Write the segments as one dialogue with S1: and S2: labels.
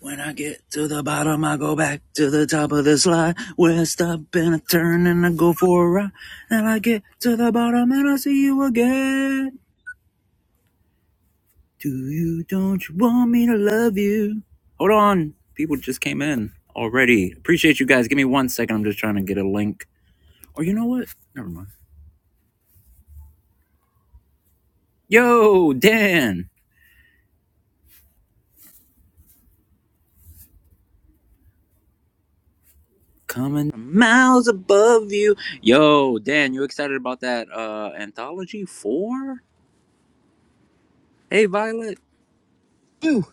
S1: When I get to the bottom, I go back to the top of the slide. Where I stop and I turn and I go for a ride. And I get to the bottom and I see you again. Do you, don't you want me to love you? Hold on. People just came in already. Appreciate you guys. Give me one second. I'm just trying to get a link. Or you know what? Never mind. Yo, Dan. Coming from miles above you. Yo, Dan, you excited about that uh anthology four? Hey, Violet.
S2: Boo!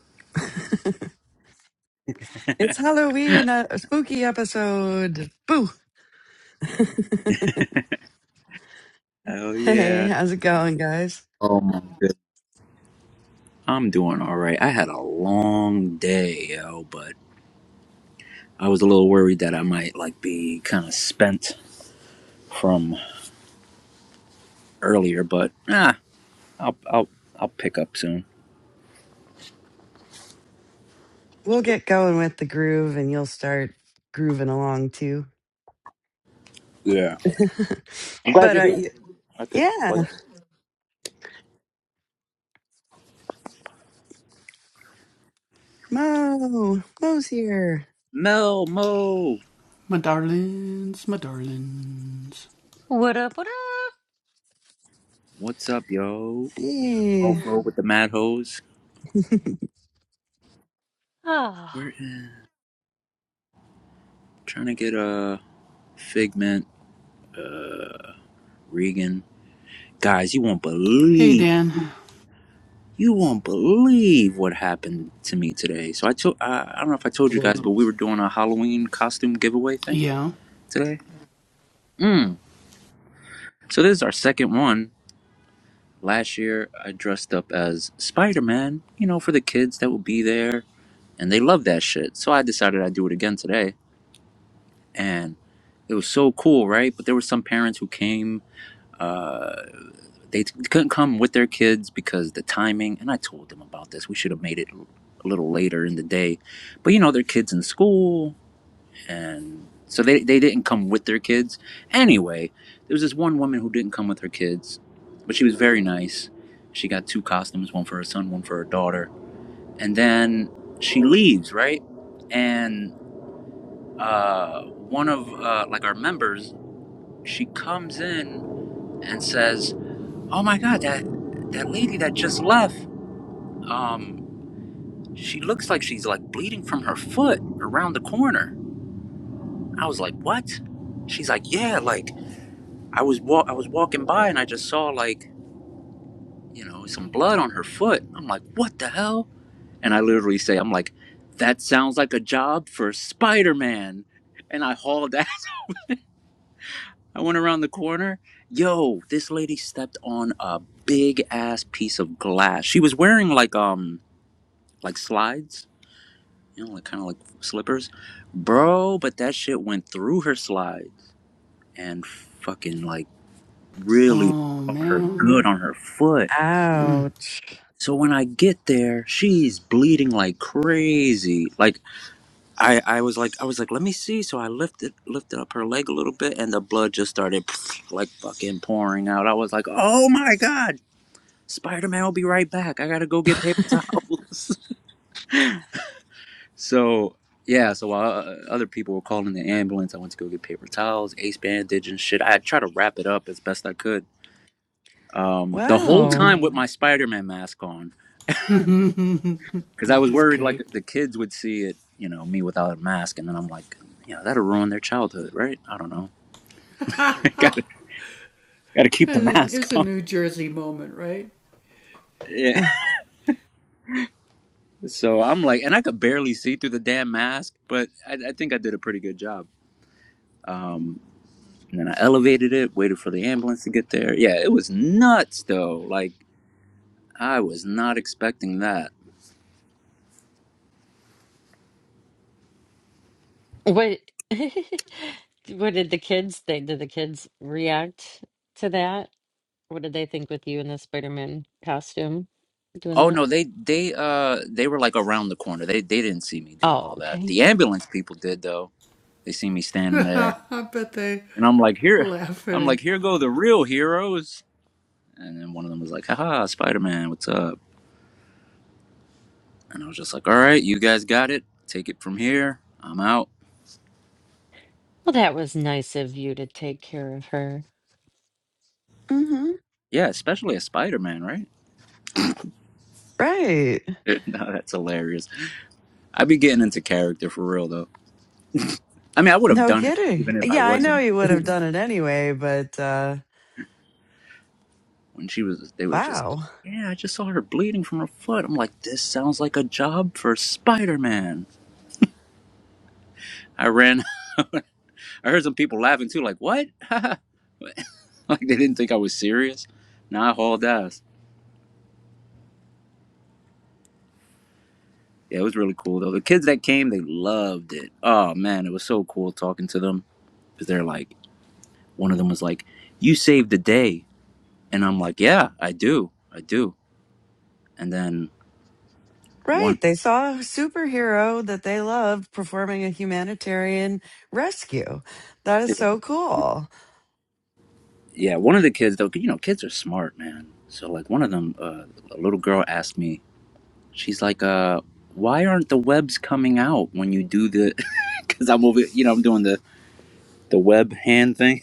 S2: It's Halloween, a a spooky episode. Boo!
S1: Oh yeah.
S2: Hey, how's it going, guys?
S1: Oh my goodness. I'm doing all right. I had a long day, yo, but I was a little worried that I might like be kind of spent from earlier, but ah, I'll I'll I'll pick up soon.
S2: We'll get going with the groove, and you'll start grooving along too.
S1: Yeah. I'm glad
S2: but
S1: you're
S2: uh,
S1: here.
S2: y-
S1: I could
S2: yeah,
S1: like
S2: Mo, Mo's here.
S1: Mel Mo.
S3: What up? What up?
S1: What's up, yo?
S2: Hey,
S1: Mofo with the mad hose.
S3: Ah!
S1: We're trying to get a uh, figment, uh, Regan. Guys, you won't believe. You won't believe what happened to me today. So I told I, I don't know if I told you
S4: Hello.
S1: guys, but we were doing a Halloween costume giveaway thing today. Mm. So this is our second one. Last year I dressed up as Spider-Man, you know, for the kids that would be there and they love that shit. So I decided I'd do it again today and it was so cool, right? But there were some parents who came uh, They couldn't come with their kids because the timing, and I told them about this. We should have made it a little later in the day. But you know, their kids in school and so they, they didn't come with their kids. Anyway, there was this one woman who didn't come with her kids, but she was very nice. She got two costumes, one for her son, one for her daughter. And then she leaves, right? And uh, one of uh, like our members, she comes in and says, Oh my god, that that lady that just left, um, she looks like she's like bleeding from her foot around the corner. I was like, what? She's like, yeah, like I was wa- I was walking by and I just saw like you know some blood on her foot. I'm like, what the hell? And I literally say, I'm like, that sounds like a job for Spider Man. And I hauled ass. I went around the corner. Yo, this lady stepped on a big ass piece of glass. She was wearing like um like slides you know, like kind of like slippers, bro. But that shit went through her slides and fucking like really caught her good on her foot.
S2: ouch!
S1: So when I get there, she's bleeding like crazy. Like I, I was like, I was like, let me see. So I lifted, lifted up her leg a little bit, and the blood just started like fucking pouring out. I was like, oh my god, Spider Man will be right back. I gotta go get paper towels. So yeah, so while uh, other people were calling the ambulance, I went to go get paper towels, ace bandage, and shit. I tried to wrap it up as best I could. Um, the whole
S2: Wow.
S1: time with my Spider-Man mask on, because I was worried like the kids would see it, you know, me without a mask, and then I'm like, you know, that'll ruin their childhood, right? I don't know. gotta gotta keep the mask on. Yeah.
S2: Uh,
S1: So I'm like, and I could barely see through the damn mask, but I, I think I did a pretty good job. Um, And then I elevated it, waited for the ambulance to get there. Yeah, it was nuts though. Like I was not expecting that.
S3: What what did the kids think? Did the kids react to that? What did they think with you in the Spider-Man costume doing
S1: Oh
S3: that?
S1: no, they they uh they were like around the corner. They they didn't see me doing
S3: Oh,
S1: all that.
S3: okay.
S1: The ambulance people did though. They see me standing there. And I'm like, here I'm like, here go the real heroes. And then one of them was like, haha, Spider Man, what's up? And I was just like, All right, you guys got it. Take it from here. I'm out.
S3: Well, that was nice of you to take care of her.
S2: Mm-hmm.
S1: Yeah, especially a Spider Man, right?
S2: Right.
S1: no, that's hilarious. I be getting into character for real though. I mean, I would have
S2: No
S1: done it
S2: kidding.
S1: even if I
S2: Yeah, I know
S1: wasn't.
S2: you would have done it anyway, but uh,
S1: When she was, they was just like,
S2: wow.
S1: "Yeah, I just saw her bleeding from her foot." I'm like, "This sounds like a job for Spider Man." I ran. I heard some people laughing too, like, "What?" like they didn't think I was serious. Nah, I hauled ass. Yeah, it was really cool though. The kids that came, they loved it. Oh man, it was so cool talking to them because they're like, one of them was like, "You saved the day," and I'm like, "Yeah, I do, I do." And then one.
S2: Right. They saw a superhero that they loved performing a humanitarian rescue. That is so cool.
S1: Yeah, one of the kids though, you know, kids are smart, man. So like one of them, uh, a little girl asked me, she's like, uh, "Why aren't the webs coming out when you do the?" Because I'm over, you know, I'm doing the the web hand thing,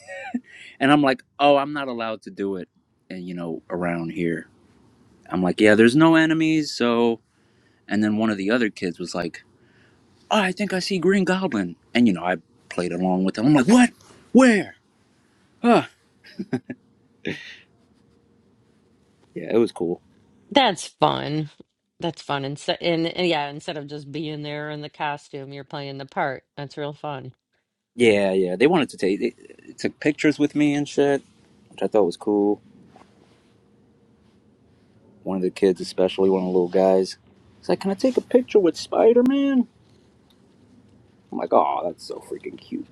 S1: and I'm like, "Oh, I'm not allowed to do it," and you know, around here, I'm like, "Yeah, there's no enemies." So, and then one of the other kids was like, oh, "I think I see Green Goblin," and you know, I played along with them. I'm like, "What? Where?" Huh? Yeah, it was cool.
S3: That's fun. That's fun. And, so, and, and yeah, instead of just being there in the costume, you're playing the part. That's real fun.
S1: Yeah, yeah, they wanted to take they, they took pictures with me and shit which I thought was cool. One of the kids, especially one of the little guys, he's like, "Can I take a picture with Spider Man?" I'm like, "Oh, that's so freaking cute."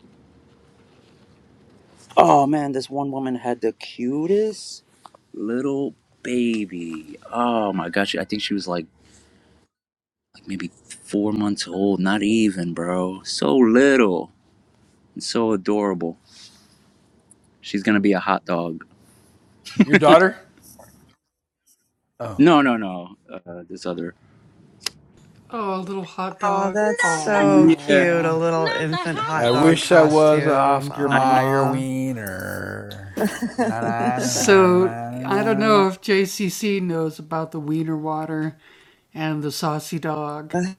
S1: Oh man, this one woman had the cutest little baby. Oh my gosh, I think she was like like maybe four months old, not even, bro. So little and so adorable. She's gonna be a hot dog.
S5: Your daughter? Oh.
S1: No, no, no. Uh, this other.
S2: Oh, that's
S3: not the
S2: so
S1: Yeah,
S2: cute. A little
S3: not the
S2: infant hot
S5: I
S3: hot dogs
S2: dog
S5: wish I
S3: again.
S5: was an
S2: costume.
S5: Oscar
S1: I know.
S5: Mayer
S2: Aw.
S5: wiener. Na na na na na na na. na.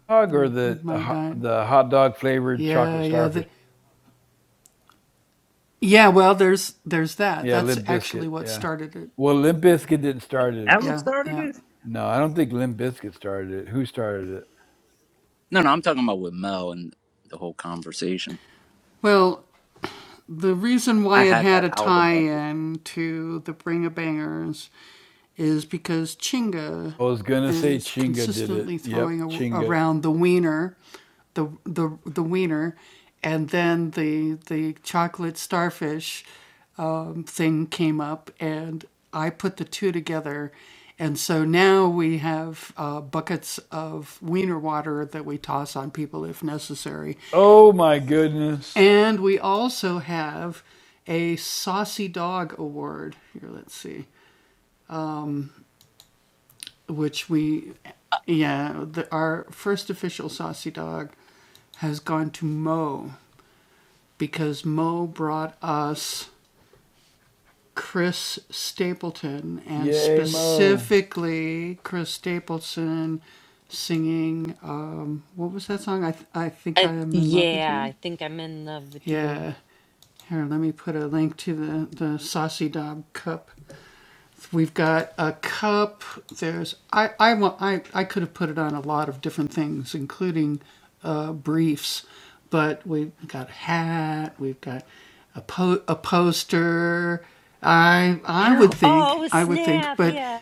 S5: Dog or the ho- the hot dog flavored chocolate starfish? Yeah, Limp Biscuit. Yeah. Well, Limp Biscuit didn't start it.
S1: Alex started it.
S5: No, I don't think Limp Biscuit started it. Who started it?
S1: No, no, I'm talking about with Mel and the whole conversation. I had that album by the way.
S5: I was gonna say Chinga did it. Yep, Chinga. Oh my goodness. Yay Mo.
S3: I, yeah, I think I'm in love with you. Oh, snap. Yeah.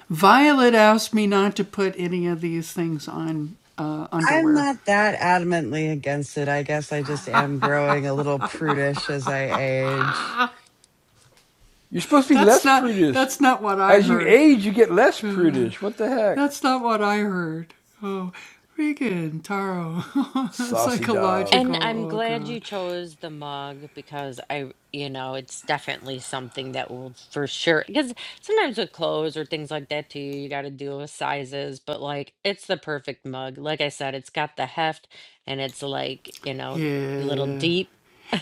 S2: I'm not that adamantly against it. I guess I just am growing a little prudish as I age.
S5: You're supposed to be less prudish. As you age, you get less prudish. What the heck? Saucy dog.
S3: And I'm glad you chose the mug because I, you know, it's definitely something that will for sure. Because sometimes with clothes or things like that too, you got to deal with sizes, but like it's the perfect mug. Like I said, it's got the heft and it's like, you know, a little deep.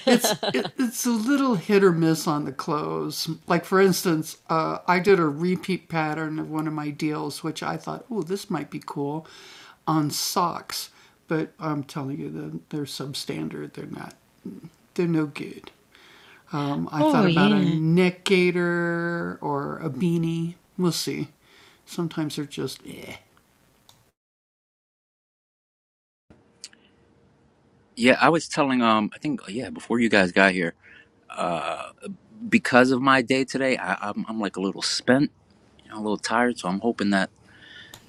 S3: Oh, yeah.
S1: Yeah, I was telling um I think yeah, before you guys got here, uh because of my day today, I I'm I'm like a little spent, you know, a little tired, so I'm hoping that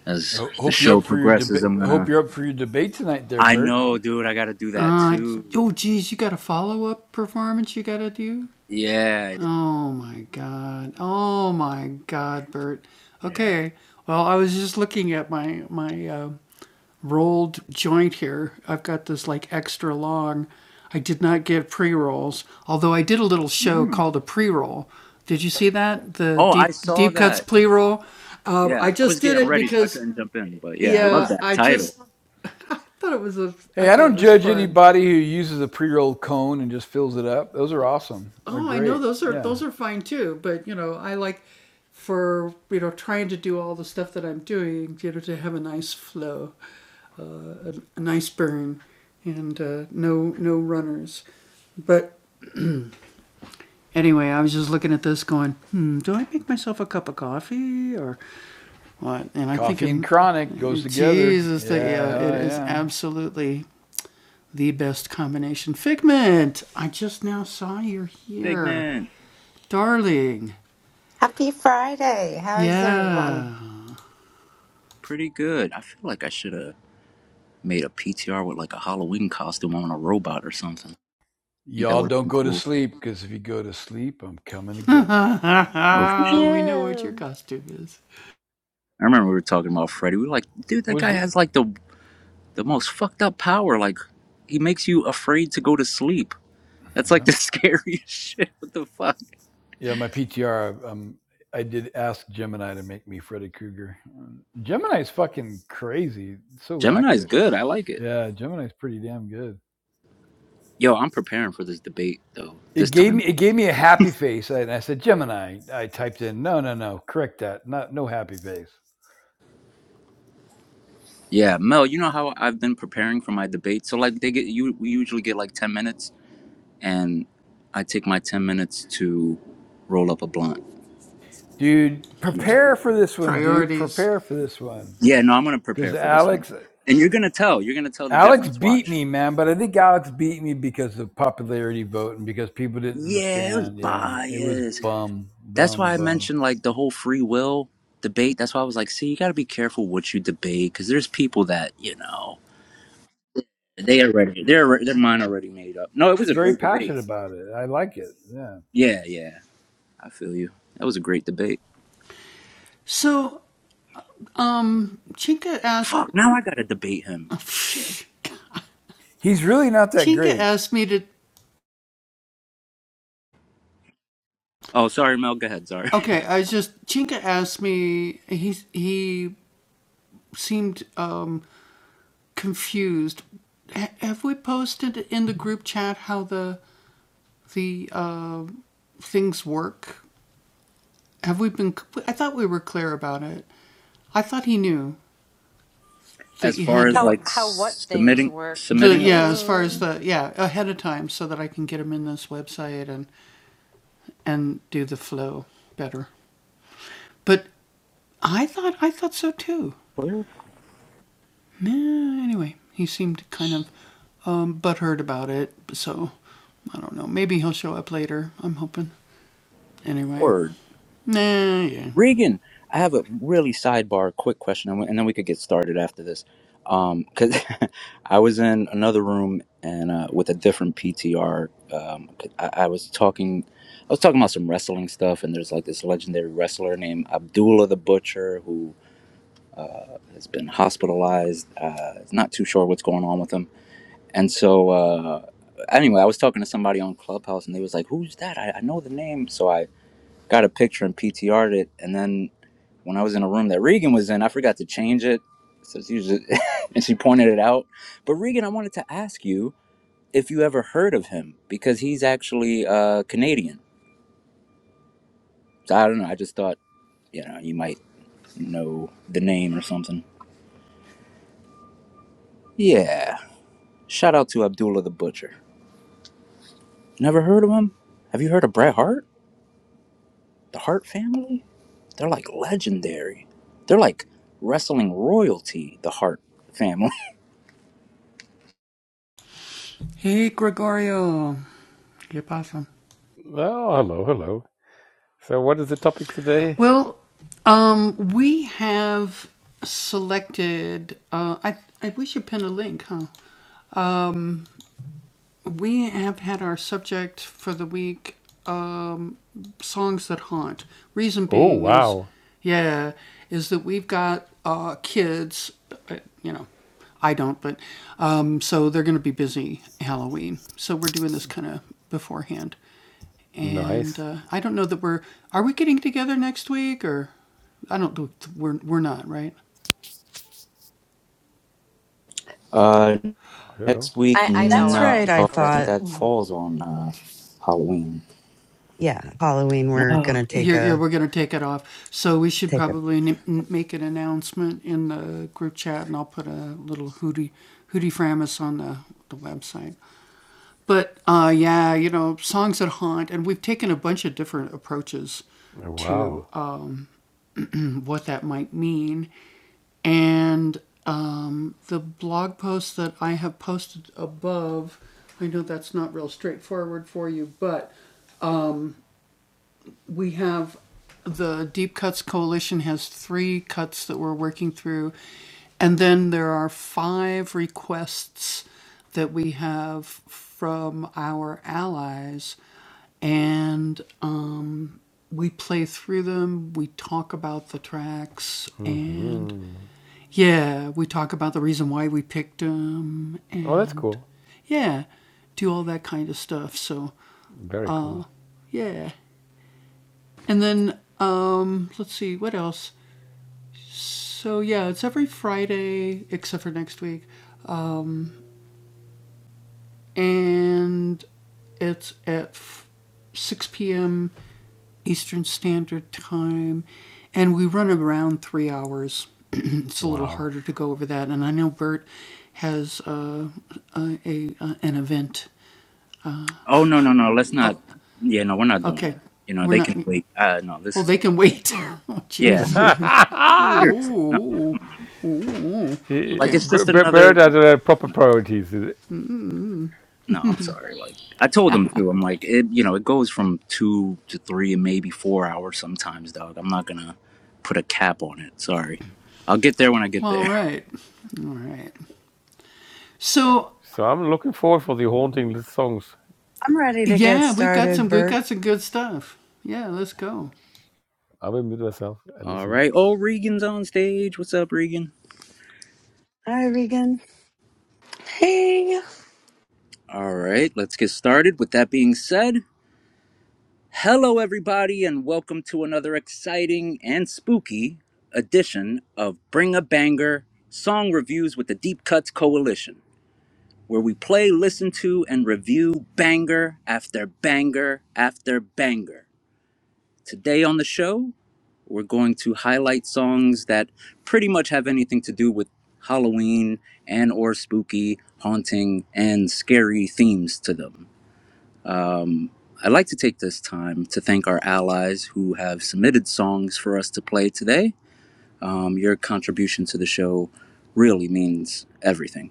S1: as the
S5: Hope you're
S1: show
S5: up for your debate.
S1: progresses, I'm going
S5: Hope
S1: to
S5: you're up for your debate tonight, there,
S1: I
S5: Bert.
S1: know, dude, I got to do that too. Yeah. Yeah. Mm. Oh, I saw that. Yeah, I was getting ready so I couldn't jump in, but yeah, I love that title.
S5: Hey, I don't judge anybody who uses a pre-rolled cone and just fills it up. Those are awesome. They're great. Yeah, coffee and chronic goes together. Yeah, hell yeah.
S1: Big man.
S6: Happy Friday. How is everyone?
S1: Pretty good. I feel like I should have made a PTR with like a Halloween costume on a robot or something. I think that
S5: Y'all
S1: would have
S5: don't
S1: been
S5: go to
S1: cool.
S5: sleep because if you go to sleep, I'm coming to get you.
S1: Oh,
S3: Yeah.
S1: I remember we were talking about Freddy. We were like, dude, that
S5: Was
S1: guy has like the the most fucked up power. Like, he makes you afraid to go to sleep. That's like
S5: yeah,
S1: the scariest shit. What the fuck?
S5: yeah. My PTR. Um, I did ask Gemini to make me Freddy Krueger. Um, Gemini's fucking crazy. It's so
S1: Gemini's
S5: accurate.
S1: good. I like it.
S5: Yeah, Gemini's pretty damn good.
S1: Yo, I'm preparing for this debate though.
S5: It
S1: This
S5: gave
S1: time,
S5: me it gave me a happy face, and I said, Gemini. I typed in, no, no, no, correct that, not no happy face,
S1: yeah, Mel. You know how I've been preparing for my debate. So like, they get you. We usually get like ten minutes, and I take my ten minutes to roll up a blunt.
S5: dude.
S1: Yeah.
S5: Prepare for this one, dude. Prepare for this one,
S1: Yeah. No, I'm gonna
S5: because
S1: prepare for this one,
S5: Alex
S1: and you're gonna tell. You're gonna tell the
S5: Alex
S1: difference. Watch.
S5: beat me, man. But I think Alex beat me because of popularity vote and because people didn't
S1: Yeah, it was
S5: understand. Yeah, it was
S1: biased.
S5: bum,
S1: That's
S5: bum,
S1: why I
S5: bum.
S1: mentioned like the whole free will debate. That's why I was like, see, you got to be careful what you debate because there's people that you know they already they're alre- their mind already made up. No, it was
S5: It's
S1: a
S5: very
S1: great debate.
S5: passionate about it. I like it. Yeah,
S1: Yeah, yeah, I feel you. That was a great debate. Fuck, now I gotta debate him. Shit.
S5: he's really not that great.
S1: Oh, sorry, Mel. Go ahead. Sorry. As far as
S3: How,
S1: like
S3: how what things
S1: submitting,
S3: work.
S1: submitting.
S3: I,
S1: Clear word. Regan, I have a really sidebar quick question, and we- and then we could get started after this. Um, 'cause I was in another room and uh, with a different PTR, um, 'cause I, I was talking, I was talking about some wrestling stuff, and there's like this legendary wrestler named Abdullah the Butcher who has been hospitalized. Uh, not too sure what's going on with him, and so. Uh, Anyway, I was talking to somebody on Clubhouse, and they was like, "Who's that? I, I know the name." So I got a picture and PTR'd it, and then when I was in a room that Regan was in, I forgot to change it. So she was and she pointed it out. But Regan, I wanted to ask you if you ever heard of him because he's actually uh, Canadian. So I don't know. I just thought you know you might know the name or something. Yeah. Shout out to Abdullah the Butcher. Never heard of him? Have you heard of Bret Hart? The Hart family? They're like legendary. They're like wrestling royalty. The Hart family.
S7: Oh, hello, hello. So, what is the topic today? Oh, wow. Nice.
S1: Uh.
S7: I don't know.
S1: Next week,
S3: I know
S2: That's
S3: I
S1: no.
S2: right.
S3: won't be
S2: I
S3: able
S1: I think
S2: thought,
S3: to.
S1: that falls on uh, Halloween.
S2: yeah, Halloween, we're going
S1: No,
S2: to
S1: damn.
S2: take a, take a,
S7: Wow. hmm Oh, that's cool. Very cool. Wow.
S1: Oh no, no, no. Let's not. Yeah, no, we're not doing it. You know, they can wait. Uh, no, this is. Yeah, no.
S2: I'm
S1: Seriously, no. Come on.
S7: He-
S1: Like it's
S7: b-
S1: just
S7: b-
S1: another.
S7: Bird has uh, proper
S1: No,
S7: priorities. Is it?
S1: no, I'm sorry. Like I told them too. I'm like it. You know, it goes from two to three and maybe four hours sometimes, dog. I'm not gonna put a cap on it. Sorry. I'll get there when I get there.
S7: So, I'm looking forward for the haunting songs.
S2: ready to get started, Bert.
S7: I will mute myself and
S1: All
S7: listen.
S1: right. Oh, Regan's on stage. What's up, Regan?
S2: Hi, Regan.
S8: Hey,
S1: All right, let's get started. With that being said, hello, everybody, and welcome to another exciting and spooky edition of Bring a Banger Song Reviews with the Deep Cuts Coalition, where we play, listen to, and review banger after banger after banger. Today on the show, we're going to highlight songs that pretty much have anything to do with Halloween and or spooky, haunting, and scary themes to them. I'd like to take this time to thank our allies who have submitted songs for us to play today. Um, your contribution to the show really means everything.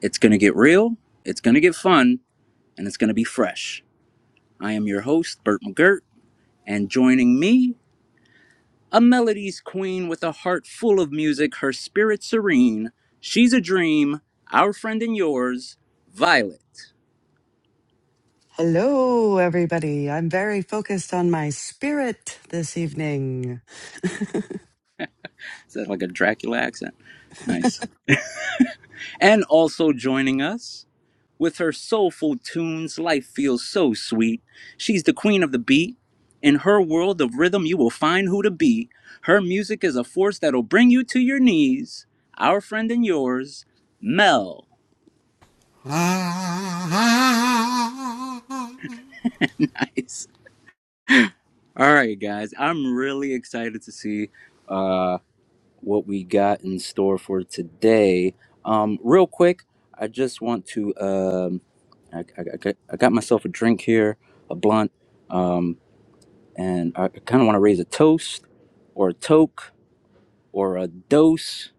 S1: It's going to get real, it's going to get fun, and it's going to be fresh. I am your host, Bert McGirt, and joining me, a melodies queen with a heart full of music, her spirit serene. She's a dream, our friend and yours, Violet.
S2: Hello, everybody. I'm very focused on my spirit this evening.
S1: Is that like a Dracula accent? Nice. And also joining us, With her soulful tunes, life feels so sweet. She's the queen of the beat. In her world of rhythm, you will find who to be. Her music is a force that'll bring you to your knees. Our friend and yours, Mel. Nice. All right, guys. I'm really excited to see uh, what we got in store for today. Um, real quick, I just want to. Um, I, I, I got I got myself a drink here, a blunt. Um, and I kind of want to raise a toast or a toke or a dose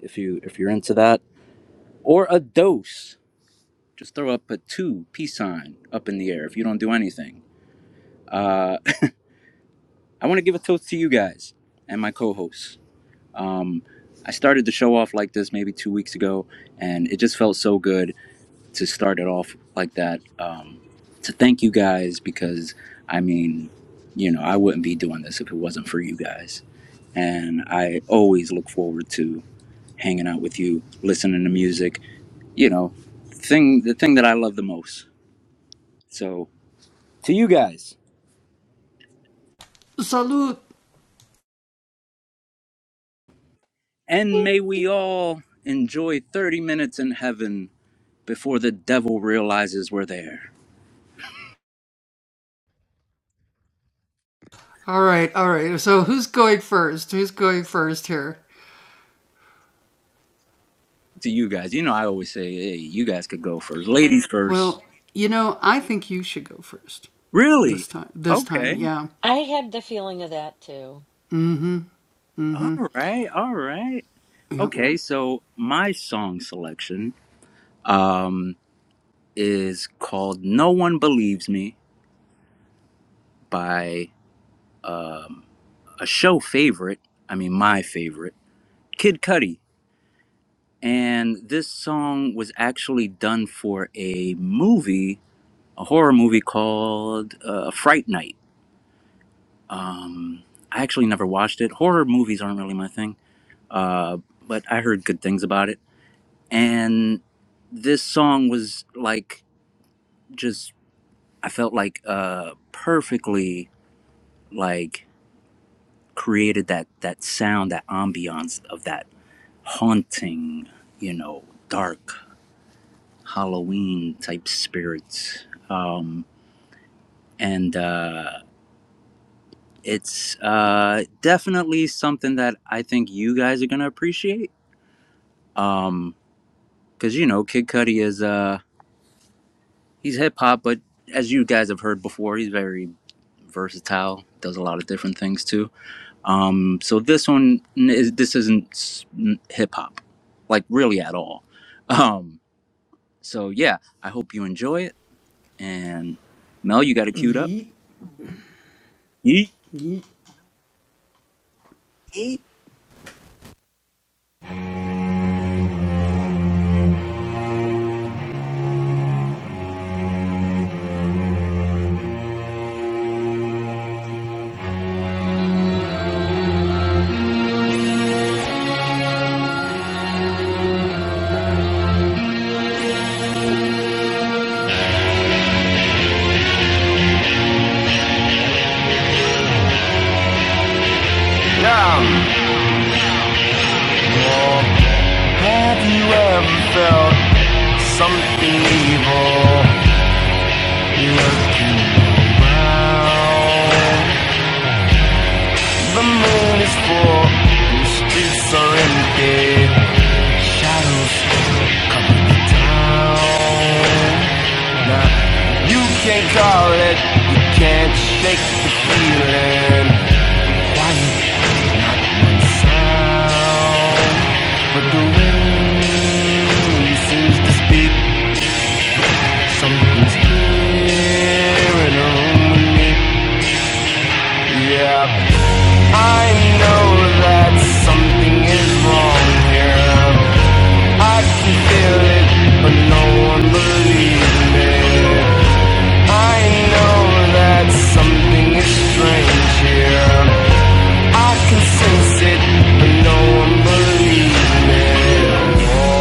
S1: if you if you're into that or a dose. Just throw up a two peace sign up in the air if you don't do anything. Uh, I want to give a toast to you guys and my co-hosts. Um, I started the show off like this maybe two weeks ago, and it just felt so good to start it off like that. Um, to thank you guys because I mean, you know, I wouldn't be doing this if it wasn't for you guys And I always look forward to hanging out with you, listening to music, you know, thing the thing that I love the most. So to you guys. And may we all enjoy 30 minutes in heaven before the devil realizes we're there. To you guys. You know I always say, hey, you guys could go first. Ladies first. Really? Okay.
S3: I had the feeling of that too.
S1: All right. All right. Okay, so my song selection um is called No One Believes Me by a show favorite, I mean my favorite, Kid Cudi. And this song was actually done for a movie, a horror movie called uh, Fright Night. Um, I actually never watched it. Horror movies aren't really my thing, uh, but I heard good things about it. And this song was like just I felt like uh, perfectly like created that that sound, that ambiance of that haunting, you know, dark Halloween type spirits. Um, and uh, it's uh, definitely something that I think you guys are gonna appreciate. Um, cause you know, Kid Cudi is uh, he's hip hop, but as you guys have heard before, he's very versatile. Does a lot of different things too. Um, so this one, is, this isn't s- hip hop, like really at all. Um, so yeah, I hope you enjoy it And Mel, you got it queued up? Yeet.
S2: Eight.
S9: Now, have you ever felt something evil lurking around? The moon is full, the streets are empty, shadows of town. Now, you can't call it, you can't shake the feeling. Quiet and sound, but the wind seems to speak. Something's hearing on me. Yeah, I know that something is wrong here. I can feel it, but no one believes me. I know that something is strange here. I can sense it, but no one believes me. Whoa,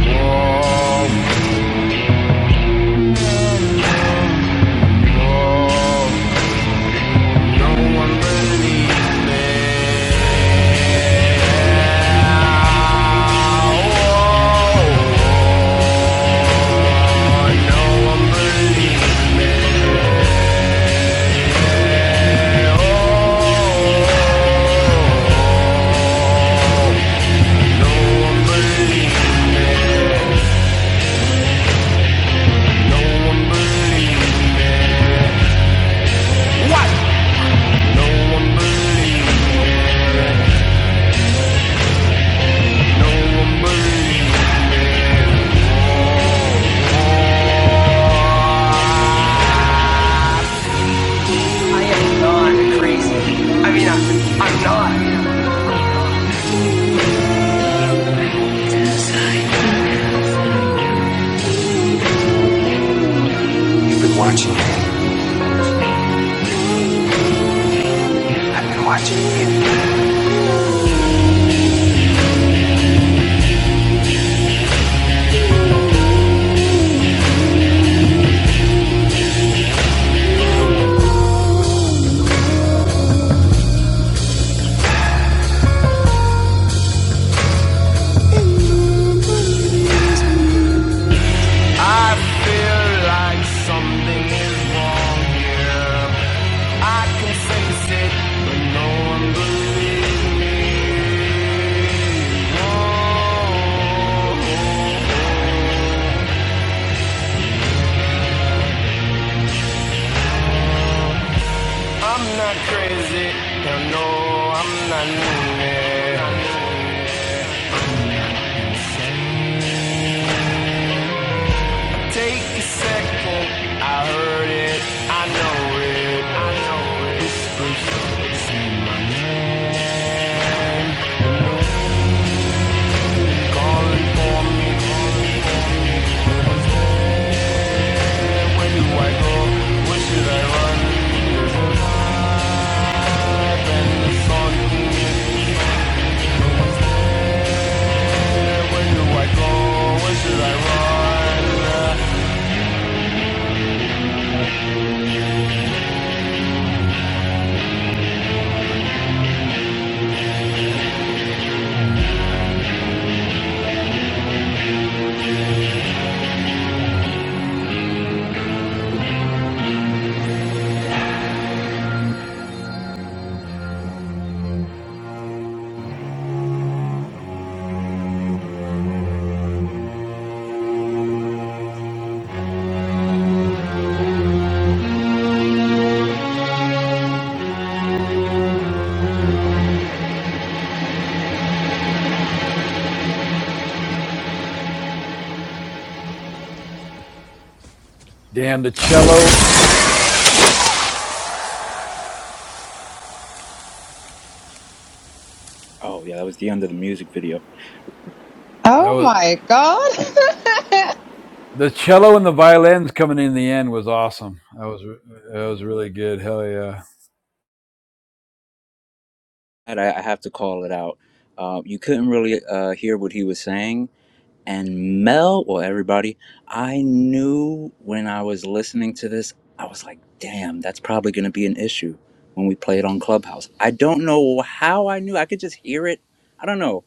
S9: whoa, whoa, whoa. No one believes me. Oh, no one believes Oh, no one believes No one believes me. No one believes No one believes I am not crazy. I mean, I'm, I'm not. I've been watching you. I've been watching you. I feel like something is wrong here. I can face it, but no one believes me. Oh, I'm not crazy, and no, I'm not loony. Take a second, I heard it, I know it, I know it. Whispers, say my name, calling for me. Where do I go? Where should I run? I've been thought. Yeah, where do I go? Where should I run?
S5: Damn the cello.
S1: Oh, yeah, that was the end of the music video.
S5: That
S6: Oh
S5: was
S6: my God.
S5: The cello and the violins coming in the end was awesome. That was that was really good. Hell yeah!
S1: And I, I have to call it out. Uh, you couldn't really uh, hear what he was saying. And Mel, well, everybody, I knew when I was listening to this, I was like, damn, that's probably going to be an issue when we play it on Clubhouse. I don't know how I knew. I could just hear it. I don't know.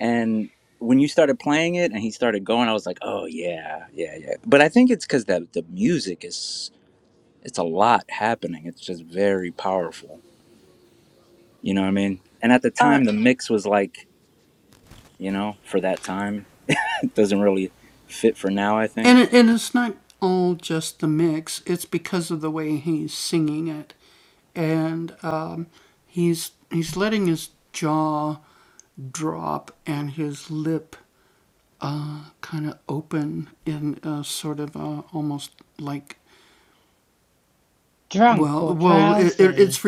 S1: And when you started playing it and he started going, I was like, oh, yeah, yeah, yeah. But I think it's because the, the music is. it's a lot happening. It's just very powerful. You know what I mean? And at the
S2: Uh,
S1: time, the mix was like, you know, for that time, it doesn't really fit for now, I think.
S6: Drunk or drowsy.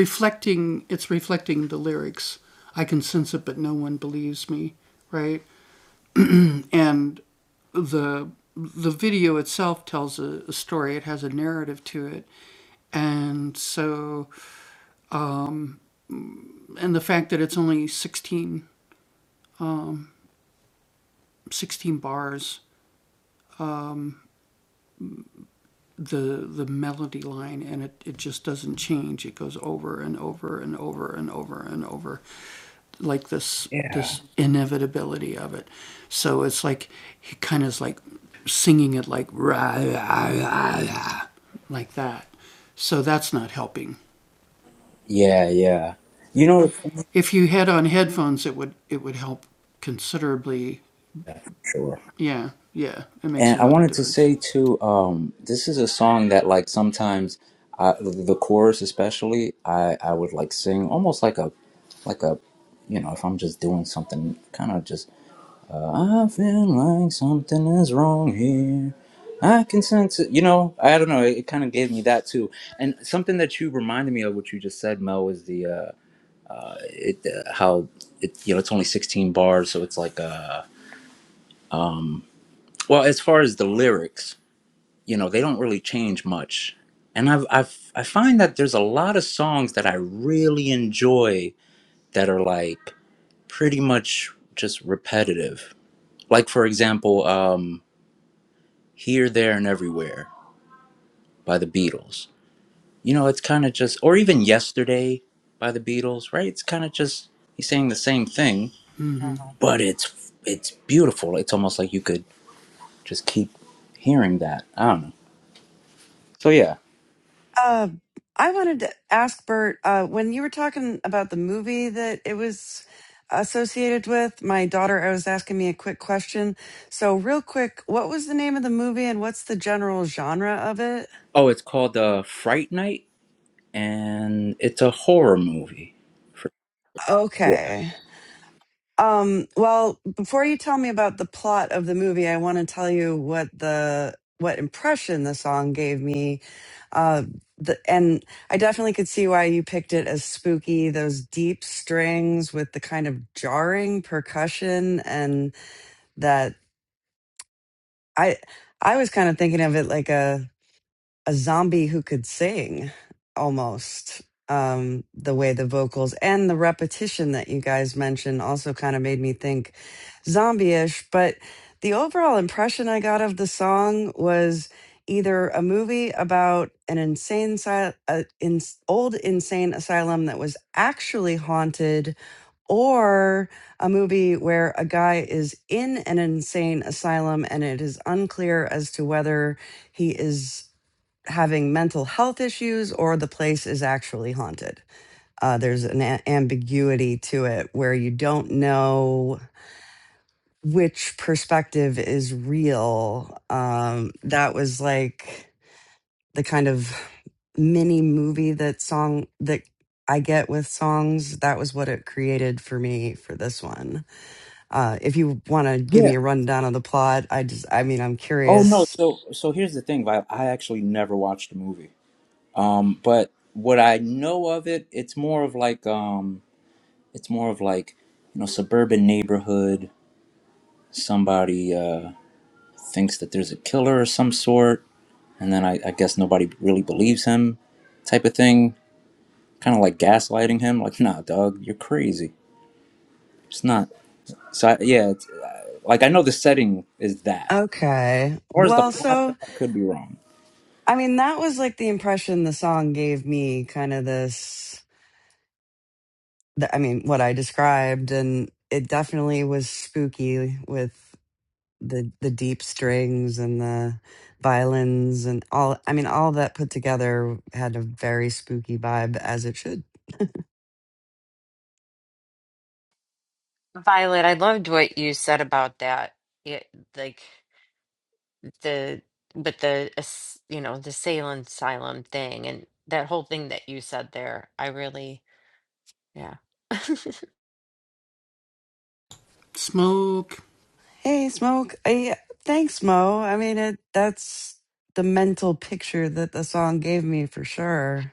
S1: Yeah. Yeah, yeah. You know, for sure. And I wanted to say too, um, this is a song that like sometimes, uh, the chorus especially, I, I would like sing almost like a, like a, you know, if I'm just doing something, kind of just I feel like something is wrong here. I can sense it. You know, I don't know. It, it kind of gave me that too. And something that you reminded me of, what you just said, Mel, was the uh, uh, it, uh, how it you know it's only sixteen bars, so it's like uh, um, well, as far as the lyrics, you know, they don't really change much. And I've I've I find that there's a lot of songs that I really enjoy that are like pretty much just repetitive. Like for example. um, Here, There, and Everywhere by the Beatles. You know, it's kind of just, or even Yesterday by the Beatles, right? It's kind of just, he's saying the same thing, but it's, it's beautiful. It's almost like you could just keep hearing that. I don't know. So yeah.
S2: uh, I wanted to ask Bert uh, when you were talking about the movie that it was associated with. My daughter I was asking me a quick question. So, real quick, what was the name of the movie and what's the general genre of it?
S1: Oh, it's called uh, Fright Night and it's a horror movie. For, yeah.
S2: Okay. Um, well, before you tell me about the plot of the movie, I want to tell you what the what impression the song gave me. Uh, the, and I definitely could see why you picked it as spooky. Those deep strings with the kind of jarring percussion, and that I I was kind of thinking of it like a a zombie who could sing almost um the way the vocals and the repetition that you guys mentioned also kind of made me think zombie-ish but the overall impression i got of the song was either a movie about an insane si- uh, in, old insane asylum that was actually haunted or a movie where a guy is in an insane asylum and it is unclear as to whether he is having mental health issues or the place is actually haunted. Uh, there's an a- ambiguity to it where you don't know which perspective is real. Um, that was like the kind of mini movie that song that I get with songs. That was what it created for me for this one. Uh, if you want to give me
S1: Yeah.
S2: a rundown of the plot, I just, I mean, I'm
S1: Oh no.
S2: curious.
S1: So, so here's the thing, Vi I actually never watched the movie. Um, but what I know of it, it's more of like, um, it's more of like you know suburban neighborhood somebody uh, thinks that there's a killer of some sort and then I, I guess nobody really believes him type of thing kind of like gaslighting him like nah dog you're crazy it's not so I, yeah it's, like i know the setting is that
S2: Okay.
S1: or is the
S2: Well,
S1: plot
S2: so
S1: though? i could be wrong
S2: I mean, that was like the impression the song gave me, kind of this, the, I mean, what I described. And it definitely was spooky with the the deep strings and the violins and all I mean all that put together had a very spooky vibe as it should.
S3: Violet, I loved what you said about that. It, like the but the as- you know the Salem Asylum thing and that whole thing that you said there. I really yeah
S2: Hey, Smoke. I, thanks, Mo. I mean, it, that's the mental picture that the song gave me for sure.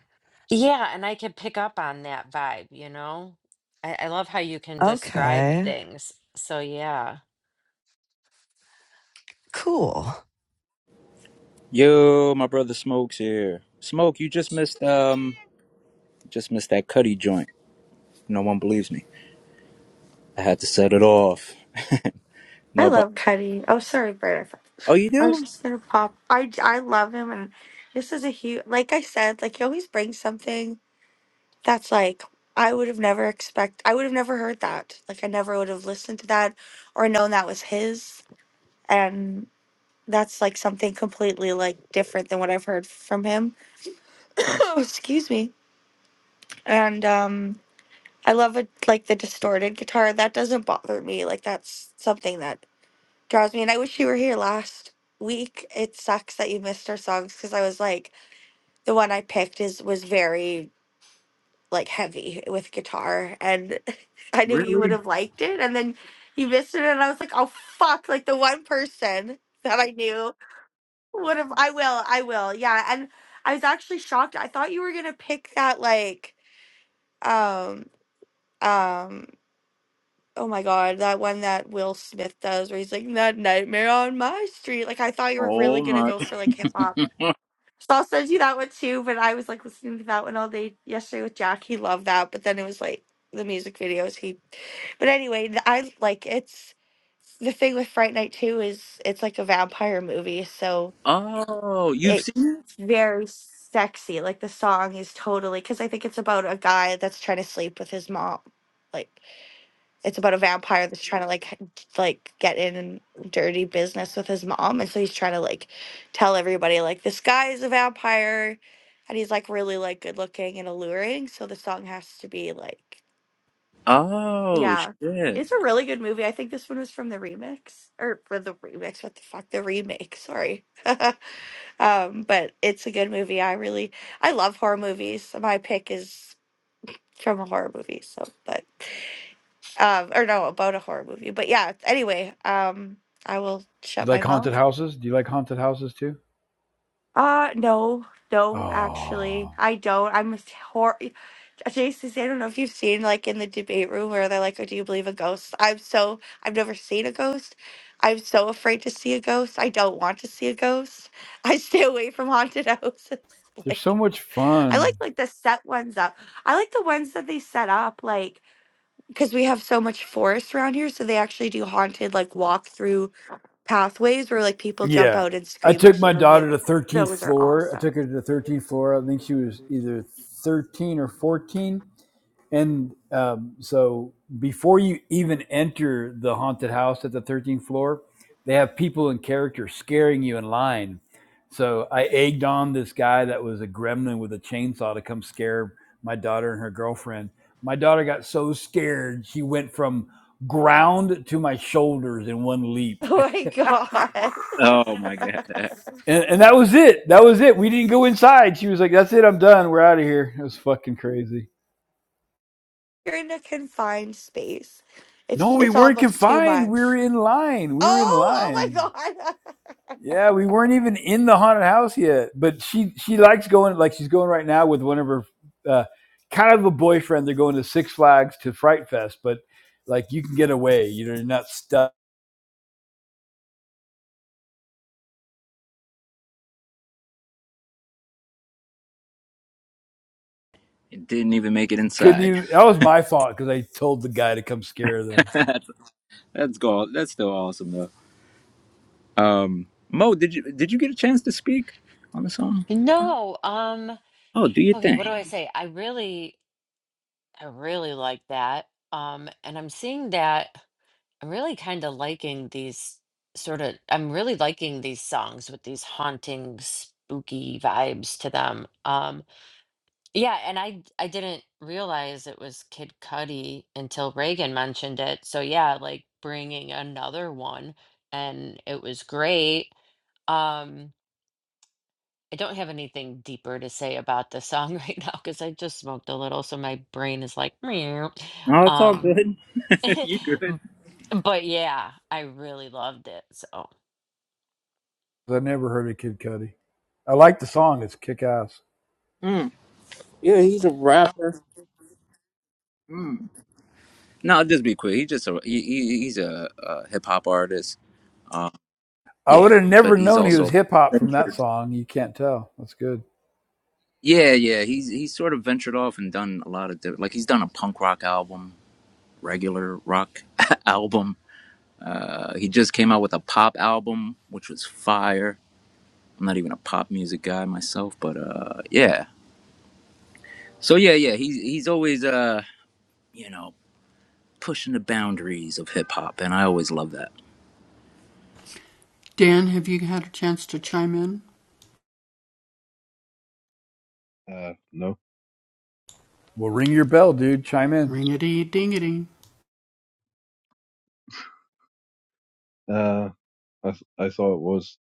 S3: yeah, and I could pick up on that vibe. You know, I, I love how you can describe
S2: Okay,
S3: things. So yeah,
S2: cool.
S1: yo my brother smokes here smoke you just missed um just missed that cuddy joint no one believes me i had to set it off
S8: I
S1: no but
S8: love Cuddy. Oh, sorry, Bert.
S1: oh you
S8: I was
S1: do
S8: just gonna pop. I I love him, and this is a huge. Like I said, like he always brings something that's like I would have never expect. I would have never heard that. Like I never would have listened to that or known that was his. And that's like something completely like different than what I've heard from him. Oh, Excuse me. And um, I love it. Like the distorted guitar that doesn't bother me. Like that's something that. Draws me, and I wish you were here last week. It sucks that you missed our songs because I was like, the one I picked is was very like heavy with guitar, and I knew you would
S1: really
S8: have liked it, and then you missed it, and I was like, oh fuck! Like the one person that I knew would have. I will. I will. Yeah, and I was actually shocked. I thought you were gonna pick that like um um Oh my God, that one that Will Smith does where he's like, that nightmare on my street. Like, I thought you were really
S1: Oh
S8: gonna
S1: my.
S8: go for like hip hop. So I'll send you that one too, but I was like listening to that one all day yesterday with Jack. He loved that, but then it was like the music videos. He, but anyway, th- I like it's the thing with Fright Night 2 is it's like a vampire movie, so
S1: Oh, you've
S8: it's
S1: seen it?
S8: very sexy. Like, the song is totally because I think it's about a guy that's trying to sleep with his mom. Like, it's about a vampire that's trying to like h- like get in dirty business with his mom and so he's trying to like tell everybody like this guy is a vampire and he's like really like good looking and alluring so the song has to be like
S1: Oh
S8: yeah
S1: shit.
S8: it's a really good movie i think this one was from the remix or for the remix what the fuck the remake sorry um but it's a good movie i really i love horror movies my pick is from a horror movie so but um, or no, about a horror movie. But yeah, anyway, um, I will
S5: Do you
S8: shut my
S5: like haunted
S8: mouth.
S5: houses? Do you like haunted houses too?
S8: Uh no, no, actually,
S5: Oh,
S8: I don't. I'm a horror. Jason, I don't know if you've seen like in the debate room where they're like, "Oh, do you believe in ghosts?" I'm so I've never seen a ghost. I'm so afraid to see a ghost. I don't want to see a ghost. I stay away from haunted houses.
S5: they're so
S8: Like
S5: much
S8: I like
S5: fun.
S8: like the set ones up. I like the ones that they set up like because we have so much forest around here, so they actually do haunted like walkthroughs pathways where like people jump
S5: Yeah,
S8: out and
S5: I
S8: scream
S5: took
S8: at
S5: my
S8: you and it
S5: daughter to thirteenth
S8: those are
S5: floor. I
S8: awesome.
S5: took her to the thirteenth floor. I think she was either thirteen or fourteen, And um, so before you even enter the haunted house at the 13th floor, they have people in character scaring you in line. So I egged on this guy that was a gremlin with a chainsaw to come scare my daughter and her girlfriend. My daughter got so scared, she went from ground to my shoulders in one leap.
S8: Oh my god.
S1: Oh my god.
S5: And, and that was it. That was it. We didn't go inside. She was like, that's it. I'm done. We're out of here. It was fucking crazy.
S8: You're in a confined space.
S5: No,
S8: It's
S5: we
S8: it's
S5: weren't
S8: almost too
S5: confined. We were
S8: much.
S5: in line. We were in
S8: Oh,
S5: line.
S8: oh
S5: Yeah, we weren't even in the haunted house yet. But she she likes going like she's going right now with one of her uh, kind of a boyfriend. They're going to Six Flags to Fright Fest, but like you can get away. You know, you're not stuck.
S1: It didn't even make it
S5: Couldn't
S1: inside.
S5: you? That was my fault because I told the guy to come scare them.
S1: that's that's gold. That's still awesome though. Um Mo, did you did you get a chance to speak on the song?
S3: no. Um.
S1: Oh, do your
S3: Okay.
S1: thing.
S3: What do I say? I really I really like that. Um. And I'm seeing that. I'm really kind of liking these sort of, I'm really liking these songs with these haunting, spooky vibes to them. Um, yeah, and I I didn't realize it was Kid Cudi until Reagan mentioned it. So yeah, like bringing another one, and it was great. Um, I don't have anything deeper to say about the song right now because I just smoked a little, so my brain is like, meow.
S1: No, it's all
S3: Um,
S1: good. you good.
S3: but yeah, I really loved it. So,
S5: I never heard of Kid Cudi. I like the song. It's kick ass.
S1: Mm. Yeah, he's a rapper. Mm. No, just be quick. He's just a he, he, he's a, uh hip hop artist. Um
S5: I would
S1: yeah,
S5: have never
S1: but he's
S5: known he
S1: also
S5: was hip hop from that song. You can't tell. That's good.
S1: Yeah, yeah. He's he's sort of ventured off and done a lot of different, like he's done a punk rock album, regular rock album. Uh, he just came out with a pop album, which was fire. I'm not even a pop music guy myself, but uh, yeah. So yeah, yeah. He's he's always uh, you know, pushing the boundaries of hip hop, and I always love that.
S4: Uh, no.
S5: Well, ring your bell, dude. Chime in.
S4: Uh, I th- I thought it was.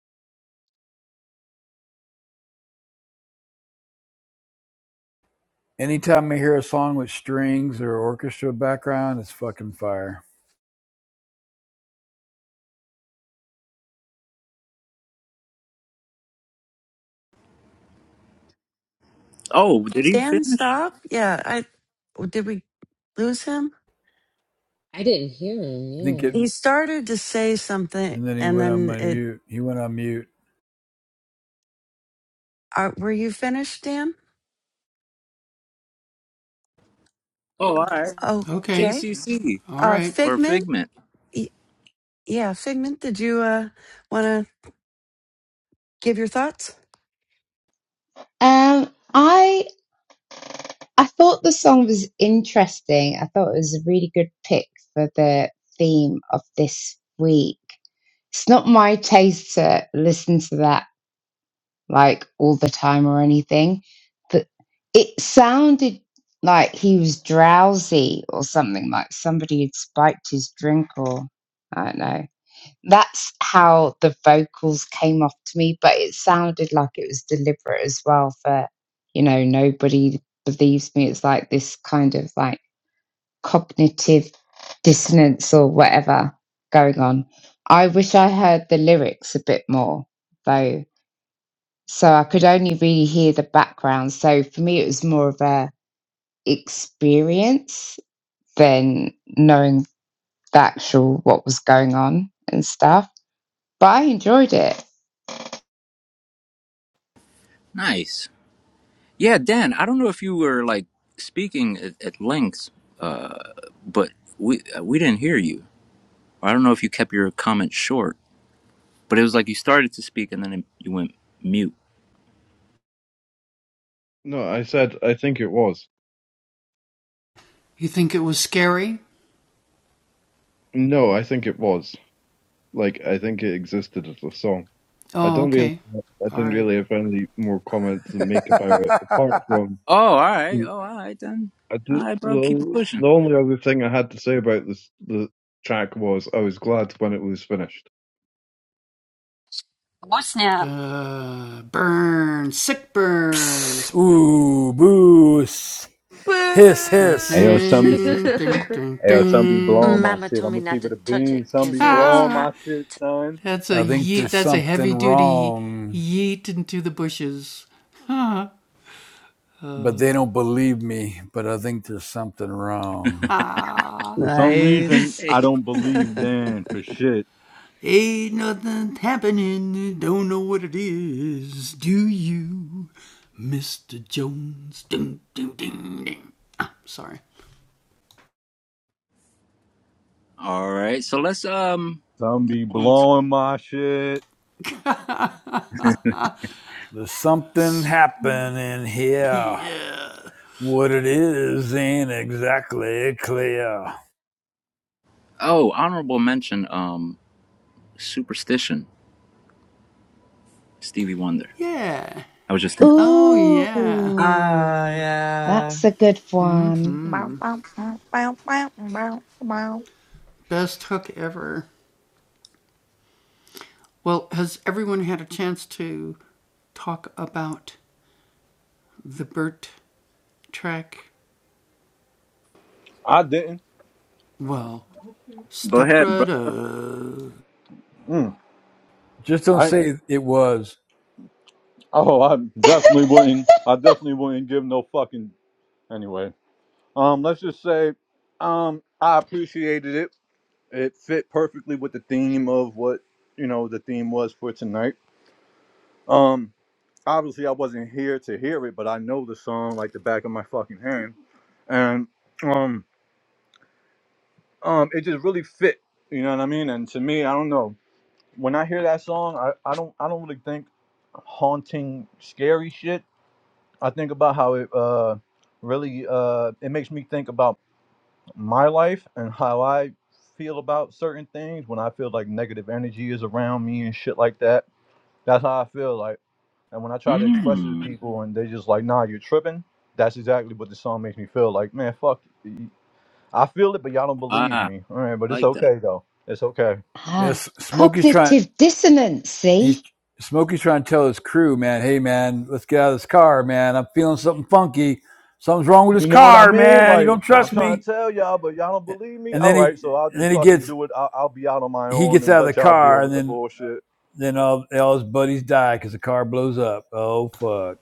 S5: Anytime I hear a song with strings or orchestra background, it's fucking fire.
S1: Oh, did he
S2: Dan
S1: finish?
S2: stop? Yeah, I did we lose him?
S3: I didn't hear
S5: I think it.
S3: him.
S2: He started to say something
S5: And then he
S2: and
S5: went on
S2: then it
S5: mute. He went on mute.
S2: are, were you finished, Dan?
S1: Oh, all right.
S2: Okay.
S1: JCC
S2: Uh
S1: or
S2: Figment?
S1: Figment.
S2: Y- yeah, Figment, did you uh want to give your thoughts?
S6: Um, I I thought the song was interesting. I thought it was a really good pick for the theme of this week. It's not my taste to listen to that like all the time or anything, but it sounded like he was drowsy or something, like somebody had spiked his drink or I don't know. That's how the vocals came off to me, but it sounded like it was deliberate as well for, you know, nobody believes me. It's like this kind of like cognitive dissonance or whatever going on. I wish I heard the lyrics a bit more though. So I could only really hear the background. So for me, it was more of a experience than knowing the actual what was going on and stuff. But I enjoyed it.
S1: Nice. Yeah, Dan, I don't know if you were like speaking at, at length, uh, but we uh, we didn't hear you. I don't know if you kept your comment short, but it was like you started to speak and then it, you went mute.
S4: No, I said I think it was. No, I think it was. Like I think it existed as a song. I don't really. I didn't really have any more comments to make about it apart from
S1: Oh, all right.
S4: mm,
S1: Oh, all right then.
S4: I
S1: All
S4: d-
S1: right, bro, keep it
S4: the the
S1: pushing.
S4: only other thing I had to say about this the track was I was glad when it was finished.
S3: Yeah. Oh snap!
S5: Psst, Ooh, boo, hiss,
S10: Hey
S5: hiss.
S8: my
S10: yo,
S8: god.
S10: some
S8: Boo!
S10: hey yo, some be blowing my
S3: Mama
S10: shit.
S3: told
S10: I'm
S3: me
S10: gonna
S3: not
S10: keep it
S3: to
S10: a
S3: touch
S10: bean.
S3: it
S10: Some
S3: because
S10: be
S3: it was
S10: blowing
S3: hot.
S10: my shit, son.
S5: I
S3: I
S5: think there's
S3: touched it.
S5: something wrong, but they don't believe me. But I think there's something wrong.
S10: For some reason,
S2: Nice.
S10: I
S1: Hey.
S10: don't believe Dan for shit.
S1: All right. So let's um
S10: Some be
S1: on to-
S10: blowing my shit.
S5: There's something happening here. What it is ain't exactly clear.
S1: Oh, honorable mention um superstition, Stevie Wonder. I was just thinking.
S2: Ah,
S6: Ooh,
S2: yeah.
S6: that's a good one.
S8: Bow, bow, bow, bow, bow, bow, bow.
S10: I didn't.
S1: Go ahead, bro.
S10: Mm,
S5: Just don't
S10: I
S5: say it was.
S10: oh, I definitely wouldn't. I definitely wouldn't give no fucking anyway. Um, let's just say, um, I appreciated it. It fit perfectly with the theme of what you know the theme was for tonight. Um, obviously I wasn't here to hear it, but I know the song like the back of my fucking hand, and um, um, it just really fit. You know what I mean? And to me, I don't know. When I hear that song, I, I don't I don't really think haunting, scary shit. I think about how it uh really uh it makes me think about my life and how I feel about certain things when I feel like negative energy is around me and shit like that. That's how I feel like. And when I try to express it to
S1: Mm.
S10: people and they just like, nah, you're tripping, that's exactly what the song makes me feel. Like, man, fuck. y- I feel it, but y'all don't believe
S1: Ah,
S10: me. All right, but it's
S1: like that.
S10: okay, though. It's okay.
S6: Ah,
S5: Yes, Smokey's trying.
S6: cognitive dissonance.
S5: he's
S6: See,
S5: Smokey's trying to tell his crew, man, hey man, let's get out of this car, man. I'm feeling something funky. Something's wrong with this
S10: You know what I
S5: car,
S10: mean?
S5: man. You
S10: Like,
S5: don't
S10: I'm
S5: trust
S10: trying to
S5: me.
S10: tell y'all, but y'all don't believe me?
S5: And
S10: All
S5: then he
S10: right, so I'll
S5: and then
S10: just
S5: he
S10: fucking
S5: gets
S10: do it. I'll, I'll be out on my
S5: he
S10: own
S5: gets
S10: and
S5: out of the
S10: let y'all deal
S5: car and
S10: with the
S5: then
S10: bullshit.
S5: then all, all his buddies die because the car blows up. Oh fuck.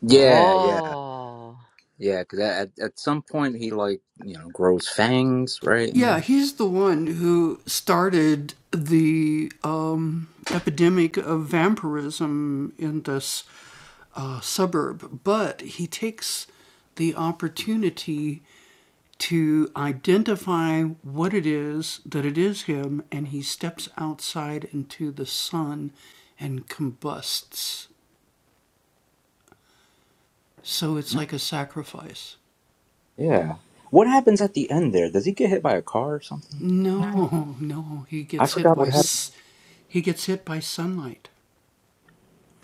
S1: Yeah, yeah.
S3: oh,
S1: Yeah, because at at some point he like you know grows fangs, right? And Yeah. What happens at the end there? Does he get hit by a car or something? I forgot what happened.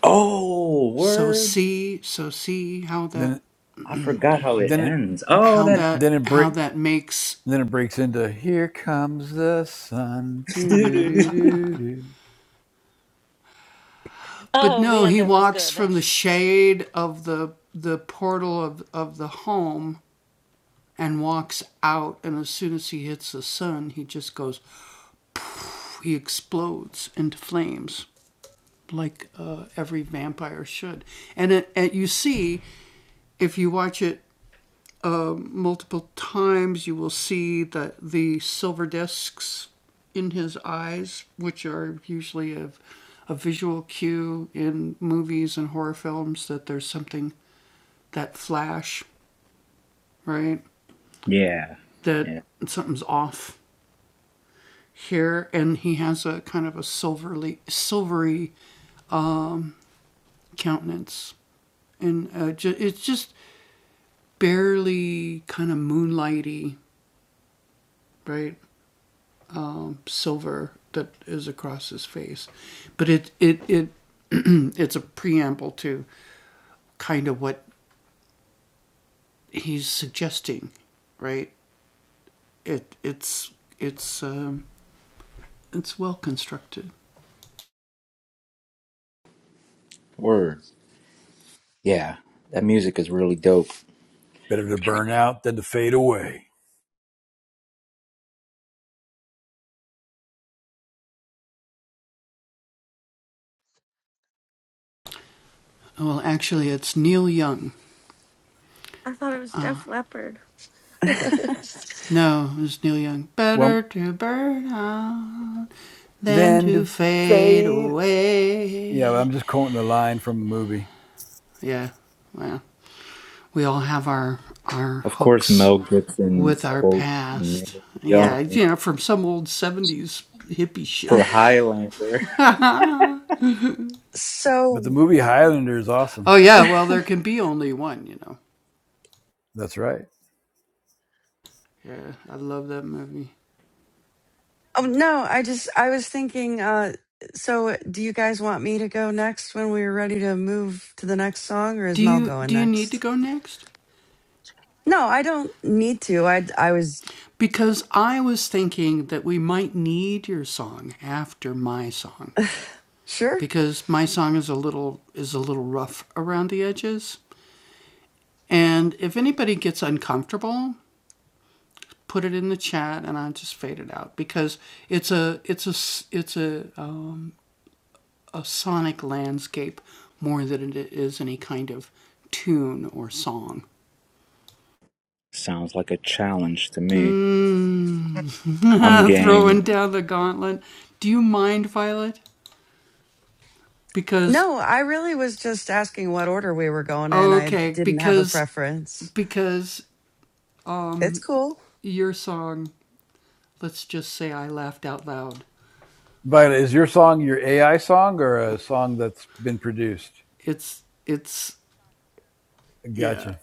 S1: Oh, word.
S5: Then
S1: I forgot how it
S5: then it
S1: ends. Oh, that.
S5: then it break then it breaks into here comes the sun. Do
S1: dude,
S5: do
S1: dude,
S5: do
S1: dude.
S5: do do.
S3: Oh man, that was good. I just
S1: yeah. Yeah. Word. Yeah. That music is really dope.
S5: Better to burn out than to fade away.
S8: I thought it was Def Leppard. I
S5: Well then to fade. Yeah, well, I'm just quoting a line from a movie.
S1: Of course, Mel Gibson quotes Neil Young for Highlander.
S5: But the
S2: so
S5: movie Highlander is awesome. That's right.
S2: Oh no, I just I was thinking. Uh, so, do you guys want me to go next when we're ready to move to the next song, or is Mel going next? No, I don't need to. I I was sure.
S1: Sounds like a challenge to me. I'm game.
S2: No, I really was just asking what order we were going in. I didn't have a preference. It's cool.
S5: But is your song your AI song or a song that's been produced? Gotcha.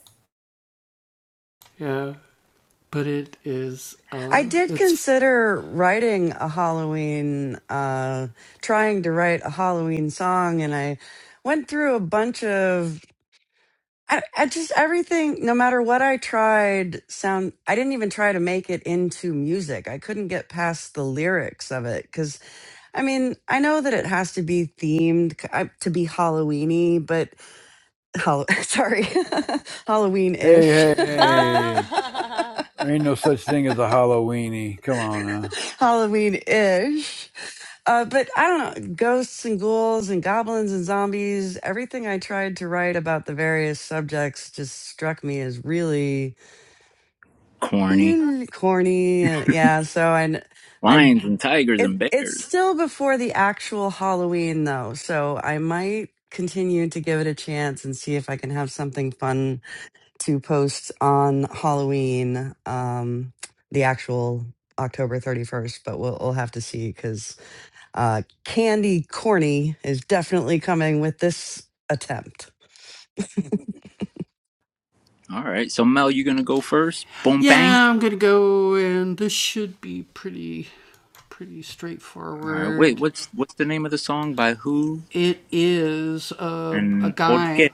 S2: I did consider writing a Halloween, uh, trying to write a Halloween song, and I went through a bunch of I, I just everything, no matter what I tried, sound. I didn't even try to make it into music. I couldn't get past the lyrics of it because I mean, I know that it has to be themed c- I- to be Halloweeny, but Hall- sorry,
S5: Hey,
S2: Halloween-ish,
S5: hey, hey.
S3: ah
S5: There ain't no such thing as a Halloweeny. Come on now.
S2: Halloween-ish. Uh, but I don't know, ghosts and ghouls and goblins and zombies. Everything I tried to write about the various subjects just struck me as really
S1: Corny.
S2: little corny. uh, Yeah, so I, kn- I,
S1: Lions and tigers
S2: it,
S1: and
S2: it's
S1: bears.
S2: still before the actual Halloween though, so I might continue to give it a chance and see if I can have something fun to post on Halloween, um, the actual October 31st, but we'll, we'll have to see because. Uh, Candy Corny is definitely coming with this attempt.
S1: All right. So Mel, you gonna go first? Boom bang. All right. Wait. What's what's the name of the song by who and por qué?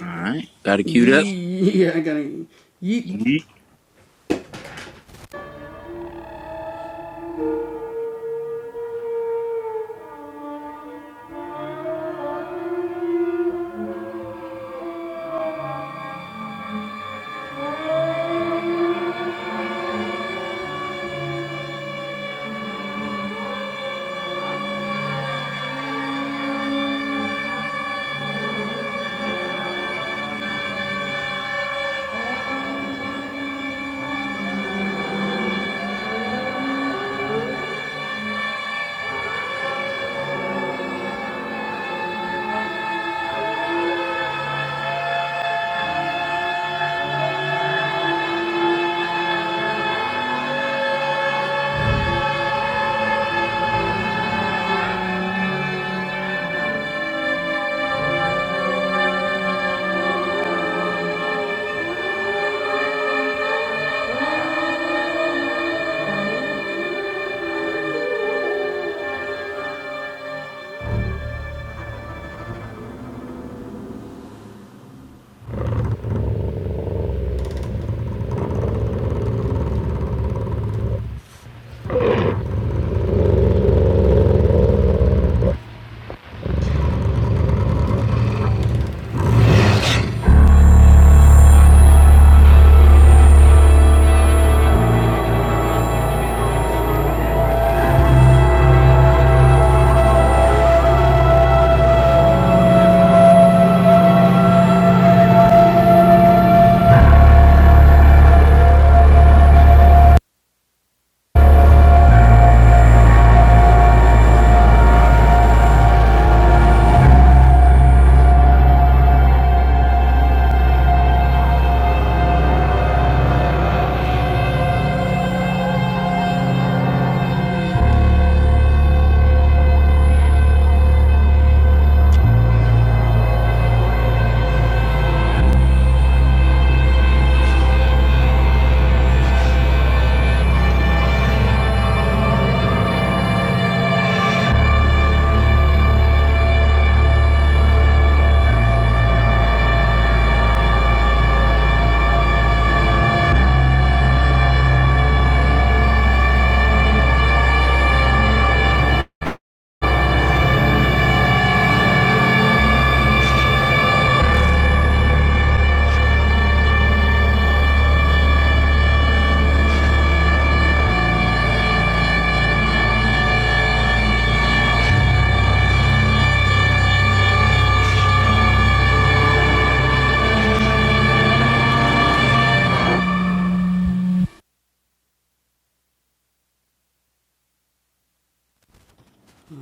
S1: All right. Got it queued up. Yeet.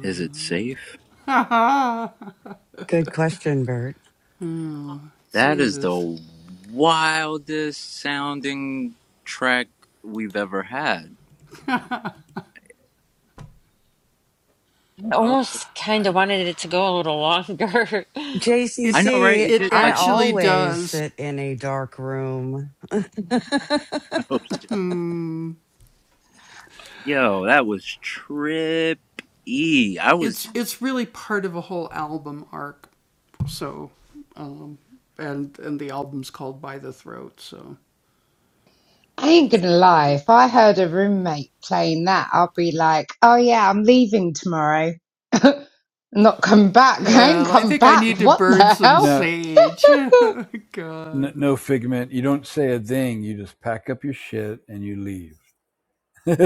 S1: Is it safe?
S2: Good question, Bert.
S1: That is the wildest sounding track we've ever had.
S3: I
S1: Oh
S3: almost kind
S1: my.
S3: of wanted it to go a little longer.
S1: I know, right?
S2: JCC,
S1: It did
S2: I
S1: like one.
S2: always sit in a dark room.
S1: Yo, that was trippy. I was
S6: I ain't gonna lie. If I heard a roommate playing that, I'll be like, "Oh yeah, I'm leaving tomorrow. Not come back. I ain't come back. What the hell?
S5: No, n- no figment. You don't say a thing. You just pack up your shit and you leave.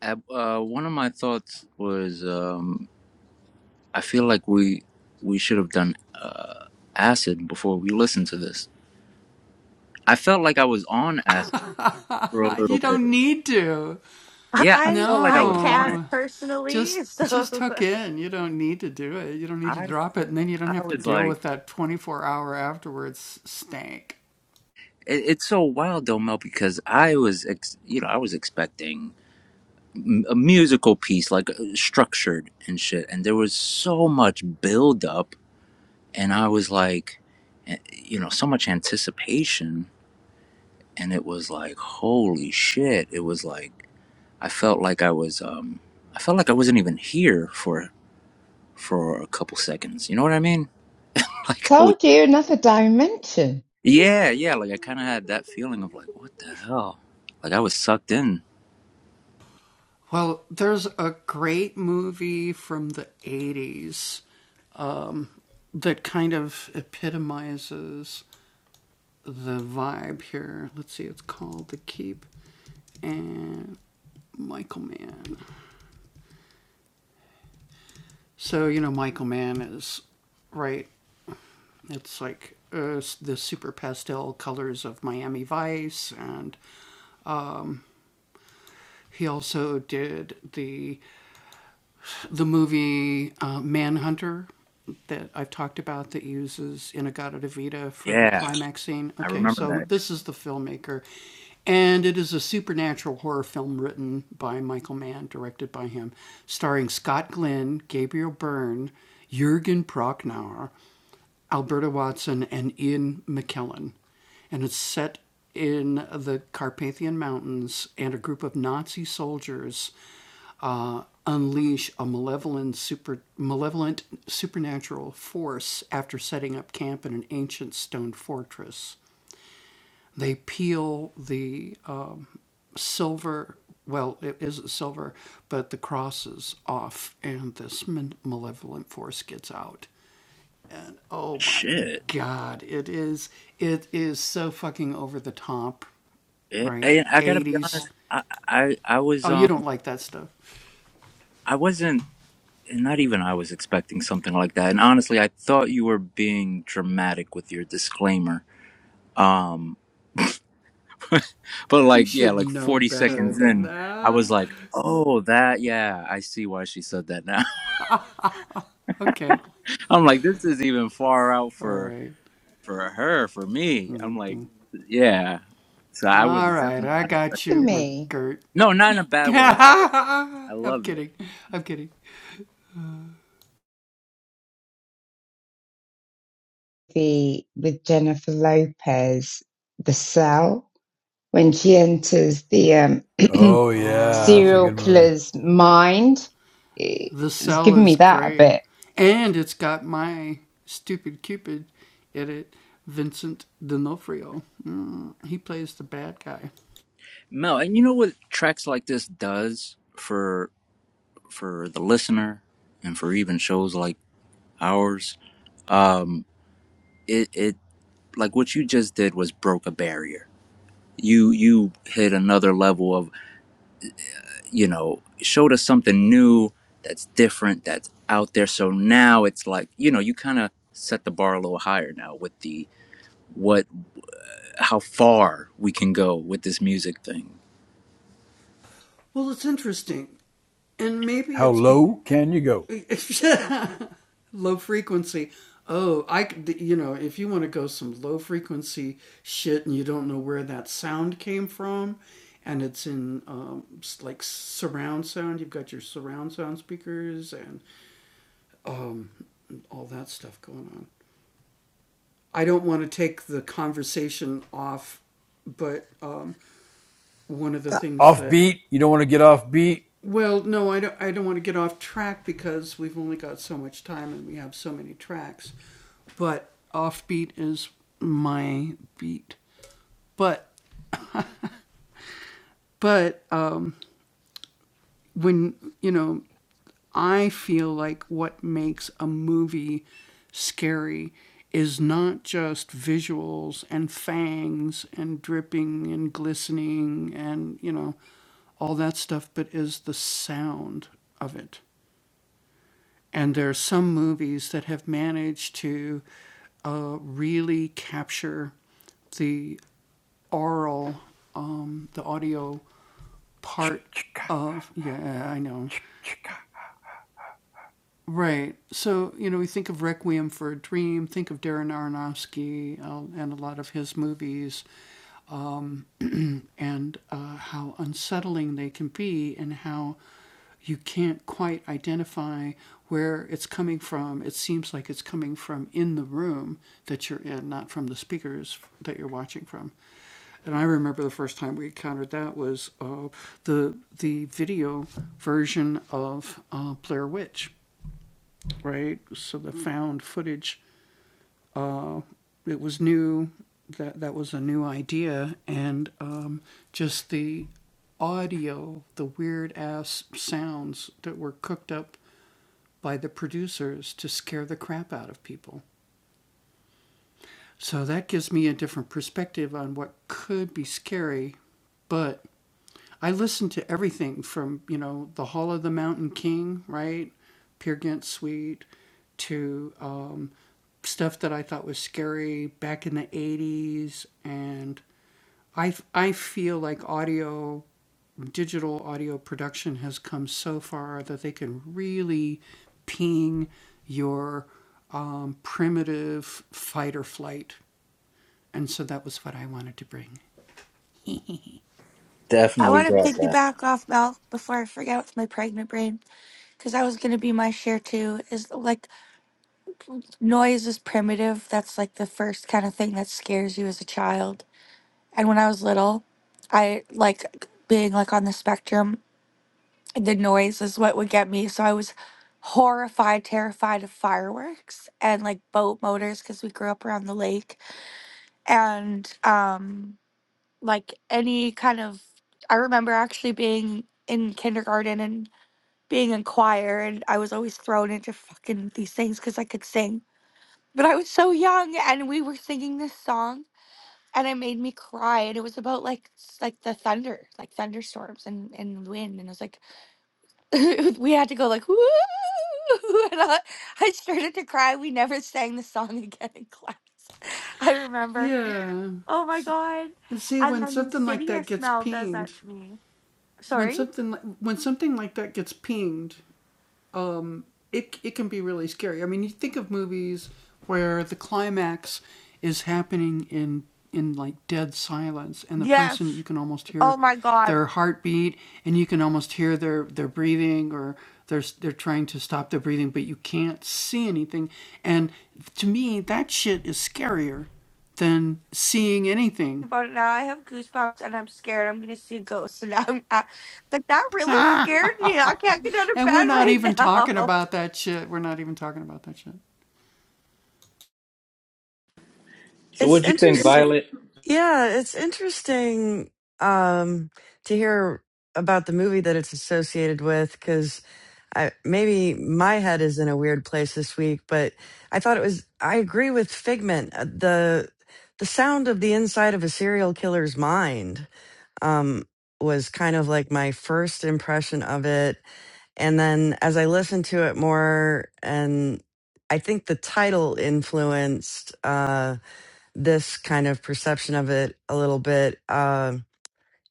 S1: uh, uh, one of my thoughts was. um I feel like we we should have done uh, acid before we listened to this. I felt like I was on acid for a little bit. Yeah, I
S8: I
S1: felt like I
S8: I
S1: was on
S8: can't
S1: it.
S8: personally, so
S1: I I was like, it, it's so wild though, Mel, because I was ex, you know I was expecting m- a musical piece like uh, structured and shit, and there was so much build up, and I was like, eh, you know, so much anticipation, and it was like, holy shit! It was like. I felt like I was um I felt like I wasn't even here for for a couple seconds. You know what I mean? Like I was
S6: Told you another dimension.
S1: Yeah, yeah, like I kind of had that feeling of like what the hell? Like I was sucked in. Yeah, I remember that. Shit. Yeah, and I got to be honest, I, I I was um I wasn't not even I was expecting something like that. And honestly, I thought you were being dramatic with your disclaimer. Um But like, yeah, like 40 seconds in, I was like, "Oh, that, yeah, I see why she said that now." I'm like, "This is even far out for for her, for me." I'm like, "Yeah." So I was definitely not
S6: for
S1: expecting it.
S6: Me,
S1: No, not in a bad way at all. I loved it.
S6: the with Jennifer Lopez, the cell. when she enters the um,
S5: oh, yeah. That's a
S6: serial
S5: good movie.
S6: killer's mind. It's given me that a bit.
S1: Mel, and you know what tracks like this does for for the listener and for even shows like ours? Um it it like what you just did was broke a barrier. You you hit another level of you know, showed us something new that's different, that's out there. So now it's like, you know, you kind of set the bar a little higher now with the what, how far we can go with this music thing.
S5: How low can you go? Offbeat? You don't want to get offbeat?
S8: I
S1: Definitely
S8: want to
S1: brought that.
S8: piggyback off Mel before I forget with my pregnant brain because that was going to be my share too. Is like noise is primitive. That's like the first kind of thing that scares you as a child. And when I was little, I like being like on the spectrum, the noise is what would get me. So I was horrified, terrified of fireworks and like boat motors because we grew up around the lake and um like any kind of I remember actually being in kindergarten and being in choir and I was always thrown into fucking these things because I could sing. But I was so young and we were singing this song and it made me cry and it was about like s- like the thunder, like thunderstorms and, and wind and I was like we had to go like woo and I, I started to cry. We never sang the song again in class. I remember. Oh my god. And then insidious smell does that to me. Sorry? Yes. Oh my god. But now I have goosebumps and I'm scared I'm gonna see ghosts. And I'm I, like that really scared me. I can't get out of bed right now.
S1: So
S2: It's
S1: what'd you think,
S2: interesting.
S1: Violet?
S2: Yeah, it's interesting um, to hear about the movie that it's associated with because I maybe my head is in a weird place this week, but I thought it was. I agree with Figment. uh, the The sound of the inside of a serial killer's mind um, was kind of like my first impression of it, and then as I listened to it more, and I think the title influenced. Uh, this kind of perception of it a little bit. Uh,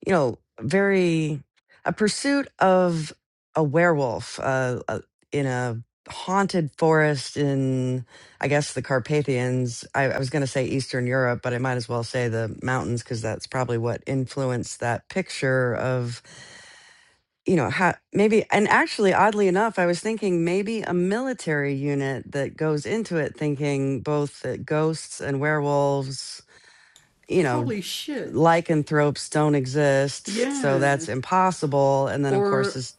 S2: you know, very a pursuit of a werewolf uh, uh, in a haunted forest in, I guess, the Carpathians. I, I was going to say Eastern Europe, but I might as well say the mountains because that's probably what influenced that picture of, you know, how maybe. And actually, oddly enough, I was thinking maybe a military unit that goes into it thinking both that ghosts and werewolves you know, lycanthropes don't exist, so that's impossible. And then of course is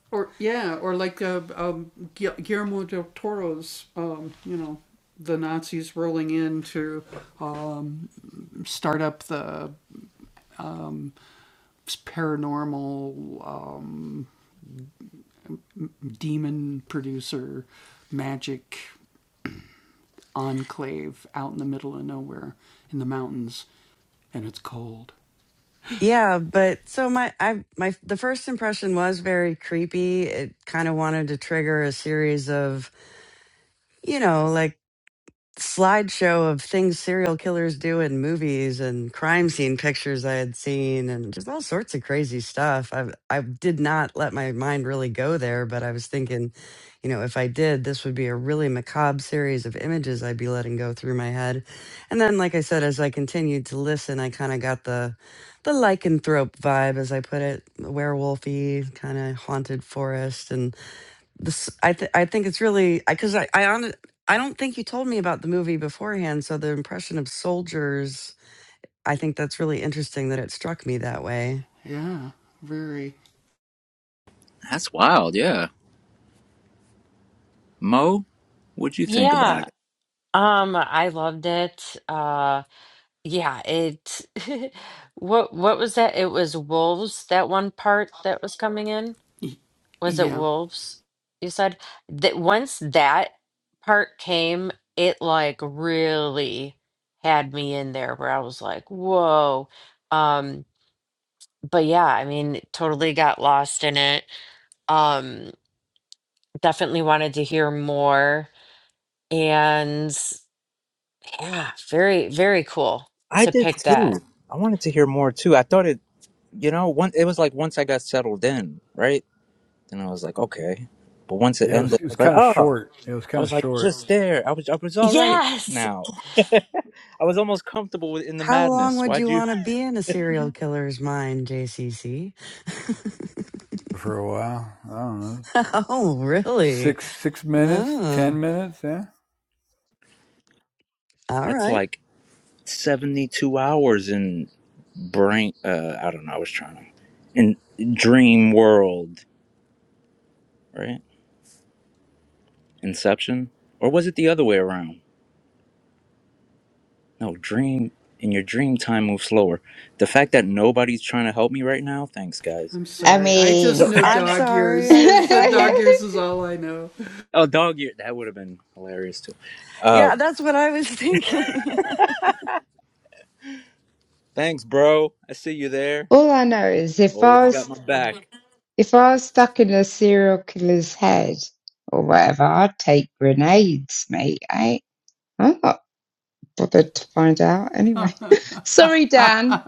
S2: yeah, but so my I my the first impression was very creepy. It kind of wanted to trigger a series of, you know, like slideshow of things serial killers do in movies and crime scene pictures I had seen and just all sorts of crazy stuff. I I did not let my mind really go there, but I was thinking, you know, if I did, this would be a really macabre series of images I'd be letting go through my head. And then like I said as I continued to listen, I kind of got the the lycanthrope vibe as I put it, werewolfy, kind of haunted forest and this i th- i think it's really because i cuz i I, on, I don't think you told me about the movie beforehand so the impression of soldiers i think that's really interesting that it struck me that way
S1: That's wild. Yeah. Mo, what'd you think about
S3: yeah,
S1: it?
S3: um, I loved it. Uh, yeah, it. what what was that? It was wolves. That one part that was coming in. was it wolves you said that once that part came it like really had me in there where i was like whoa um but yeah i mean totally got lost in it um definitely wanted to hear more and yeah very very cool
S1: I
S3: to
S1: did
S3: pick that
S1: too. I wanted to hear more too. I thought it, you know, one it was like once I got settled in, right? Then I was like, okay. But once it
S5: Yeah, it was,
S1: ended,
S5: it
S1: I
S5: was
S1: was like,
S5: kind of
S1: oh.
S5: short. It was
S1: I
S5: kind of
S1: was like
S5: short.
S1: just there. I was I was all right
S3: yes
S1: now. I was almost comfortable with, in the
S2: how long
S1: madness.
S2: would
S1: Why'd
S2: you
S1: you?
S2: want to be in a serial killer's mind jcc
S5: for a while. I don't know.
S2: oh really
S5: Six six minutes,
S2: oh
S5: ten minutes, yeah.
S2: all
S1: That's
S2: right
S1: like seventy two hours in brain. Uh, I don't know. I was trying to in dream world, right? Inception, or was it the other way around? No, dream. In your dream, time moves slower. The fact that nobody's trying to help me right now. Thanks, guys.
S6: I mean,
S2: i'm sorry i i'm
S1: Oh, dog year. That would have been hilarious too.
S2: yeah
S1: Um,
S2: that's what i was thinking
S1: thanks, bro. I see you there.
S6: all I know is if
S1: Always
S6: I was
S1: got my back.
S6: if I was stuck in a serial killer's head or whatever, I'd take grenades, mate. I I'm not bothered to find out anyway. Sorry, Dan.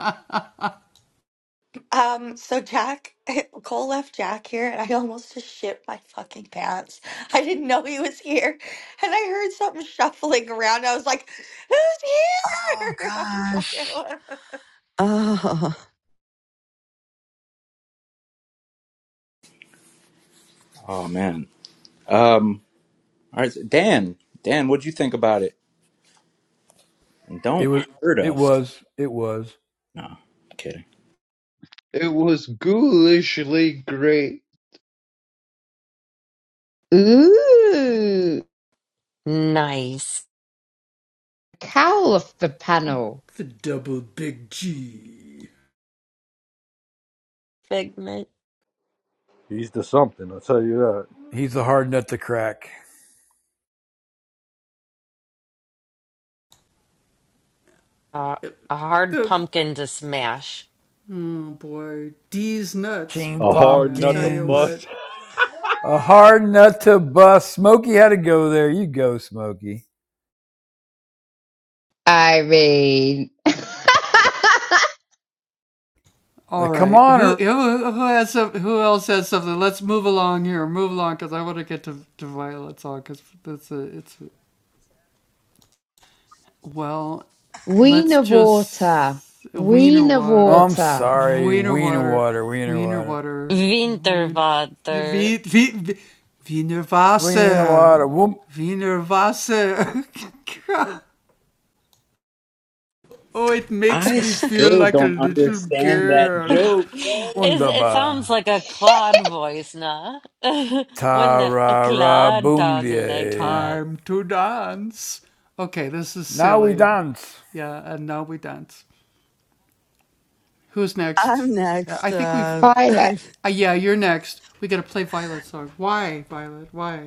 S8: Um, so Jack, Cole left Jack here, and I almost just shit my fucking pants. I didn't know he was here, and I heard something shuffling around. I was like, "Who's
S2: oh
S8: here?" I'm
S2: gosh
S8: sorry.
S2: oh
S1: Oh man. Um, all right, so Dan. Dan, what'd you think about it? And
S5: It
S1: don't
S5: was
S1: hurt
S5: it
S1: us.
S5: was it was.
S1: No, kidding.
S4: It was ghoulishly great.
S6: Ooh,
S3: nice
S6: cowl off the panel.
S3: figment
S10: He's the something, I'll tell you that.
S5: He's a hard nut to crack.
S3: uh, a hard pumpkin to smash
S5: King
S10: A hard nut to
S5: Pumpkins.
S10: bust.
S5: A hard nut to bust. Smokey had to go there. You go, Smokey.
S6: I mean.
S5: Like, come on. or-
S6: Wiener water. Wiener
S5: Oh, I'm
S6: water.
S5: sorry. Wiener water, wiener water.
S3: winterwater
S5: Wiener water. Wum-
S1: I still don't understand that
S3: it,
S1: joke, yo.
S3: it sounds
S5: Wunderbar.
S3: like a Claude voice, nah?
S5: Ta
S3: Wouldn't a, a
S5: ra ra
S3: Claude
S5: boom
S3: talk like
S5: die.
S3: that?
S5: Now we dance.
S2: i'm next uh
S6: Violet,
S2: i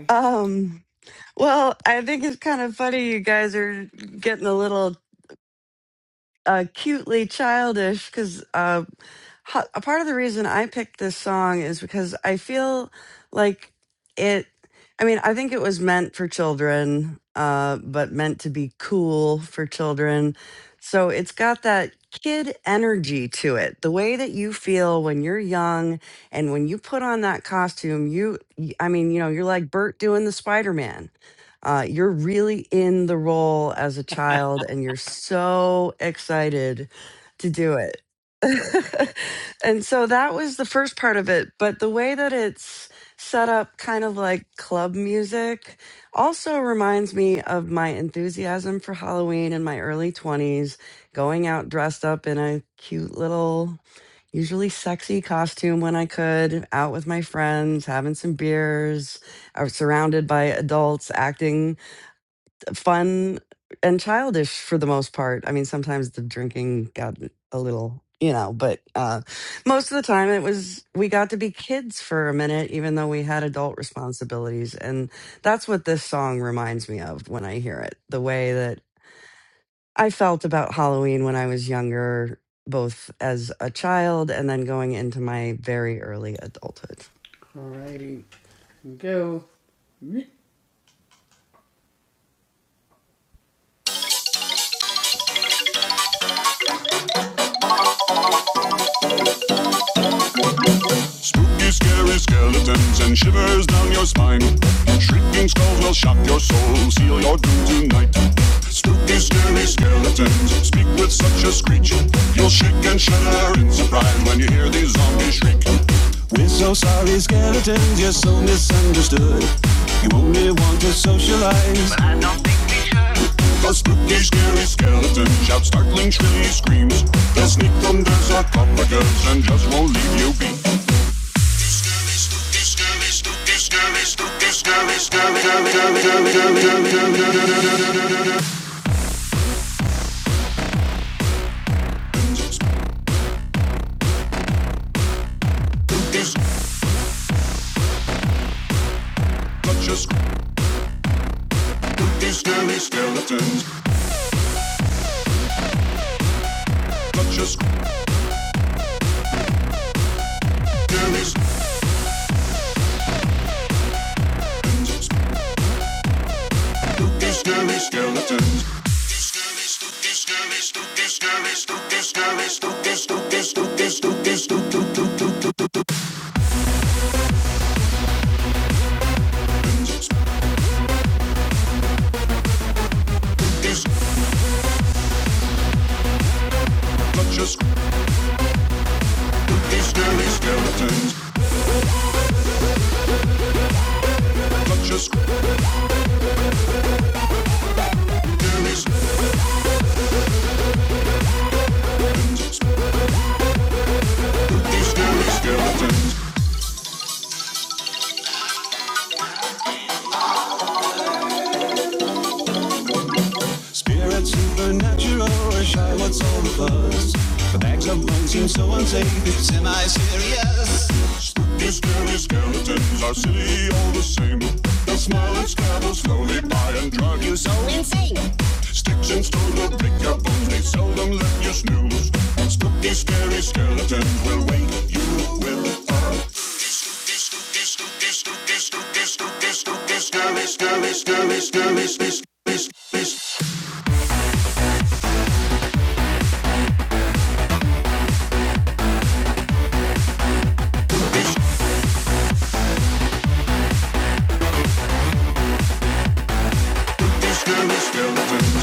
S2: um Well, I think it's kind of funny you guys are getting a little uh, cutely childish because a part of the reason I picked this song is because I feel like it. I mean, I think it was meant for children, uh, but meant to be cool for children. So it's got that kid energy to it. The way that you feel when you're young and when you put on that costume, you, y- I mean, you know, you're like Bert doing the Spider Man. Uh, you're really in the role as a child and you're so excited to do it. and so that was the first part of it. But the way that it's set up, kind of like club music, also reminds me of my enthusiasm for Halloween in my early 20s, going out dressed up in a cute little, usually sexy costume when I could, out with my friends, having some beers, or surrounded by adults acting fun and childish for the most part. I mean, sometimes the drinking got a little, you know, but uh, most of the time it was we got to be kids for a minute, even though we had adult responsibilities. And that's what this song reminds me of when I hear it. The way that I felt about Halloween when I was younger, both as a child and then going into my very early adulthood.
S9: Scary skeletons and shivers down your spine. Shrieking skulls will shock your soul, seal your doom tonight. Spooky, scary skeletons speak with such a screech. You'll shake and shudder in surprise when you hear these zombies shriek. We're so sorry, skeletons, you're so misunderstood. You only want to socialize. The spooky, scary skeletons shout startling, shrilly screams. They'll sneak under sarcophagus and just won't leave you be. Skeletons, not just scary skeletons. spooky scary skeletons. Spooky scary, spooky scary, spooky scary, spooky spooky spooky spooky spooky. Not just spooky scary skeletons, not just scary skeletons, spooky scary skeletons. seems so unsafe. Spooky, scary skeletons are silly all the same. They'll smile and scabble slowly by and drag you so insane. Sticks and stones will break your bones, they seldom let you snooze. And spooky, scary skeletons will wake you with a spooky, spooky, spooky, spooky, spooky, spooky, spooky, scary, scary, scary, scary, scary, spooky, scary skeletons,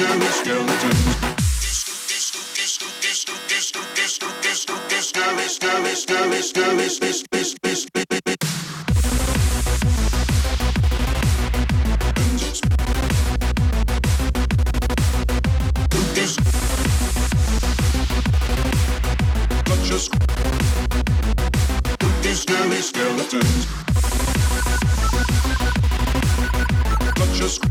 S9: scary skeletons, scary, scary, scary, scary, spooky, spooky, spooky, these scary skeletons. Not just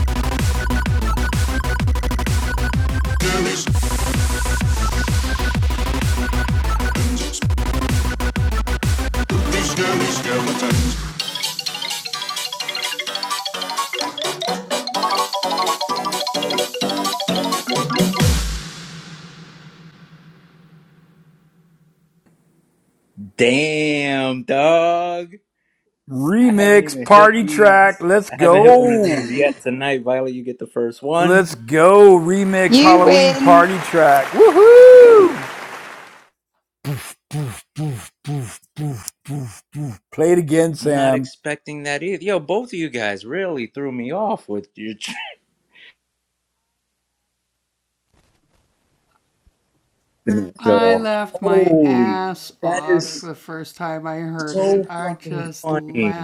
S9: skeletons.
S1: Damn, dog. I haven't
S5: Remix
S1: even hit
S5: party track.
S1: these.
S5: Let's
S1: I haven't hit one of
S5: go.
S1: these yet tonight. Violet, you get the first one.
S5: Let's go remix
S6: you
S5: Halloween
S6: win,
S5: party track. Woohoo! Boof, boof, boof, boof, boof, boof, boof. Play it again,
S1: I'm not
S5: Sam.
S1: expecting that either. Yo, both of you guys really threw me off with your so holy. That is so fucking funny.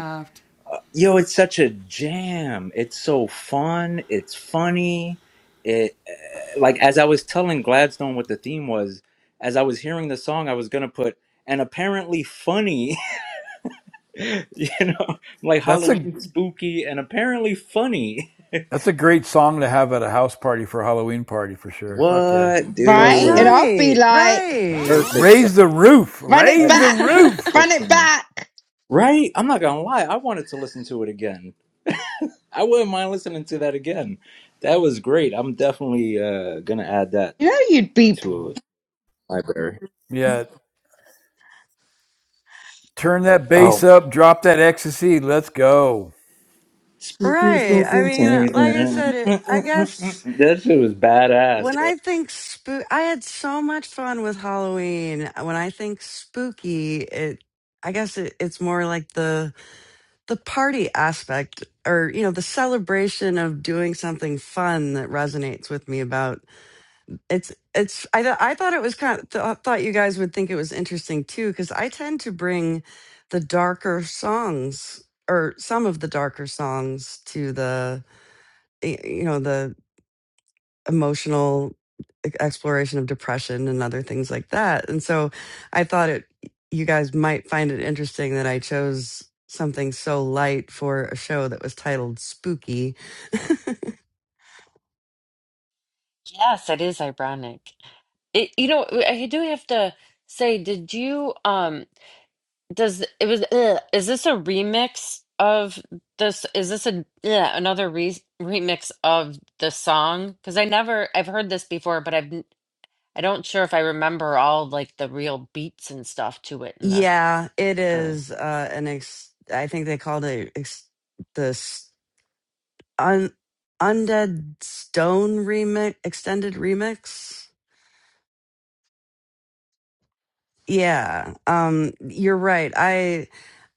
S1: Yo, it's such a jam. It's so fun. It's funny. It uh, like as I was telling Gladstone what the theme was, as I was hearing the song, I was gonna put and apparently funny. you know, like
S5: That's a
S1: Halloween spooky and apparently funny.
S5: that's a great song to have at a house party for a Halloween party for sure. Fuck yeah.
S1: What,
S5: Fuck
S6: right? And
S1: dude?
S5: yeah.
S6: I'll be
S2: Right,
S6: like,
S2: right.
S1: Perfect song.
S5: Raise the roof.
S6: run it
S5: Raise
S1: That's
S5: the
S6: back,
S5: roof.
S6: run
S1: perfect
S6: it
S1: song.
S6: back.
S1: Right? I'm not gonna lie. I wanted to listen to it again. I wouldn't mind listening to that again. That was great. I'm definitely uh, gonna add that
S6: You know, you'd be,
S1: to library.
S5: Yeah. Turn that bass
S1: Oh,
S5: up. Drop that ecstasy. Let's go.
S1: Spooky,
S2: Right.
S1: spooky,
S2: I mean, like I said,
S1: everything.
S2: it. I guess
S1: that shit was badass.
S2: when I think spook, I had so much fun with Halloween. When I think spooky, it, I guess it, it's more like the the party aspect, or you know, the celebration of doing something fun that resonates with me. About it's it's I th- I thought it was kind of th- thought you guys would think it was interesting too because I tend to bring the darker songs or some of the darker songs to the y- you know the emotional e, exploration of depression and other things like that. And so I thought it you guys might find it interesting that I chose something so light for a show that was titled Spooky.
S3: Yes, it is ironic. It, you know, I do have to say, did you um does it was ugh, is this a remix of this is this a yeah, another re remix of the song? Because I never I've heard this before, but I've n- I don't sure if I remember all like the real beats and stuff to it in the
S2: Yeah, it
S3: or.
S2: is uh an ex I think they called it ex- the s- un- Undead Stone remix extended remix. Yeah. Um you're right. I.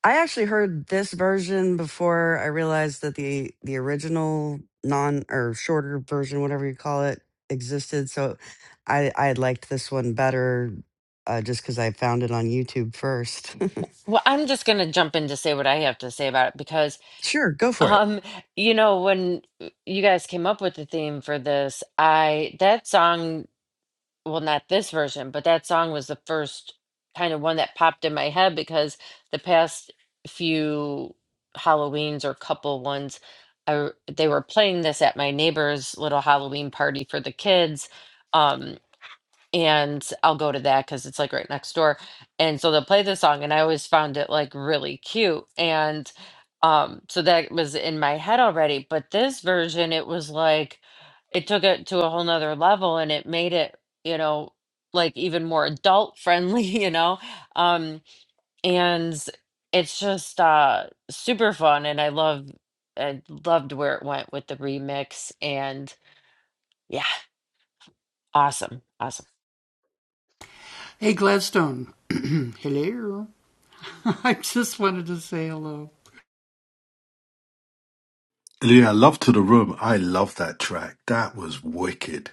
S2: I actually heard this version before I realized that the the original non or shorter version, whatever you call it, existed. So I I liked this one better uh, just because I found it on YouTube first.
S3: Well, I'm just going to jump in to say what I have to say about it because,
S2: sure, go for it.
S3: um, you know, when you guys came up with the theme for this, I that song, well, not this version, but that song was the first kind of one that popped in my head because the past few Halloweens or couple ones, I, they were playing this at my neighbor's little Halloween party for the kids. um, and I'll go to that because it's like right next door. And so they'll play the song, and I always found it like really cute. And um, so that was in my head already. But this version, it was like it took it to a whole nother level and it made it, you know, like even more adult friendly, you know. Um, and it's just uh super fun and I love I loved where it went with the remix and yeah, awesome. Awesome.
S11: Yeah, Love to the Room. I love that track. That was wicked.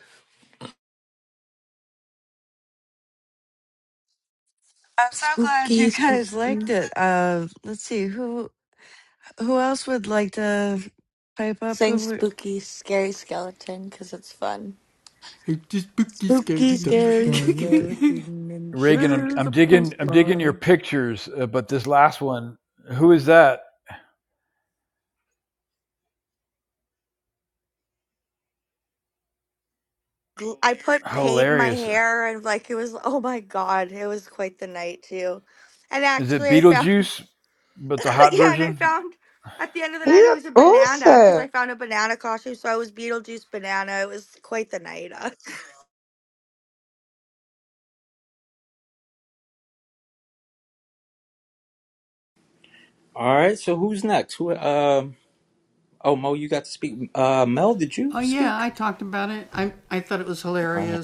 S2: I'm so glad
S8: Spooky,
S2: you
S8: spooky,
S2: guys liked it. Uh, let's see who who else would like to pipe up.
S8: saying
S2: Who? would?
S8: spooky, scary skeleton because it's fun. Spooky, scary,
S2: yeah, we did.
S8: scary feeling and
S5: Reagan, I'm,
S8: shivers
S5: I'm
S8: up the
S5: digging I'm digging your
S8: spine.
S5: pictures, uh, but this last one, who is that?
S8: gl- I put paint in my
S5: Hilarious.
S8: hair and like it was oh my god, it was quite the night too. And
S5: Is it
S8: actually I found
S5: Beetlejuice, but the hot
S8: yeah, and I
S5: version?
S8: found at the end of the
S6: you
S8: night it
S6: look
S8: was a banana because
S6: awesome.
S8: I found a banana costume, so I was Beetlejuice banana. It was quite the night. uh.
S1: all right. So who's next? Who? Um. oh, Mo, you got to speak. Uh, Mel, did you speak? Uh,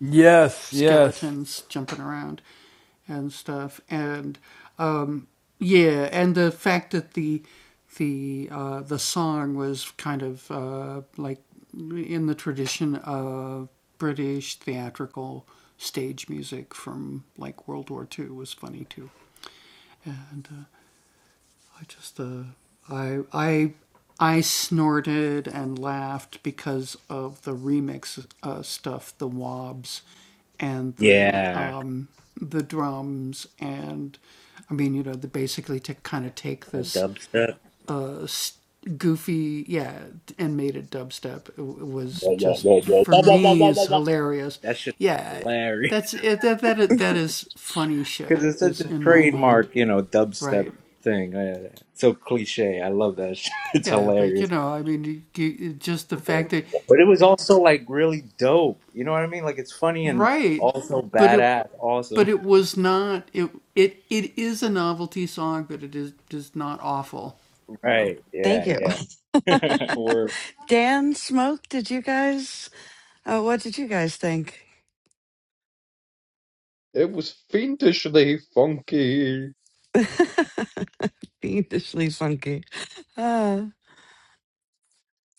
S5: Yes, yes.
S1: yeah, a dubstep. Whoa, whoa, whoa, whoa, whoa, whoa, whoa, whoa, whoa, whoa. That shit hilarious. Because it's such a trademark, you know, dubstep thing. Uh, so cliche. I love that. Shit. It's hilarious. But it was also like really dope. You know what I mean? Like it's funny and also badass, awesome. Right.
S2: thank
S1: Yeah,
S2: you.
S1: yeah. Word.
S2: Dan Smoke, did you guys? Uh, what did you guys think?
S4: It was fiendishly funky.
S2: fiendishly funky. Uh,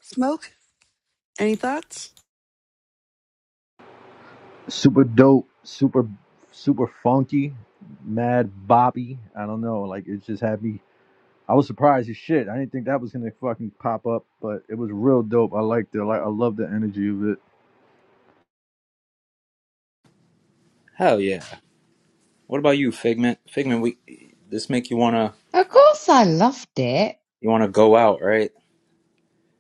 S2: smoke, any thoughts?
S10: Super dope, super super funky, mad Bobby. I don't know. Like it just had me I was surprised as shit. I didn't think that was gonna fucking pop up, but it was real dope. I liked it. Like I love the energy of it.
S1: Hell yeah. What about you, Figment? Figment, we this make you wanna
S6: Of course, I loved it.
S1: you wanna go out, right?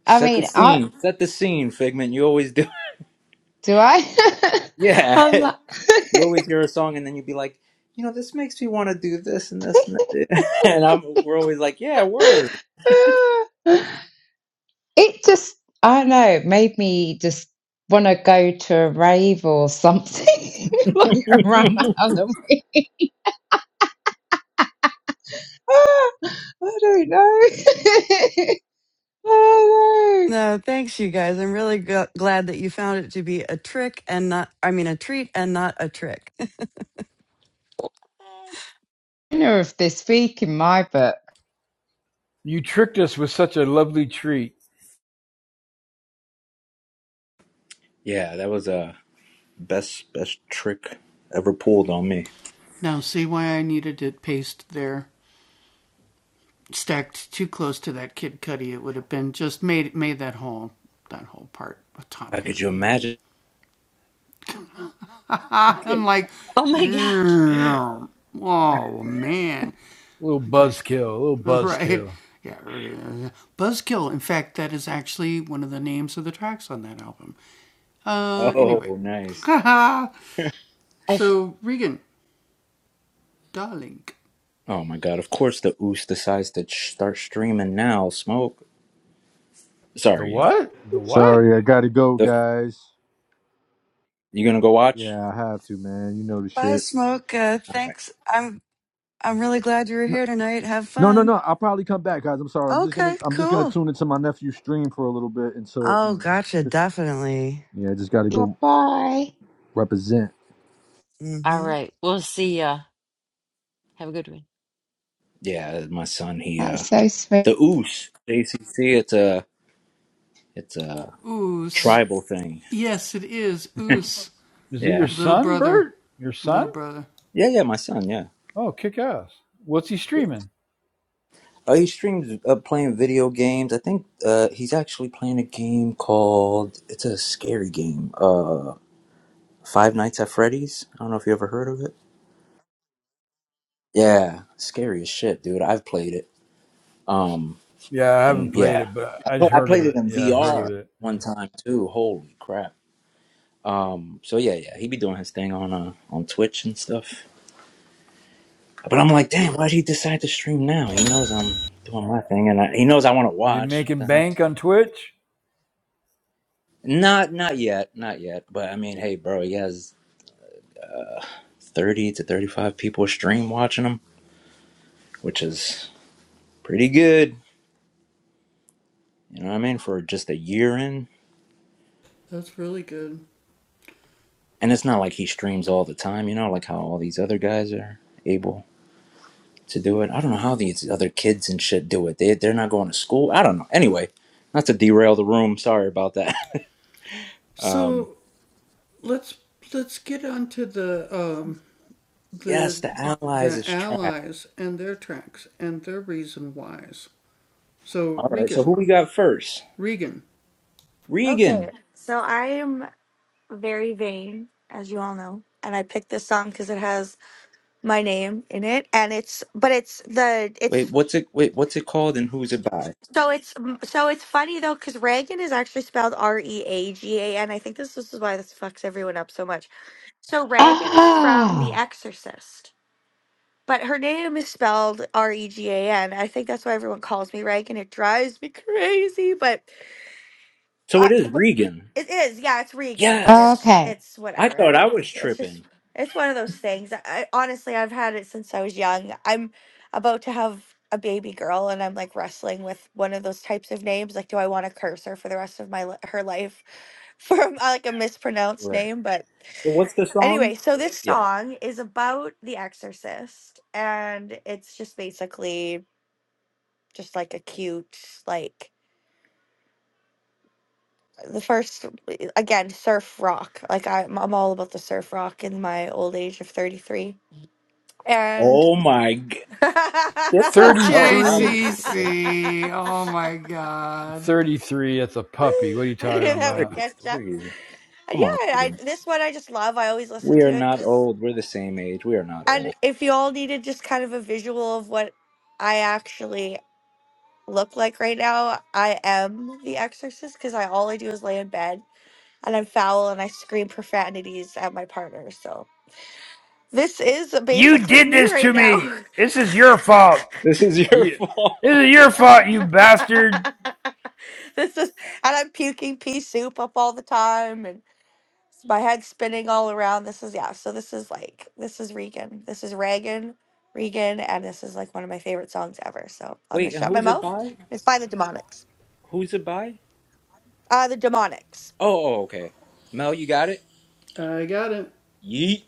S6: I
S1: Set the
S6: mean, I
S1: scene. Set the scene, Figment. You always do.
S6: do I.
S1: Yeah.
S6: I'm like,
S1: You always hear a song and then you'd be like, you know, this makes me wanna do this and this and that. and I'm we're always like, Yeah, word.
S6: it just I don't know made me just want to go to a rave or something like around
S1: yeah,
S6: the house. Ah, I don't know. oh
S2: No, thanks, you guys. I'm really g- glad that you found it to be a trick and not, I mean, a treat and not a trick.
S6: no. Winner of this week in my book.
S5: You tricked us with such a lovely treat.
S1: that was a uh, best best trick ever pulled on me. How could you imagine?
S3: Oh my god.
S5: A little buzzkill, a little buzzkill.
S1: Oh, nice.
S3: I f-
S1: Oh my God! Of course, the oost decides to sh- start streaming now. Smoke.
S5: The
S1: Sorry, y'all.
S5: what? The what?
S10: Sorry, I gotta go,
S1: The,
S10: guys.
S1: you gonna go watch?
S10: Yeah, I have to, man. You know the
S2: Bye,
S10: shit.
S2: Smoke. Uh,
S1: All right.
S2: thanks. I'm, I'm really glad you were
S10: No,
S2: here tonight. Have
S10: no, no, no.
S2: fun.
S10: I'll probably come back, guys. I'm sorry. I'm just gonna,
S2: Okay,
S10: I'm just gonna
S2: cool.
S10: tune into my nephew's stream for a little bit until you
S2: Oh,
S10: know, just,
S2: gotcha.
S10: just
S2: Definitely.
S10: yeah, just gotta go
S6: Bye.
S10: represent.
S3: all
S2: hmm
S3: right. We'll see ya. Have a good one.
S1: Yeah, my son. He uh,
S6: That's so sweet.
S1: the oost. JCC. It's a it's a tribal thing.
S5: Is it your
S1: Yeah.
S5: son, Bert? Your son?
S1: Yeah, yeah. My son. Yeah.
S5: Oh, kick ass. What's he streaming?
S1: Uh, he streams uh, playing video games. I think uh, he's actually playing a game called it's a scary game. Uh, Five Nights at Freddy's. I don't know if you ever heard of it. Yeah, scary as shit, dude. I've played it. Um,
S5: Yeah, I haven't
S1: and
S5: played
S1: yeah,
S5: it, but
S1: I
S5: I
S1: pla-
S5: just
S1: I
S5: heard of
S1: played it
S5: it.
S1: in
S5: Yeah, I've heard of
S1: VR
S5: it.
S1: one
S5: Yeah.
S1: time too. Holy crap. Um, so yeah, yeah, he be doing his thing on uh on Twitch and stuff. But I'm like, damn, why'd he decide to stream now? He knows I'm doing my thing, and I, he knows I want to
S5: Is he
S1: watch. What
S5: making
S1: the hell?
S5: bank on Twitch?
S1: Not, not yet, not yet. But I mean, hey, bro, he has 30 to 35 people stream watching him, which is pretty good. You know what I mean? For just a year in, And it's not like he streams all the time, you know, like how all these other guys are able to do it. I don't know how these other kids and shit do it. They they're not going to school. I don't know. Anyway, not to derail the room. Sorry about that. Um, yes, the allies is trash. All right. So who we got first?
S8: okay.
S1: Regan.
S8: So I am very vain, as you all know. And I picked this song because it has my name in it, and it's but it's the it's
S1: Wait, what's it? Wait, what's it called? And who's it by?
S8: So it's mm, so it's funny though, because Reagan is actually spelled R E A G A N. I think this, this is why this fucks everyone up so much. So Reagan is from The
S6: Ah.
S8: Exorcist, but her name is spelled R E G A N. I think that's why everyone calls me Reagan. It drives me crazy, but
S1: So
S8: uh,
S1: it is
S8: but
S1: Regan.
S8: it is, yeah, it's re again, but
S1: Yes.
S8: it's
S6: Okay.
S8: it's
S1: I
S8: whatever.
S1: thought I was
S8: It's it's just
S1: tripping.
S8: it's one of those things. I, I honestly I've had it since I was young. I'm about to have a baby girl, and I'm like wrestling with one of those types of names. Like, do I want to curse her for the rest of my li- her life for uh, like a mispronounced
S1: Right.
S8: name? But
S1: So what's the song?
S8: anyway, so this
S1: Yeah.
S8: song is about The Exorcist, and it's just basically just like a cute like the first again surf rock like I, i'm all about the surf rock in my old age of 33 and
S1: Oh my. god!
S8: i
S1: Get the hell out of
S5: 33.
S1: here.
S5: 33. That's a puppy. What are you
S8: knew
S5: talking
S8: that
S5: about?
S8: would get you
S1: 33.
S8: and
S1: Come on,
S8: yeah I,
S1: Regan.
S8: this one i just love i always listen
S1: We
S8: to
S1: are
S8: it
S1: not
S8: because
S1: old. We're the same age. We are not
S8: and
S1: old.
S8: if you all needed just kind of a visual of what i actually look like right now i am the exorcist because i all i do is lay in bed and i'm foul and i scream profanities at my partner so This is
S5: You
S8: basically
S5: did
S8: me
S5: this
S8: right
S5: to
S8: now.
S5: me. This is your fault.
S1: This is your
S5: Yeah.
S1: fault.
S5: This is your fault, you bastard.
S8: this is, and I'm puking pea soup up all the time, and my head's spinning all around. This is yeah. So this is like this is Regan. This is Regan, Regan, and this is like one of my favorite songs ever. So I'm gonna
S1: Wait, and
S8: shut my
S1: who's it
S8: mouth.
S1: by?
S8: It's by the Demonics.
S1: Who's it by?
S8: Uh, the Demonics.
S1: Oh, oh, okay. Mel, you got it? Yeet.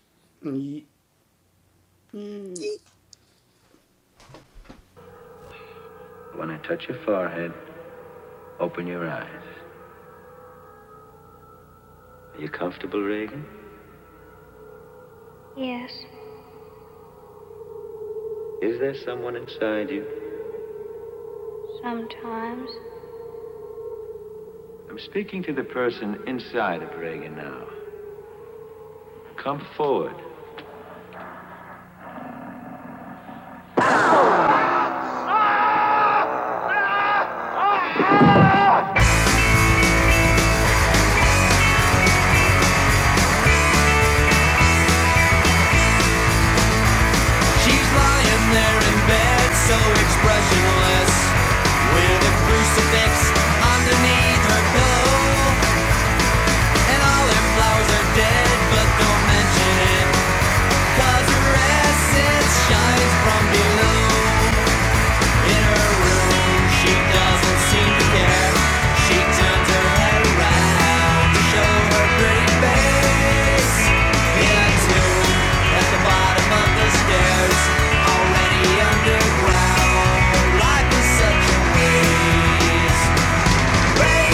S9: She's lying there in bed, so expressionless, with a crucifix underneath her pillow. And all her flowers are dead, but don't mention it, 'cause her essence shines from below. Already underground, life is such a waste. Begin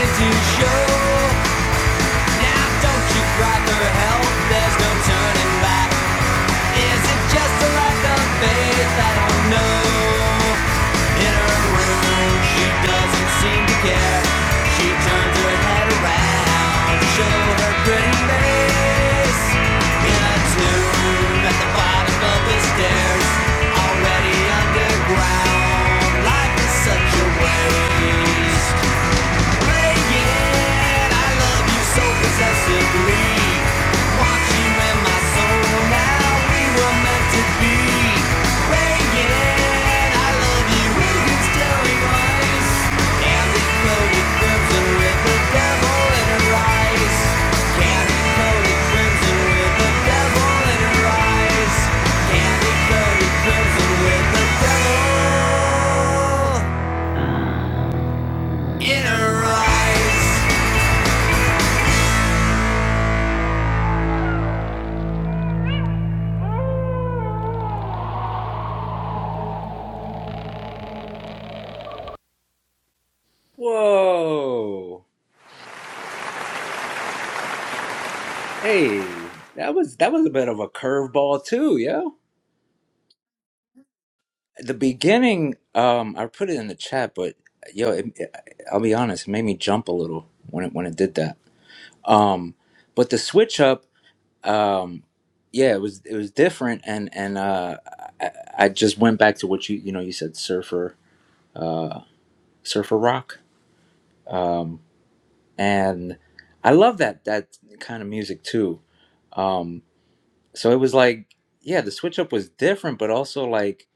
S9: to show Now don't you cry for help, there's no turning back. Is it just a lack of faith? I don't know. In her room, she doesn't seem to care. She turns her head around to show her pretty face. In a tomb at the bottom of the stairs, already underground. Life is such a waste. Crimson with the devil in her eyes.
S1: Whoa. Hey, that was that was a bit of a curveball too, yo. The beginning, um, I put it in the chat, but yo, it, I'll be honest, it made me jump a little when it when it did that. Um, but the switch up um yeah it was it was different and and uh I, I just went back to what you you know you said surfer uh surfer rock um and i love that that kind of music too um so it was like yeah the switch up was different but also like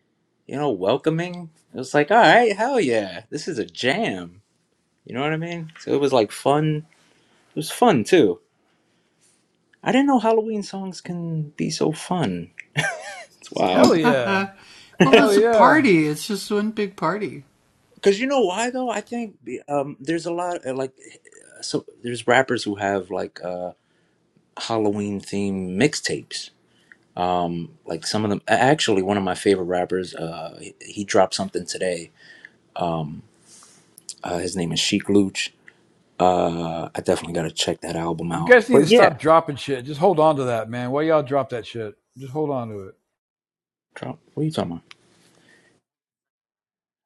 S1: you know welcoming it was like all right hell yeah this is a jam you know what i mean so it was like fun it was fun too i didn't know halloween songs can be so fun Wow.
S5: Hell yeah. Hell yeah.
S1: Because you know why though? I think um, there's a lot uh, like eh, so there's rappers who have like uh, Halloween themed mixtapes. Um, like some of them, a- actually, one of my favorite rappers, uh, he, he dropped something today. Um, uh, his name is Chic Luch. Uh, I definitely gotta check that album
S5: You
S1: out.
S5: guys need
S1: But
S5: to
S1: yeah,
S5: stop dropping shit. Just hold on to that, man. Why y'all drop that shit? Just hold on to it.
S1: drop. What are you talking about?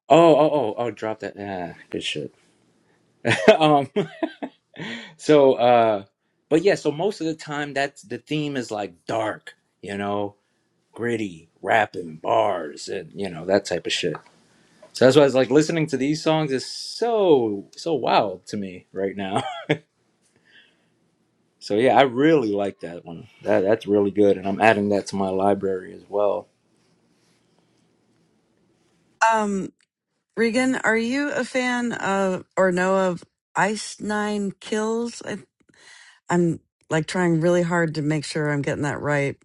S1: Oh, oh, oh, oh, drop that. Yeah, good shit. um, so, uh, but yeah, so most of the time, that's the theme is like dark, you know gritty, rapping bars, and you know that type of shit. So that's why I was like listening to these songs is so so wild to me right now. So yeah, I really like that one. That that's really good, and I'm adding that to my library as well.
S2: Um, Regan, are you a fan of or know of Ice Nine Kills? I, I'm like trying really hard to make sure I'm getting that right.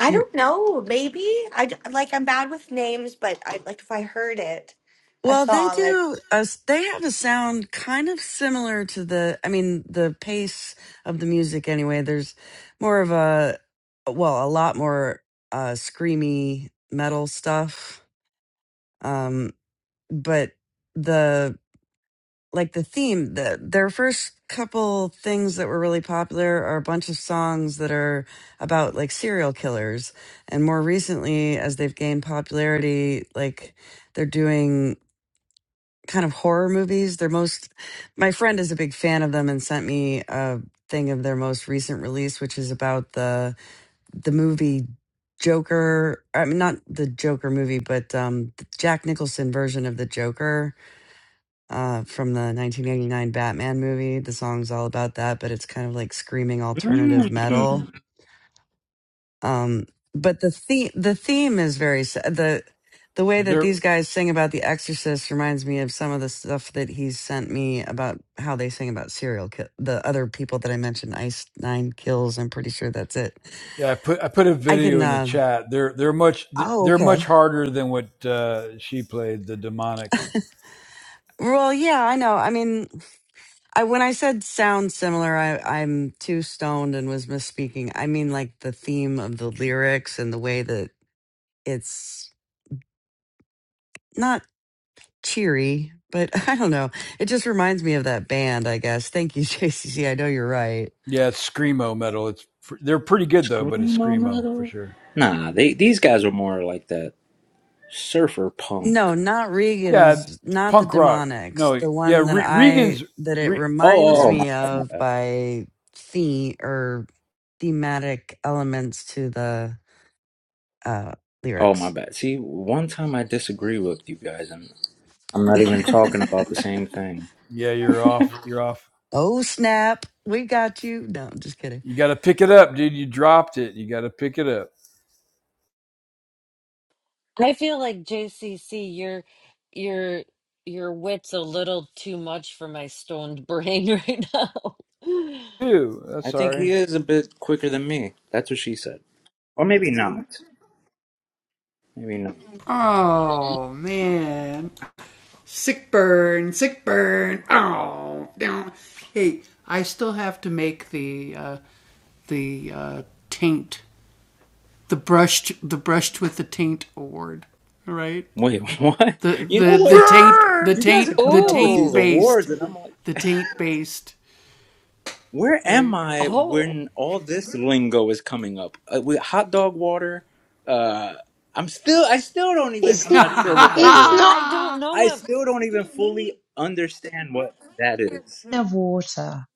S8: I don't know. Maybe I d- like I'm bad with names, but I like if I heard it, a
S2: Well, they
S8: song. I
S2: do. A, s- they have a sound kind of similar to the. I mean, the pace of the music. Anyway, there's more of a, well, a lot more uh, screamy metal stuff. Um, but the like the theme. The their first couple things that were really popular are a bunch of songs that are about like serial killers, and more recently, as they've gained popularity, like they're doing kind of horror movies. Their most, my friend is a big fan of them and sent me a thing of their most recent release, which is about the the movie Joker. I mean, not the Joker movie, but um, the Jack Nicholson version of the Joker uh, from the 1989 Batman movie. The song's all about that, but it's kind of like screaming alternative metal
S1: Mm.
S2: um but the theme the theme is very s- the the way that
S5: They're
S2: these guys sing about the exorcist reminds me of some of the stuff that he's sent me about how they sing about serial kill the other people that i mentioned ice nine kills i'm pretty sure that's it
S5: yeah, I put I put a
S2: i can
S5: video in the
S2: uh
S5: chat. They're they're much
S2: oh
S5: they're
S2: okay
S5: much harder than what uh, she played, the demonics.
S2: well yeah i know i mean i when i said sound similar i i'm too stoned and was misspeaking i mean like the theme of the lyrics and the way that it's not cheery, but I don't know. It just reminds me of that band, I guess. Thank you, JCC. I know you're right.
S5: Yeah, it's screamo metal. It's they're pretty good though, but it's
S1: Screamo
S5: screamo for
S1: metal?
S5: sure.
S1: Nah, they these guys are more like that surfer
S2: No,
S1: punk.
S2: not
S5: Yeah,
S2: Regan's, not the
S5: punk rock.
S2: demonics.
S5: No,
S2: The
S5: yeah,
S2: one that
S5: Re-
S2: I
S5: Regan's.
S2: that it
S5: Re-
S1: Oh, oh,
S2: reminds
S5: yeah,
S1: oh, my
S2: me of
S1: bad.
S2: by theme or thematic elements to the uh
S1: Oh, my
S2: lyrics.
S1: bad. See, one time I disagree with you guys, and I'm not even talking about the same thing.
S5: yeah, you're off. You're off.
S2: oh snap, we got you. No, I'm just kidding.
S5: You got to pick it up, dude. You dropped it. You got to pick it up.
S3: I feel like JCC, your your your wit's a little too much for my stoned brain right now.
S5: Ew, that's
S1: I think he
S5: sorry.
S1: is a bit quicker than me. That's what she said. Or maybe not. Maybe not. Wait, what? You know what?
S5: Burn!
S1: You guys are coming up with these
S3: Oh,
S1: awards, and I'm like, where am I
S3: oh,
S1: when all this lingo is coming up? Uh, with hot dog water, uh, I'm still, I still don't even,
S6: It's
S1: I'm
S6: n-
S1: not sure what that
S6: it's
S1: is.
S6: not
S3: I don't know
S1: I
S3: what,
S1: still don't even fully understand what that is.
S6: the water.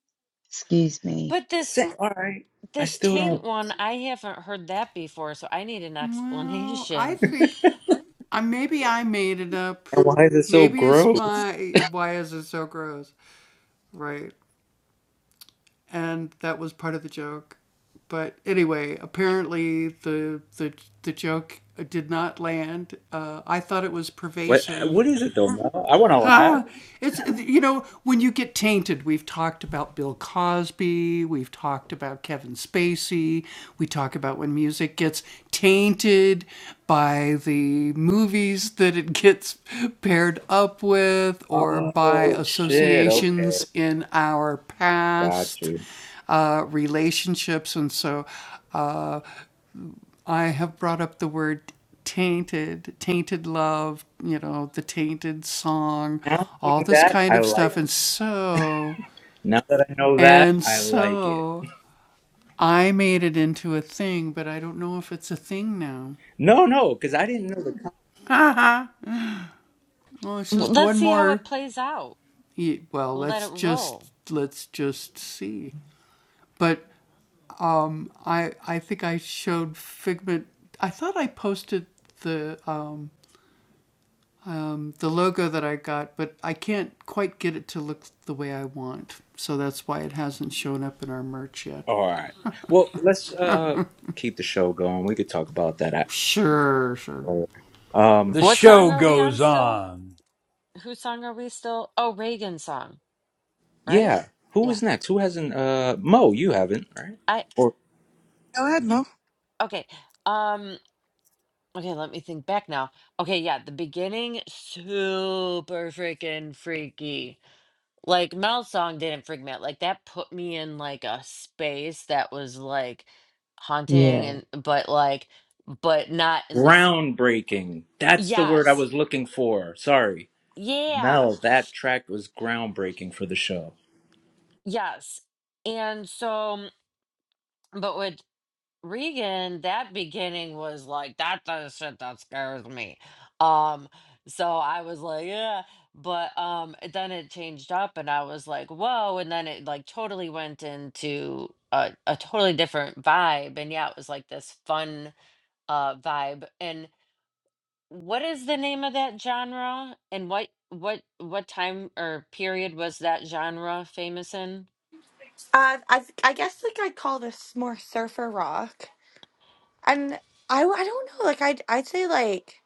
S6: Excuse me.
S3: but this
S1: Sa- all right. I
S3: this
S1: still
S3: taint
S1: don't.
S3: one, I haven't heard that before, so I need an explanation.
S1: Why is it so gross? What, what is it though, Mel? I want to laugh. Oh shit, okay. Got you. Now knowing that, I like it. Now that I know that, I like it. No, no, because I didn't know the con-
S3: W- Let's see how it plays out. We'll let it roll.
S1: All right. Well, let's uh keep the show going. We could talk about that. at- Um,
S5: The
S3: What song
S5: show
S3: are we on
S5: goes
S3: still?
S5: on.
S3: Whose song are we still? Oh, Reagan's song, right?
S1: yeah. Who was
S3: Yeah.
S1: next? Who hasn't? Uh, Mo, you haven't, right? Or
S2: Go ahead, Mo.
S3: Okay. Um, okay, let me think back now. Okay, yeah, the beginning, super freaking freaky. Like Mel's song didn't freak me out. Like that put me in like a space that was like haunting
S6: Yeah.
S3: and but like but not in this
S1: groundbreaking. That's the word I
S3: yes.
S1: was looking for. Sorry,
S3: Yeah.
S1: Mel. That track was groundbreaking for the show.
S3: Yes. And so but with Regan, that beginning was like that the shit that scares me. Um, so I was like, yeah, but um then it changed up and I was like, whoa, and then it like totally went into a, a totally different vibe. And yeah, it was like this fun uh vibe. And what is the name of that genre? And what what what time or period was that genre famous in?
S8: uh, I I guess like I'd call this more surfer rock. And I, w- I don't know. Like I'd I'd say like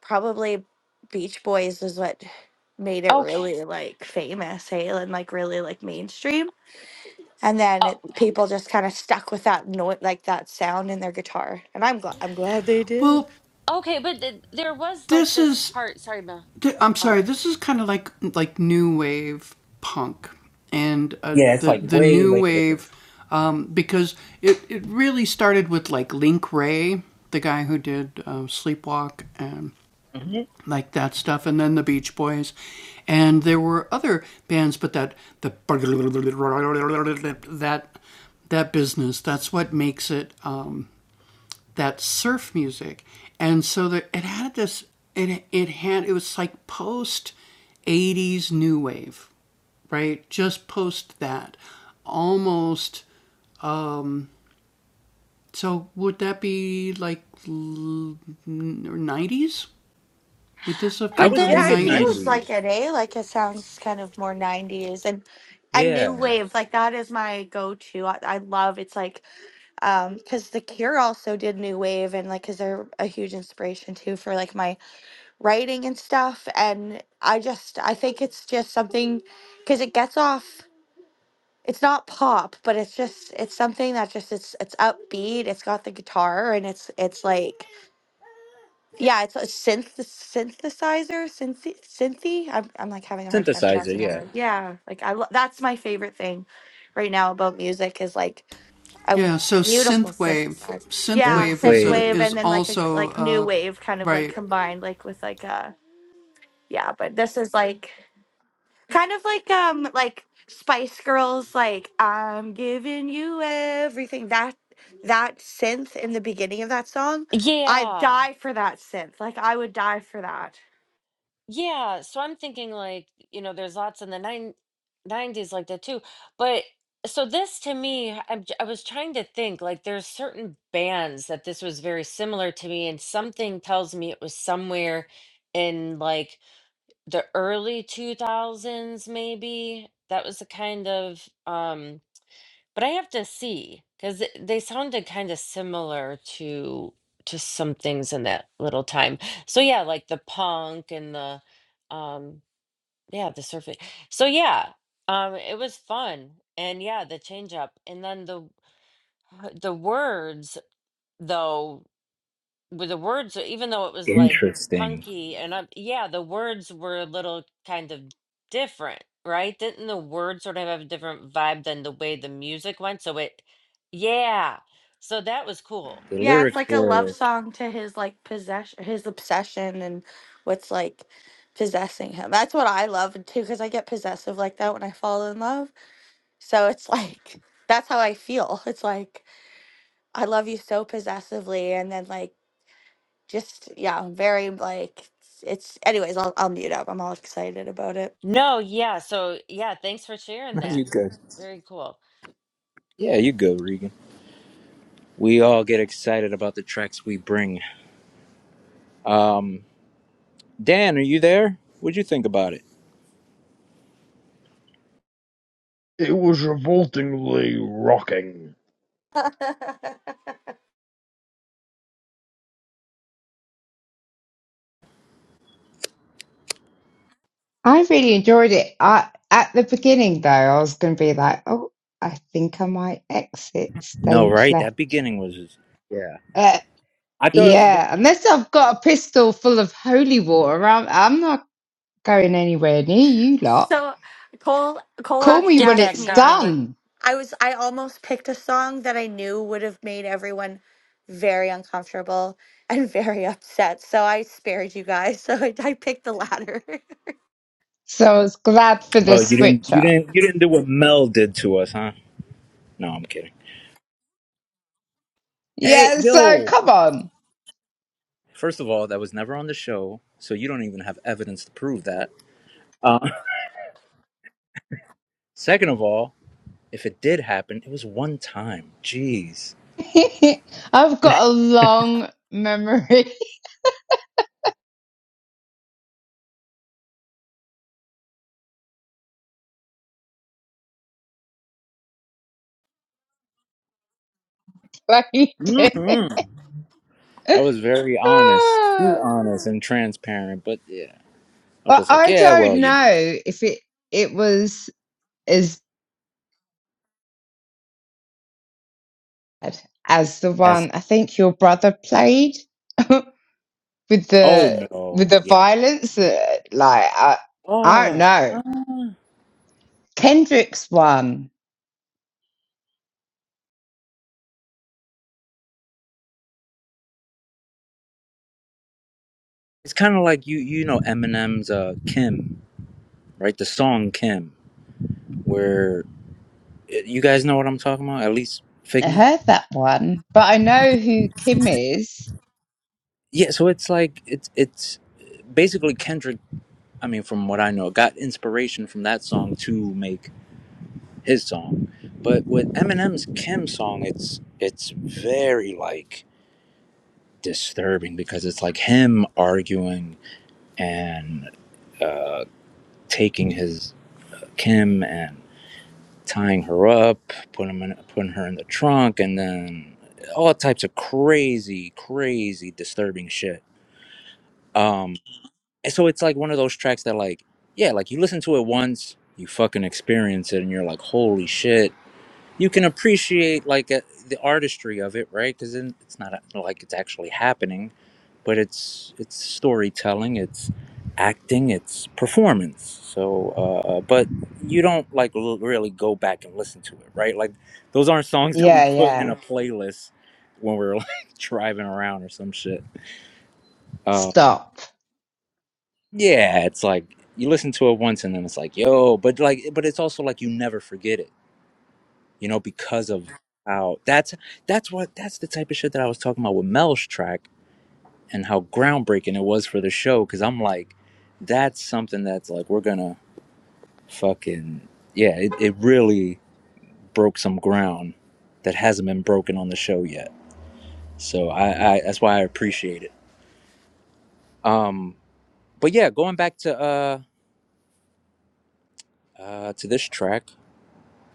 S8: probably Beach Boys is what made it
S3: Okay.
S8: really like famous, hey, and like really like mainstream. And then
S3: Oh,
S8: it, people just kind of stuck with that note, like that sound in their guitar. And I'm glad I'm glad they did.
S3: okay, but th- there was like this part. Sorry, Mel. Oh,
S1: Yeah, it's like way later. I
S3: but
S1: was
S8: Yeah,
S3: that's
S8: it
S1: thinking
S8: feels
S1: 90s.
S8: like it, eh? Like it sounds kind of more '90s and and new
S1: Yeah.
S8: wave. Like that is my go-to. I, I love. It's like um because The Cure also did new wave and like because they're a huge inspiration too for like my writing and stuff and i just i think it's just something because it gets off it's not pop but it's just it's something that just it's it's upbeat it's got the guitar and it's it's like yeah it's a synth synthesizer synth synthy I'm, I'm like having a hard time
S1: Synthesizer,
S8: pronouncing that
S1: yeah.
S8: word yeah like i lo- that's my favorite thing right now about music is like a beautiful synthesizer yeah synth wave
S1: Synthwave.
S8: and then like a like new wave kind of like combined like with like a yeah but this is like kind of like um like Spice Girls like I'm giving you everything that that synth in the beginning of that song I
S3: yeah,
S8: die for that synth like I would die for that
S3: yeah. So I'm thinking like you know, there's lots in the nine nineties like that too. But so this to me, I'm, j- I was trying to think like there's certain bands that this was very similar to me, and something tells me it was somewhere in like the early two thousands maybe. That was the kind of um but I have to see because they sounded kind of similar to to some things in that little time. So yeah, like the punk and the um yeah, the surfing. So yeah, um it was fun. And yeah, the change up. And then the the words though with the words, even though it was like
S1: Interesting.
S3: punky and up, yeah, the words were a little kind of different, right? Didn't the words sort of have a different vibe than the way the music went? So it, yeah, so that was cool.
S1: The
S8: yeah it's
S1: lyrics
S8: like a love
S1: were.
S8: song to his like possession his obsession and what's like possessing him that's what I love too because I get possessive like that when I fall in love so it's like that's how I feel it's like I love you so possessively and then like just yeah, very like it's, anyways, I'll I'll mute up. I'm all excited about it.
S3: No, yeah, so yeah, thanks for sharing
S1: No,
S3: that.
S1: you good.
S3: Very cool.
S1: Yeah, you go, Regan. We all get excited about the tracks we bring. Um, Dan, are you there? What'd you think about it?
S4: It was revoltingly rocking.
S6: I really enjoyed it. I at the beginning though, I was going to be like, oh, I think I might exit
S1: No,
S6: stage
S1: right?
S6: left.
S1: That beginning was. Just, yeah.
S6: Uh,
S1: I thought.
S6: yeah, unless I've got a pistol full of holy water, I'm, I'm not going anywhere near you lot.
S8: so Cole Cole
S6: Call me
S8: actually
S3: Get
S6: when
S8: asked
S3: that
S6: it's
S8: me.
S3: garlic.
S6: done.
S8: I was I almost picked a song that I knew would have made everyone very uncomfortable and very upset. So I spared you guys. So I, I picked the latter.
S6: So I was glad for the
S1: Oh, you didn't.
S6: switch
S1: You
S6: up.
S1: didn't. You didn't do what Mel did to us, huh? No, I'm kidding. Hey,
S6: Yeah, so
S1: yo.
S6: come on.
S1: First of all, that was never on the show, so you don't even have evidence to prove that. Uh, second of all, If it did happen, it was one time. Jeez.
S6: I've got a long memory. like you do.
S1: hmm I was very honest, too
S6: Ah.
S1: honest and transparent. But yeah, I was
S6: I
S1: just like,
S6: I
S1: yeah,
S6: don't
S1: well, you know,
S6: know if it it was as bad as the
S1: as
S6: one I think your brother played with
S1: oh
S6: the with
S1: no,
S6: the
S1: yeah,
S6: violence. uh, Like I, I don't
S1: oh,
S6: know.
S1: ah.
S6: Kendrick's one.
S1: it's kind of like you, you know, Eminem's uh, Kim, right? The song Kim, where you guys know what I'm talking about, at least
S6: I
S1: Figment.
S6: heard that one, but I know who Kim is.
S1: Yeah, so it's like it's it's basically Kendrick. I mean, from what I know, got inspiration from that song to make his song. But with Eminem's Kim song, it's it's very like disturbing because it's like him arguing and uh, taking his Kim and tying her up, putting him in, putting her in the trunk, and then all types of crazy, crazy, disturbing shit. Um, and so it's like one of those tracks that like, yeah, like you listen to it once, you fucking experience it, and you're like, holy shit you can appreciate like a, the artistry of it, right? Because it's not uh, like it's actually happening, but it's it's storytelling, it's acting, it's performance. So, uh, uh, but you don't like l- really go back and listen to it, right? Like those aren't songs that we
S6: Yeah,
S1: put in
S6: yeah.
S1: a playlist when we're like driving around or some shit. Uh,
S6: Stop.
S1: yeah, it's like you listen to it once and then it's like, yo, but like, but it's also like you never forget it you know, because of how that's that's what that's the type of shit that I was talking about with Mel's track and how groundbreaking it was for the show. Because I'm like, that's something that's like we're gonna fucking yeah, it, it really broke some ground that hasn't been broken on the show yet. So I, I that's why I appreciate it. Um, but yeah, going back to uh uh to this track,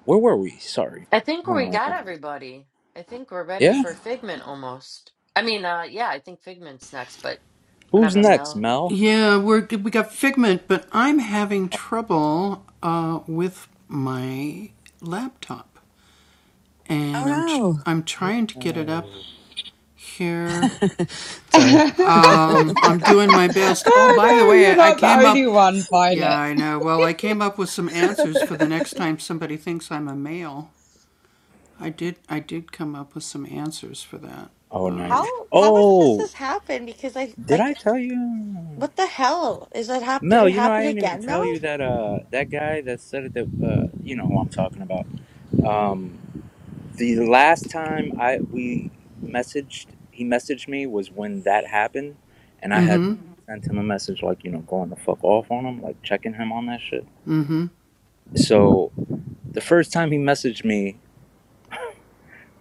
S1: where were we? Sorry.
S3: I think we got everybody. I think we're ready
S1: Yeah,
S3: for Figment almost. I mean, uh, yeah, I think Figment's next, but
S1: who's
S3: whenever
S1: next,
S3: Mel.
S1: Mel?
S2: Oh no. Sorry.
S6: oh
S1: Oh,
S6: no, you're not the only one, Violet.
S8: How
S1: nice.
S8: how much does
S1: Oh,
S8: this happen? Because I
S1: Did I
S8: like
S1: tell you?
S8: what the hell is that hap did
S1: Mel,
S8: it
S1: you know I
S8: happen
S1: didn't even
S8: again,
S1: tell
S8: Mel?
S1: you that uh that guy that said it that uh you know who I'm talking about. Um the last time I we messaged he messaged me was when that happened and I had sent him a message like, you know, going the fuck off on him, like checking him on that shit. So the first time he messaged me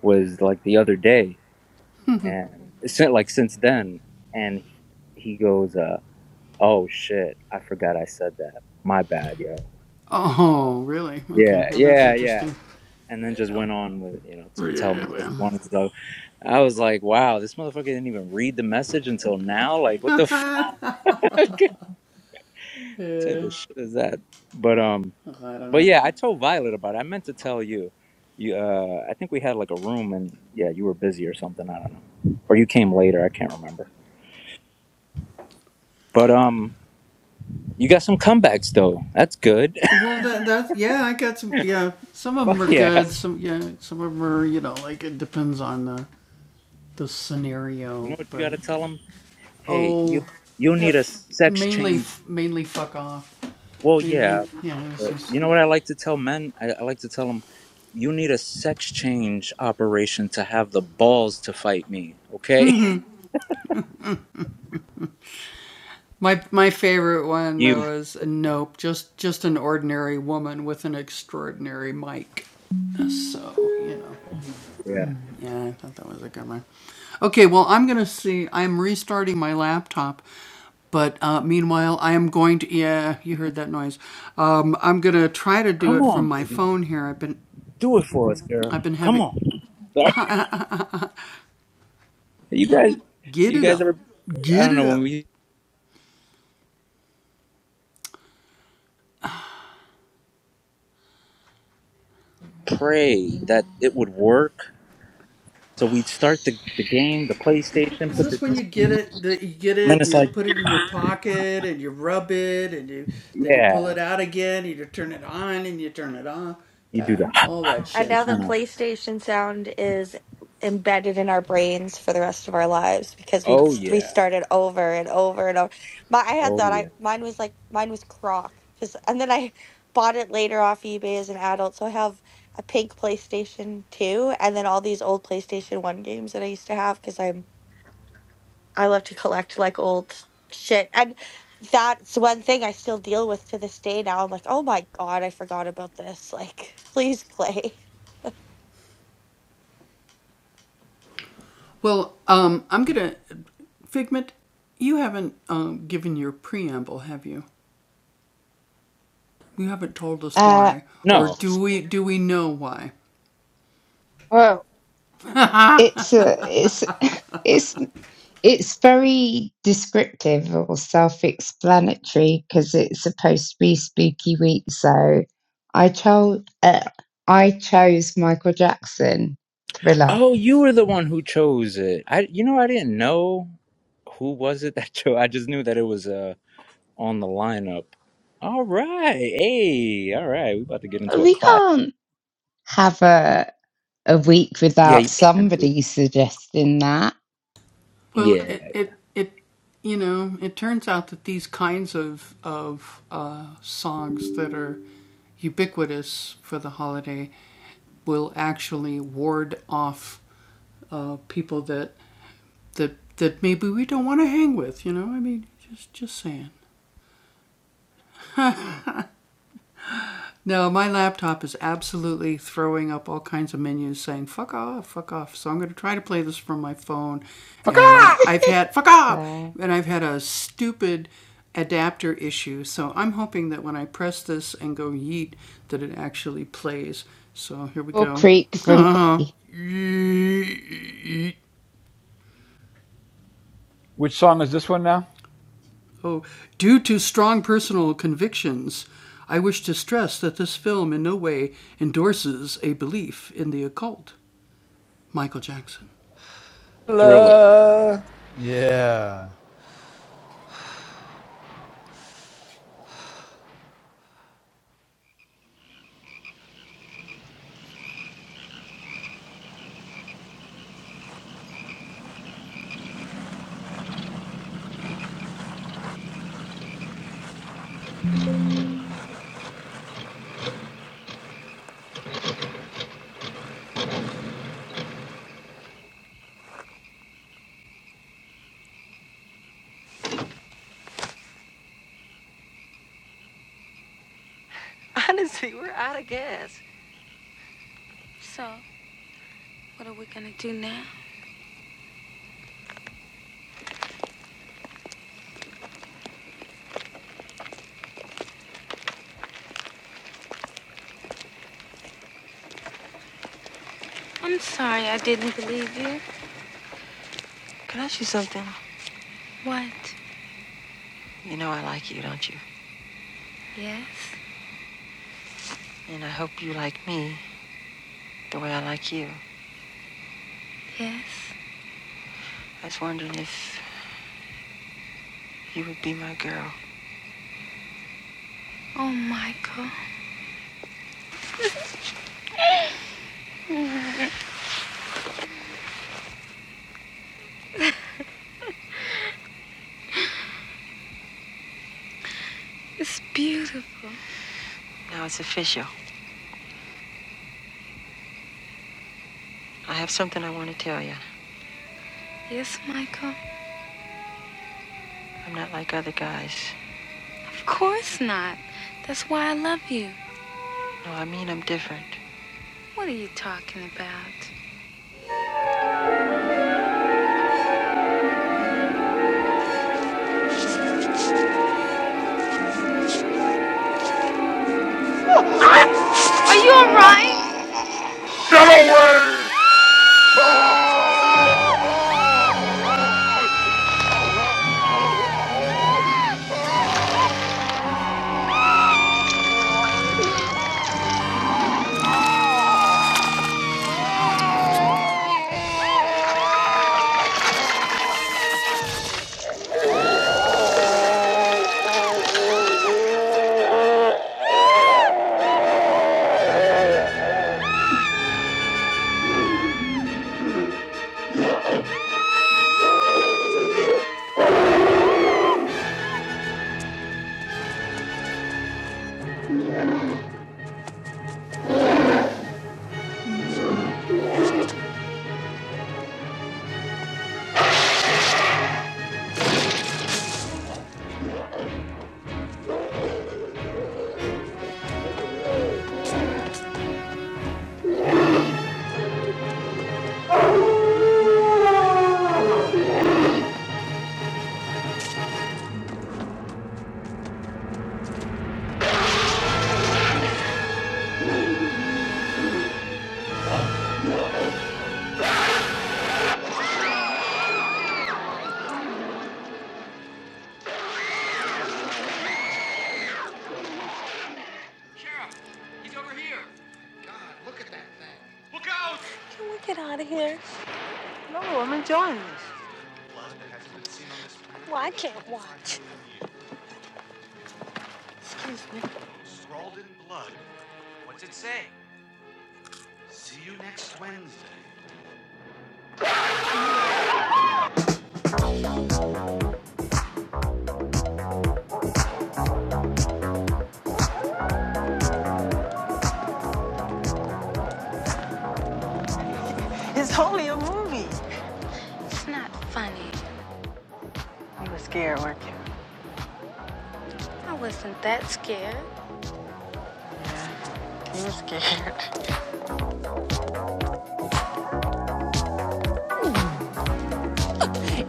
S1: was like the other day and since like since then and he goes uh, Oh shit, I forgot I said that. My bad, yo. Yeah, yeah, yeah. And then just went on with, you know, to tell me what he wanted to do. I was like, wow, this motherfucker didn't even read the message until now. Like, what the fuck type of shit is that? But um, but yeah, I told Violet about it. I meant to tell you. You, uh, I think we had like a room, and yeah, you were busy or something. I don't know, or you came later. I can't remember. But um, you got some comebacks though. That's good. Fuck yeah. You know what you got to tell tell 'em? hey, you you need a sex change. Well, yeah, but you know what I like to tell men? I, I like to tell them, you need a sex change operation to have the balls to fight me. Okay, you. Yeah. Come on, baby, do it for us, girl. Come on. Sorry. You guys, you guys ever? I don't know when we pray that it would work. So we'd start the, the game, the PlayStation, put the, and then it's like, yeah, you do that.
S8: And
S1: You
S8: now the
S1: kinda,
S8: PlayStation sound is embedded in our brains for the rest of our lives because we
S1: oh yeah,
S8: restarted over and over and over. My, I had
S1: oh
S8: that.
S1: yeah.
S8: I mine was like mine was Croc because, and then I bought it later off eBay as an adult. So I have a pink PlayStation Two, and then all these old PlayStation One games that I used to have because I'm I love to collect like old shit and. That's one thing I still deal with to this day now. I'm like, oh my God, I forgot about this. Like, please play.
S6: Uh,
S1: No.
S6: well, it's a, it's, it's, it's very descriptive or self-explanatory because it's supposed to be Spooky Week. So, I chose, uh, I chose Michael Jackson Thriller.
S1: Oh, you were the one who chose it. I, you know, I didn't know who was it that chose. I just knew that it was uh on the lineup. All right, hey, all right, we about to get into a
S6: We
S1: class.
S6: can't have a a week
S1: Yeah, you
S6: without
S1: can do it.
S6: somebody suggesting that.
S1: Yeah,
S5: Fuck off!
S6: so, or creek for me.
S5: Which song is this one now?
S1: thriller.
S5: La. Yeah.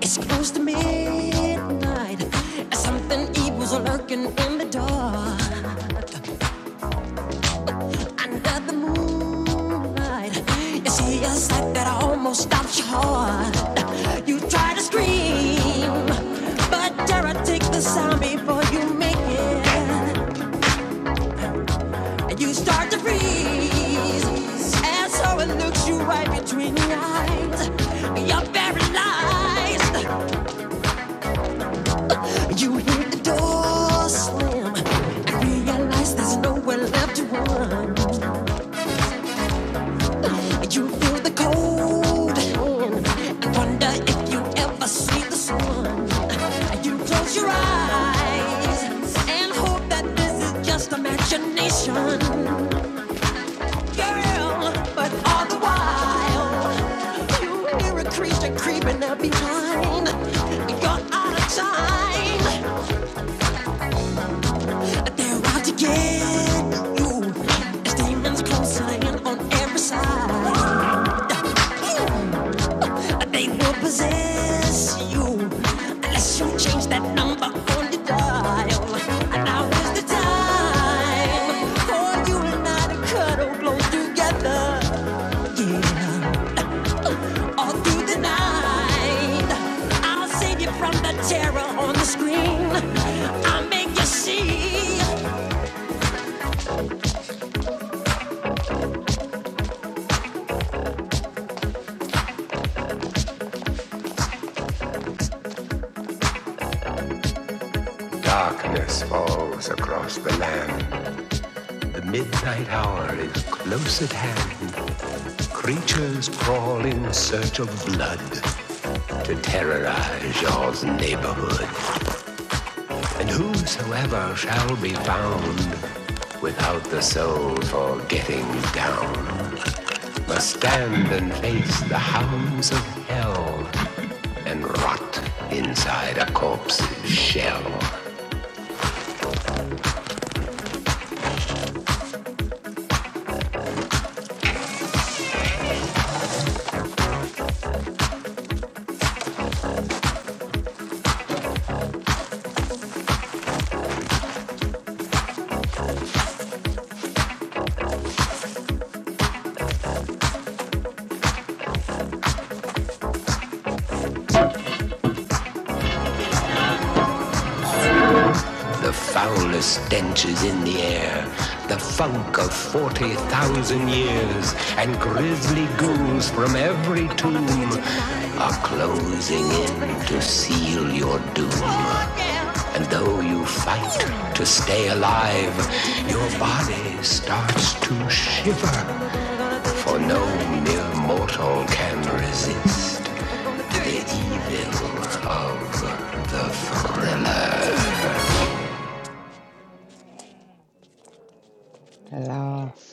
S9: It's close to midnight. Something evil's lurking in the dark. Under the moonlight, you see a sight that almost stops your heart. You try to scream, but terror takes the sound before you make it. And you start to freeze, and so it looks you right between the eyes. You're paralyzed. You hear the door slam and realize there's nowhere left to run. You feel the cold hand and wonder if you ever see the sun. You close your eyes and hope that this is just imagination, girl. But all the while, you hear a creature creeping up behind. You're out of time. They're out to get you. As demons close in on every side. They will possess you unless you change that number on the dial. And now is the time for you and I to cuddle close together. Yeah, all through the night. I'll save you from the terror on the screen. I'll make you see. That's pride. So shall be found without the soul for getting down. Must stand and face the hounds of hell and rot inside a corpse's shell. The foulest stenches in the air, the funk of forty thousand and grisly ghouls free tomb.
S6: The laugh.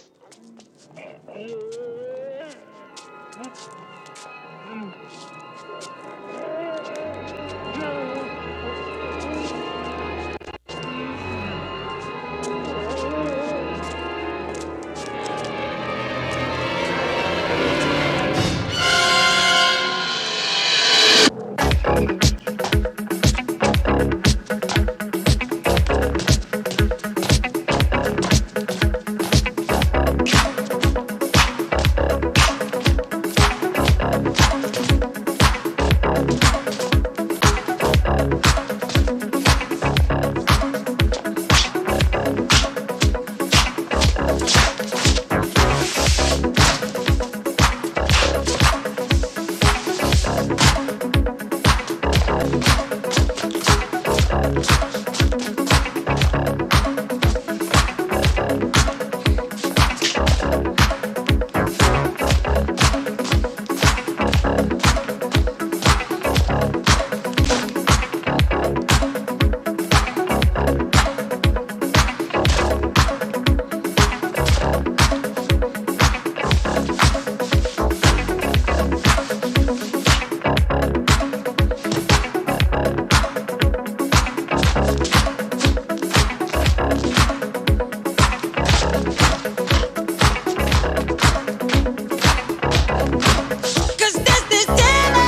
S9: Cause this December,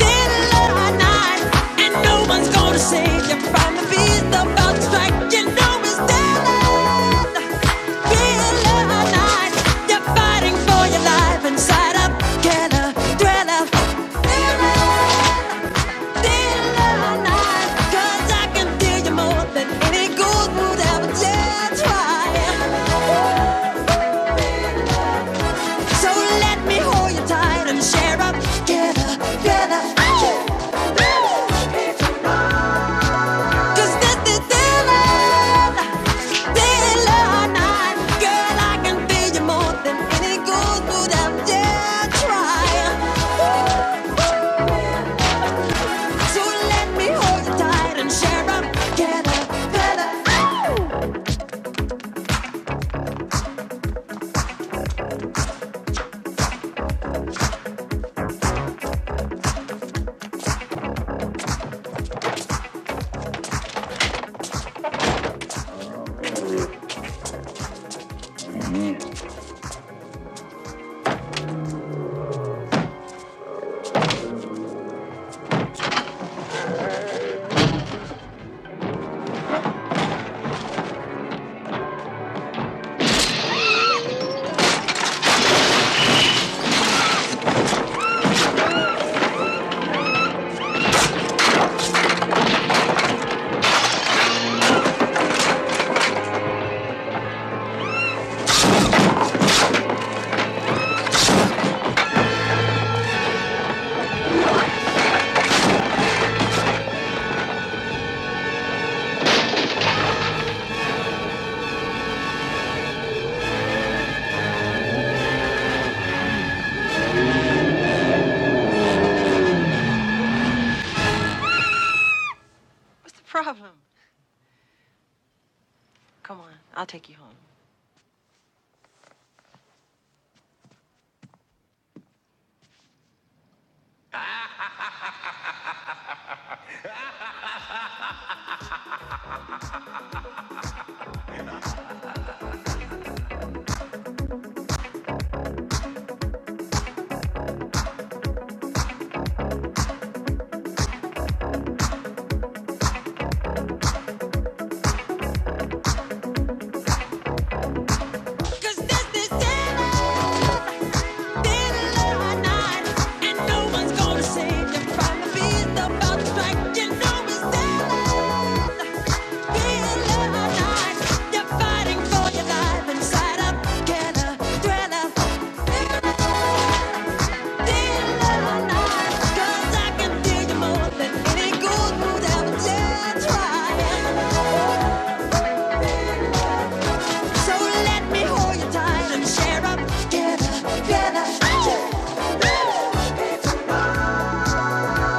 S9: middle of the night, and no one's gonna save you from the beast about to strike. You know it's December, middle of the night. You're fighting for your life inside a killer thriller. Thriller, middle of the night. 'Cause I can feel you more than any ghost would ever just try. So let me hold you tight and share up together, together. Cause this is feeling, feeling night. Girl, I can feel you more than any gold without you try. So let me hold you tight and share up together, together. Cause this is feeling. Try. So let me hold you tight and share up together, together.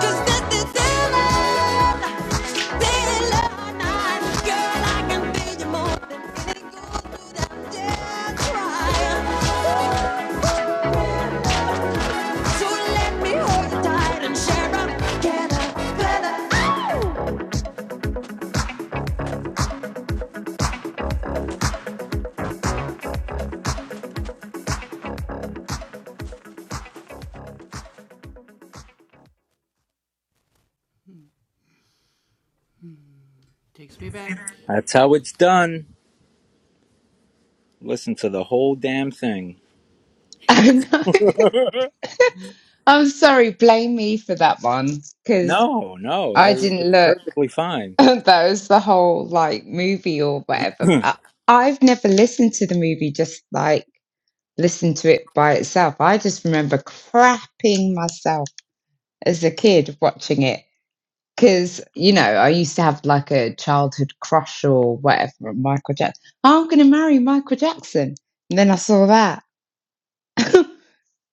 S9: Cause this is Dylan, Dylan, girl, I can be your more than anything. Go through that death cry. So let me hold you tight and share up together, together.
S1: That's how it's done. Listen to the whole damn thing.
S6: I know. I'm sorry. Blame me for that one because
S1: no, no,
S6: I
S1: that's,
S6: didn't
S1: that's
S6: look.
S1: perfectly fine.
S6: that was the whole like movie or whatever. But I've never listened to the movie. Just like listened to it by itself. I just remember crapping myself as a kid watching it Because, you know, I used to have like a childhood crush or whatever Michael Jackson. I'm going to marry Michael Jackson. And then I saw that.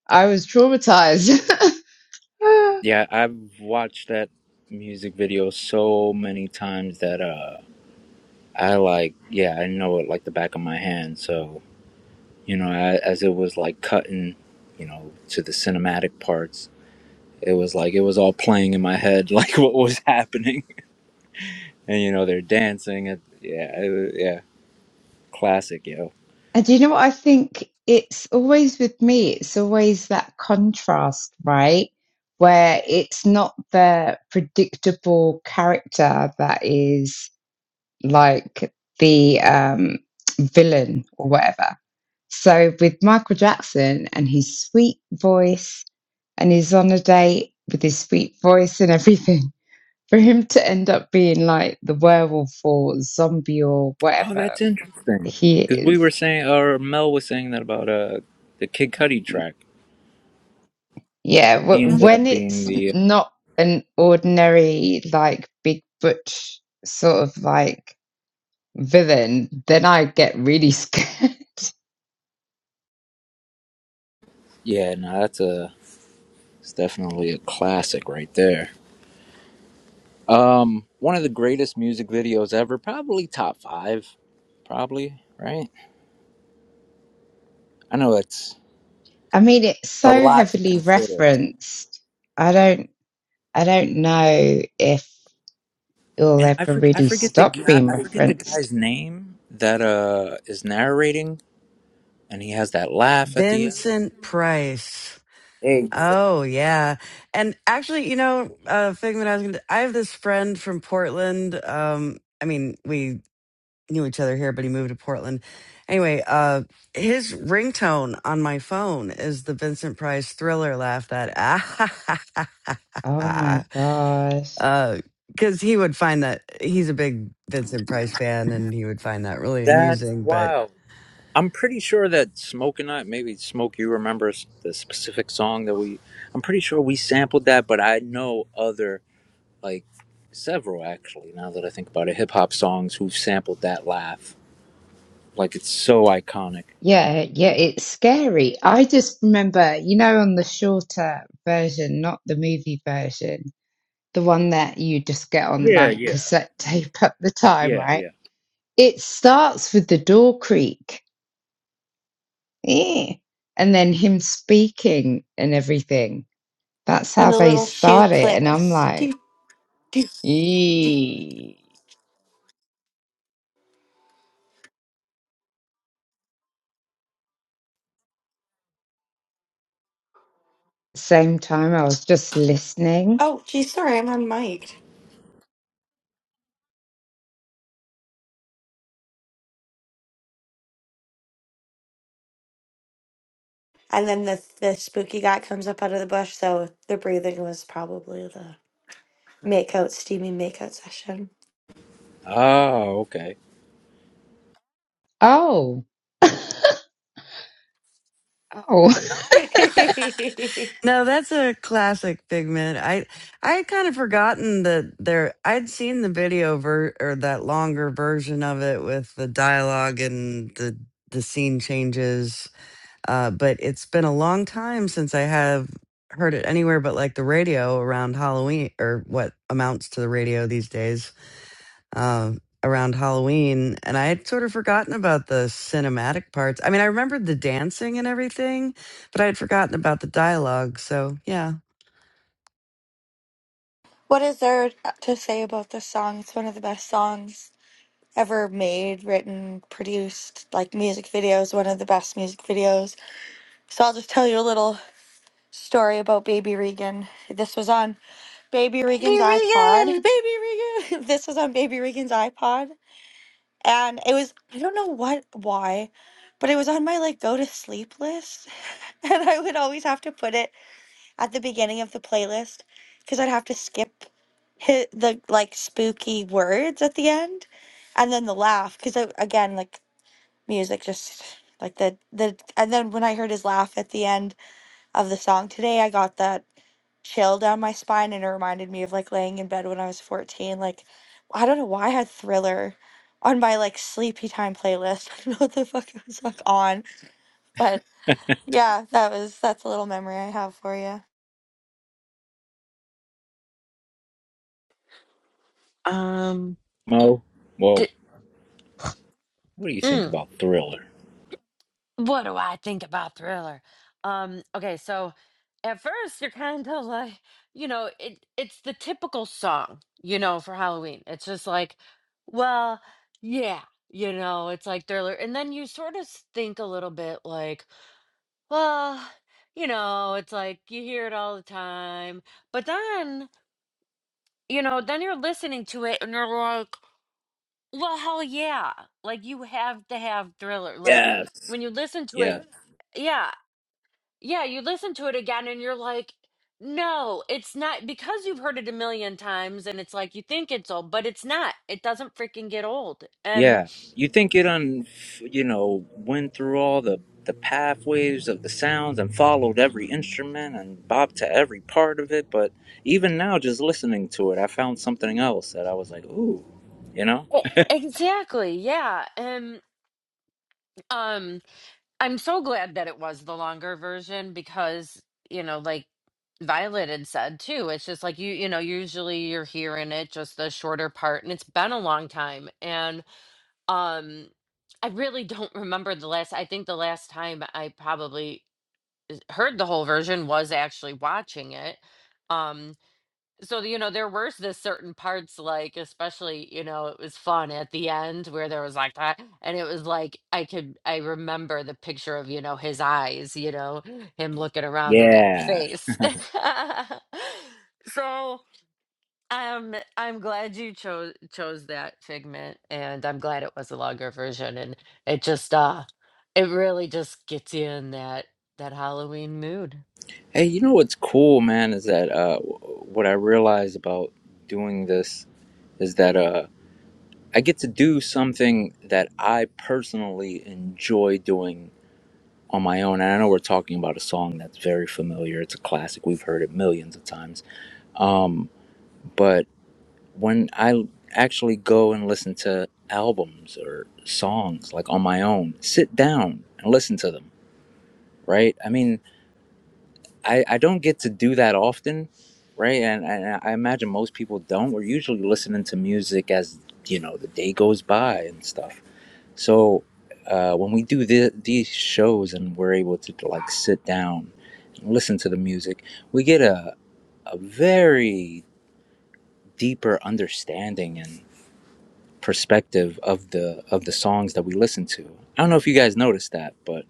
S6: I was traumatized.
S1: yeah, I've watched that music video so many times that uh. I like, yeah, I know it like the back of my hand. So, you know, I, as it was like cutting, you know, to the cinematic parts, it was like it was all playing in my head, like what was happening. And, you know, they're dancing. And, yeah, it, yeah, classic, yo.
S6: and do you know what I think? It's always with me, it's always that contrast, right? Where it's not the predictable character that is like the um, villain or whatever So with Michael Jackson and his sweet voice, and he's on a date with his sweet voice and everything, for him to end up being like the werewolf or zombie or
S1: Oh,
S6: whatever
S1: that's interesting.
S6: he
S1: Because we were
S6: is,
S1: saying, or Mel was saying that about uh the Kid Cudi track.
S6: yeah,
S1: He
S6: wh-
S1: ended
S6: when
S1: up being
S6: it's
S1: the, uh,
S6: not an ordinary like big butch sort of like villain, then I get really scared.
S1: yeah, no, that's a, it's definitely a classic right there. Um, one of the greatest music videos ever, probably top five, probably right. I know it's
S6: I mean, it's
S1: a
S6: so
S1: lot to
S6: heavily
S1: consider,
S6: referenced. I don't, I don't know if. it'll
S1: and I
S6: ever
S1: forget I
S6: really
S1: forget the
S6: stop
S1: gu- I
S6: being
S1: forget the
S6: referenced.
S1: guy's name that uh is narrating, and he has that laugh at the end.
S2: Vincent Price.
S1: Hey,
S2: Oh yeah, and actually, you know, uh, Figment, I was gonna, I have this friend from Portland. Um, I mean, we knew each other here, but he moved to Portland. Anyway, uh, his ringtone on my phone is the Vincent Price Thriller laugh that ah ha ha ha ha
S6: Oh my
S2: ha,
S6: gosh.
S2: Uh because he would find that he's a big Vincent Price fan, and he would find that really
S1: that's
S2: amusing. But
S1: wild. I'm pretty sure that Smoke and I, maybe Smoke, you remember s- the specific song that we. I'm pretty sure we sampled that, but I know other like several actually. Now that I think about it, hip hop songs who've sampled that laugh, like it's so iconic.
S6: Yeah, yeah, it's scary. I just remember, you know, on the shorter version, not the movie version, the one that you just get on
S1: Yeah,
S6: like
S1: yeah,
S6: cassette tape at the time,
S1: yeah,
S6: right?
S1: yeah.
S6: It starts with the door creak. Eh. And then him speaking and everything. That's
S8: And
S6: how
S8: the
S6: they
S8: little shoe
S6: start it. And I'm
S8: clicks.
S6: like,
S8: Do, do, do.
S6: eee. Same time I was just listening
S8: Oh, geez, sorry, I'm unmiked. And then the, the spooky guy comes up out of the bush, so the breathing was probably the makeout, steamy makeout session.
S1: Oh, okay.
S6: Oh. oh.
S2: No, that's a classic Figment. I I had kind of forgotten that there. I'd seen the video ver or that longer version of it with the dialogue and the the scene changes. Uh, but it's been a long time since I have heard it anywhere but like the radio around Halloween or what amounts to the radio these days uh, around Halloween. And I had sort of forgotten about the cinematic parts. I mean, I remembered the dancing and everything, but I had forgotten about the dialogue. So yeah.
S8: What is there to say about this song? It's one of the best songs ever made, written, produced, like music videos, one of the best music videos. So I'll just tell you a little. story about baby Regan. This was on baby
S3: Ready,
S8: Regan's iPod. Baby
S3: Regan.
S8: Regan. This was on baby Regan's iPod and it was I don't know what why, but it was on my like go to sleep list and I would always have to put it at the beginning of the playlist cuz I'd have to skip hit the like spooky words at the end and then the laugh cuz again like music just like the the and then when I heard his laugh at the end of the song today. I got that chill down my spine and it reminded me of like laying in bed when I was 14. Like, I don't know why I had Thriller on my like sleepy time playlist. I don't know what the fuck it was like on, but yeah, that was that's a little memory I have for you.
S3: Um,
S1: Mo, well,
S3: Did,
S1: what do you think about Thriller?
S3: What do I think about Thriller? Um, okay, so at first you're kind of like, you know, it it's the typical song, you know, for Halloween. It's just like, well, yeah, you know, it's like Thriller. And then you sort of think a little bit like, well, you know, it's like you hear it all the time. But then, you know, then you're listening to it and you're like, well, hell yeah. Like you have to have Thriller. Like
S1: Yes.
S3: when you listen to it,
S1: Yeah.
S3: yeah Yeah, you listen to it again and you're like, no, it's not because you've heard it a million times and it's like you think it's old, but it's not. It doesn't freaking get old. Um
S1: Yeah. You think it un, you know, went through all the the pathways of the sounds and followed every instrument and bopped to every part of it, but even now, just listening to it, I found something else that I was like, ooh, you know?
S3: e- exactly. Yeah. Um um I'm so glad that it was the longer version because, you know, like Violet had said too, it's just like you you know, usually you're hearing it just the shorter part and it's been a long time and um I really don't remember the last I think the last time I probably heard the whole version was actually watching it. Um, so you know, there were the certain parts, like especially, you know, it was fun at the end where there was like that, and it was like I could I remember the picture of, you know, his eyes, you know, him looking around in that
S1: Yeah.
S3: face. so um I'm glad you chose chose that figment and I'm glad it was a longer version and it just uh it really just gets you in that that Halloween mood.
S1: Hey, you know what's cool, man, is that uh, what I realize about doing this is that uh, I get to do something that I personally enjoy doing on my own. And I know we're talking about a song that's very familiar. It's a classic. We've heard it millions of times. Um, but when I actually go and listen to albums or songs like on my own, sit down and listen to them, right? I mean, I, I don't get to do that often, right? And, and I imagine most people don't. We're usually listening to music as you know the day goes by and stuff. So uh, when we do the, these shows and we're able to like sit down and listen to the music, we get a a very deeper understanding and perspective of the of the songs that we listen to. I don't know if you guys noticed that, but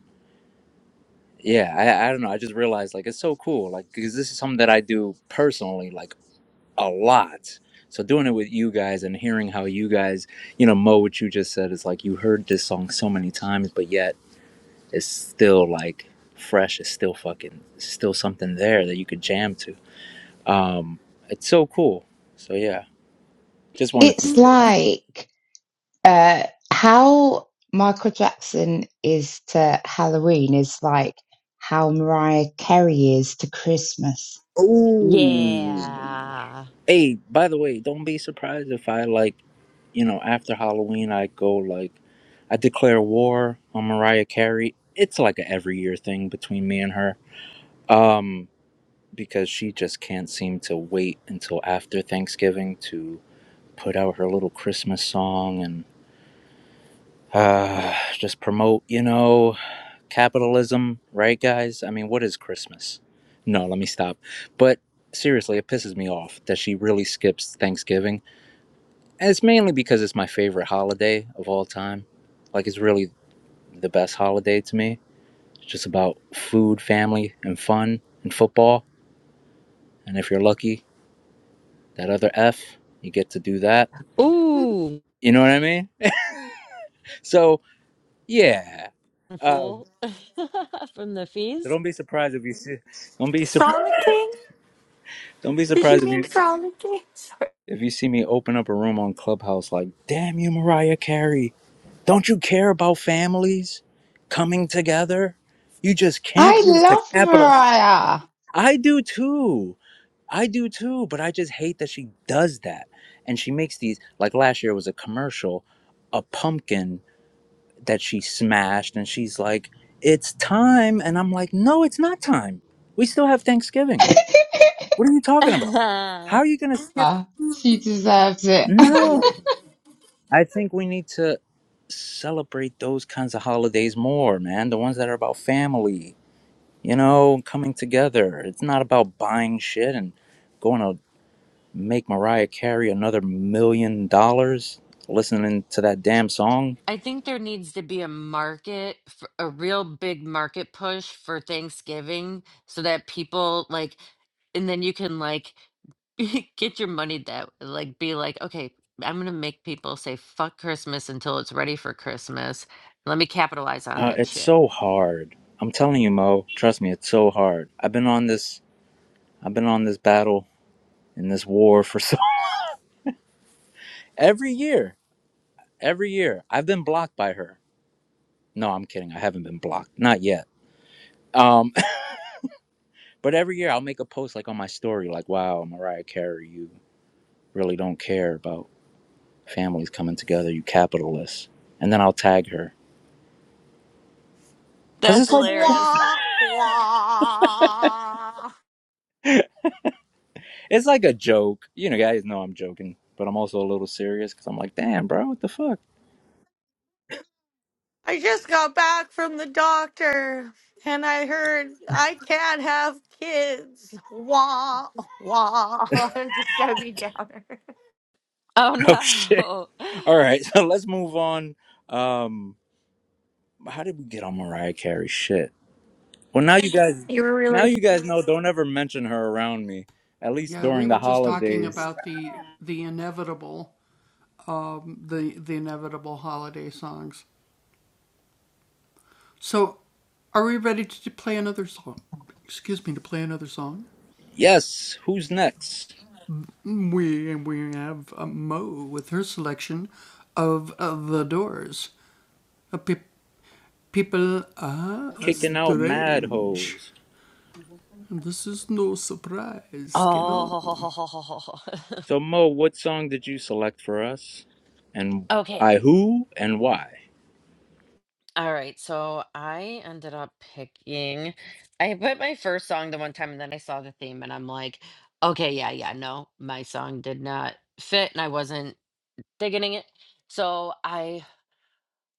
S1: yeah, I, I don't know. I just realized like it's so cool, like because this is something that I do personally, like a lot. So doing it with you guys and hearing how you guys, you know, Mo, what you just said is like you heard this song so many times, but yet it's still like fresh. It's still fucking it's still something there that you could jam to. Um, it's so cool. So yeah, just wanted to
S6: It's
S1: say that.
S6: like uh how Michael Jackson is to Halloween is like how Mariah Carey is to Christmas.
S3: Yeah.
S1: Hey, by the way, don't be surprised if I like, you know, after Halloween I go like, I declare war on Mariah Carey. It's like a every year thing between me and her. Um, because she just can't seem to wait until after Thanksgiving to put out her little Christmas song and uh, just promote, you know, capitalism, right, guys? I mean, what is Christmas? No, let me stop. But seriously, it pisses me off that she really skips Thanksgiving. And it's mainly because it's my favorite holiday of all time. Like, it's really the best holiday to me. It's just about food, family, and fun, and football. And if you're lucky, that other F, you get to do that
S3: Ooh,
S1: You know what I mean? So yeah, um,
S3: full from the
S1: so
S3: fees.
S1: don't be surprised if you see. Don't be surprised.
S8: Frolicking?
S1: Don't be
S8: Did
S1: surprised
S8: you
S1: if
S8: mean
S1: you
S8: frolicking? Sorry.
S1: if you see me open up a room on Clubhouse like, "Damn you, Mariah Carey! Don't you care about families coming together? You just can't
S6: I
S1: wait to
S6: love
S1: capital."
S6: Mariah.
S1: I do too. I do too. But I just hate that she does that, and she makes these like last year was a commercial, a pumpkin that she smashed and she's like it's time and i'm like no it's not time we still have thanksgiving what are you talking about how
S3: I
S1: are you gonna skip
S6: Ah, she deserves it.
S1: no i think we need to celebrate those kinds of holidays more man the ones that are about family you know coming together it's not about buying shit and going to make mariah carey another million dollars listening to that damn song
S3: think there needs to be a market, f- a real big market push for Thanksgiving so that people like, and then you can like get your money that like be like, okay, I'm gonna make people say fuck Christmas until it's ready for Christmas. Let me capitalize on
S1: Uh,
S3: that
S1: it's
S3: shit.
S1: so hard. I'm telling you, Mo. Trust me, it's so hard. I've been on this. I've been on this battle in this war for so every year. Every year, I've been blocked by her. No, I'm kidding. I haven't been blocked, not yet. Um, but every year, I'll make a post like on my story, like, "Wow, Mariah Carey, you really don't care about families coming together, you capitalist." And then I'll tag her because
S3: That's
S1: it's like
S3: hilarious.
S8: Wah, wah.
S1: it's like a joke. You know, guys know I'm joking, but I'm also a little serious because I'm like, "Damn, bro, what the fuck."
S8: I just got back from the doctor and I heard I can't have kids. Wah, wah. I'm just Debbie Downer.
S3: Oh
S1: Oh shit.
S3: no.
S1: All right, so let's move on. Um, how did we get on Mariah Carey? Shit. Well, now you guys,
S8: You were
S1: now
S8: really.
S1: you guys know. Don't ever mention her around me, at least during the holidays. Yes. Who's next? Kicking out mad hoes.
S3: Oh,
S1: So Mo, what song did you select for us, and
S3: okay.
S1: by who and why?
S3: All right. So I ended up picking, I put my first song the one time and then I saw the theme and I'm like, okay, yeah, yeah, no, my song did not fit and I wasn't digging it. So I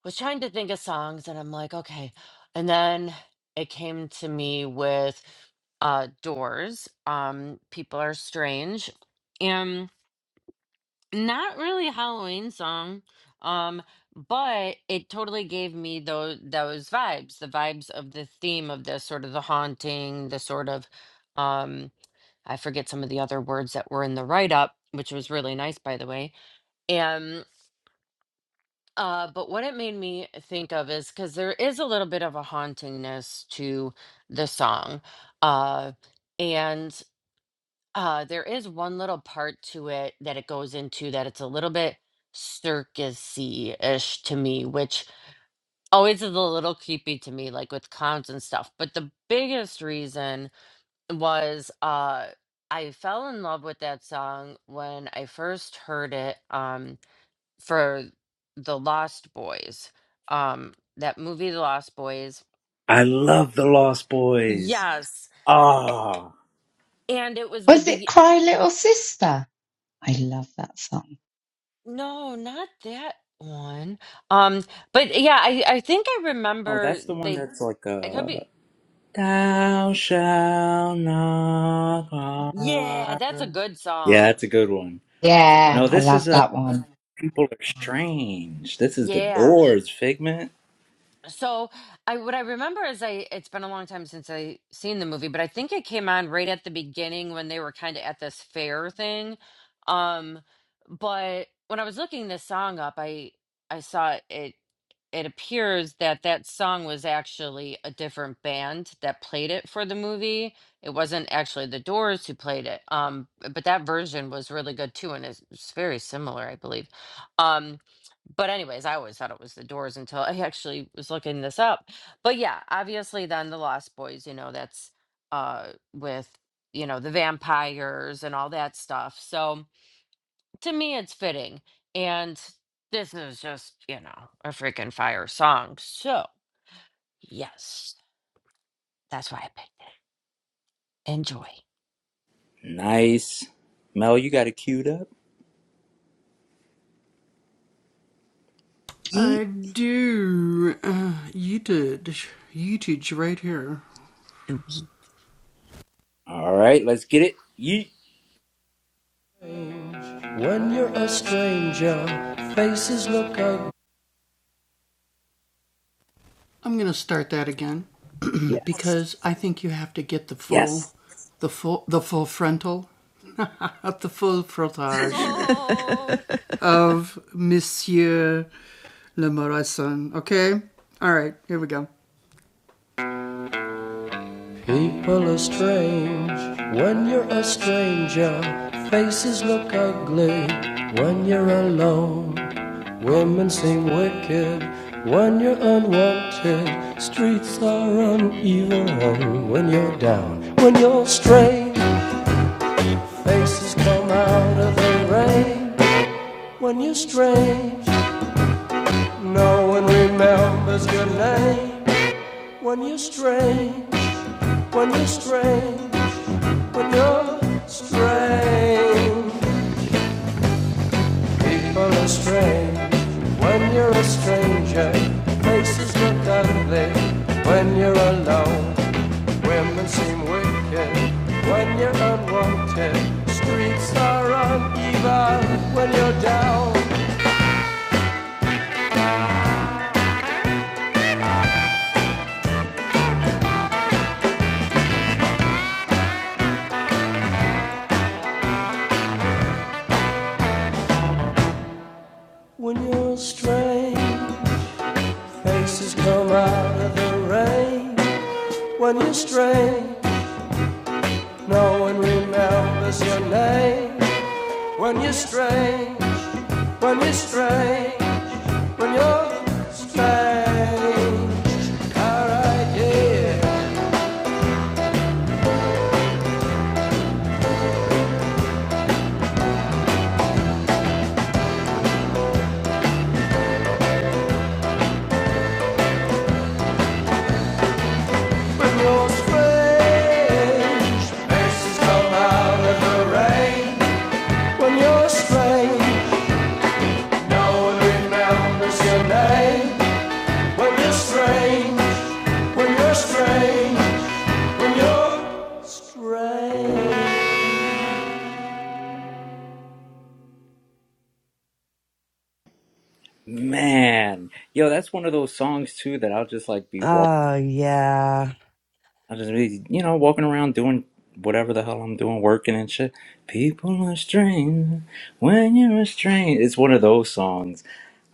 S3: was trying to think of songs and I'm like, okay. And then it came to me with uh Doors, um, People Are Strange. Not really a Halloween song, um, but it totally gave me those those vibes, the vibes of the theme of the sort of the haunting, the sort of um I forget some of the other words that were in the write-up, which was really nice by the way. And uh but what it made me think of is because there is a little bit of a hauntingness to the song. Uh and. Uh, there is one little part to it that it goes into that it's a little bit circusy-ish to me, which always is a little creepy to me, like with clowns and stuff. But the biggest reason was uh I fell in love with that song when I first heard it um for The Lost Boys. Um that movie The Lost Boys.
S1: I love the Lost Boys.
S3: Yes.
S1: Ah.
S3: And it was the
S6: Was it
S3: be
S6: Cry Little Sister? I love that song.
S3: No, not that one. Um, but yeah, I I think I
S1: Oh,
S3: remember
S1: that's the one
S3: they.
S1: that's like
S3: It could
S1: uh
S3: be.
S1: Thou shalt not
S3: Yeah, that's a
S1: harm.
S3: good
S1: Yeah,
S3: song.
S1: that's a good one.
S3: That's a
S6: Yeah,
S3: good
S1: No,
S6: I
S3: one.
S1: this is
S6: love
S1: a
S6: that one.
S1: people are strange. This is the
S3: Yeah.
S1: doors, Figment.
S3: So I what I remember is I it's been a long time since I seen the movie, but I think it came on right at the beginning when they were kind of at this fair thing. Um but when I was looking this song up, I I saw it it appears that that song was actually a different band that played it for the movie. It wasn't actually the Doors who played it. Um but that version was really good too and it's, it's very similar, I believe. Um, but anyways, I always thought it was the Doors until I actually was looking this up. But yeah, obviously then the Lost Boys, you know, that's uh with, you know, the vampires and all that stuff. So to me it's fitting. And this is just, you know, a freaking fire song. So yes, that's why I picked it. Enjoy.
S1: Nice. Mel, you got it queued up.
S2: Yeet.
S3: Sweet.
S1: All right, let's get it. Yeet. Yes. Yes.
S3: Oh,
S9: You're a stranger, faces look ugly when you're alone. Women seem wicked when you're unwanted. Streets are uneven when you're down. When you're strange, faces come out of the rain. When you're strange, no one remembers your name. When you're strange, strange, people are strange. When you're a stranger, faces look ugly. When you're alone, When you're strange, alright, yeah. When you're strange, faces come out of the rain. When you're strange, no one remembers your name. When you're strange, when you're strange, you're strange.
S1: Man. Yo, that's one of those songs too that I'll just like be walking
S2: oh, yeah.
S1: I'll just be, you know, walking around doing whatever the hell I'm doing, working and shit. People are strange when you're a strange. It's one of those songs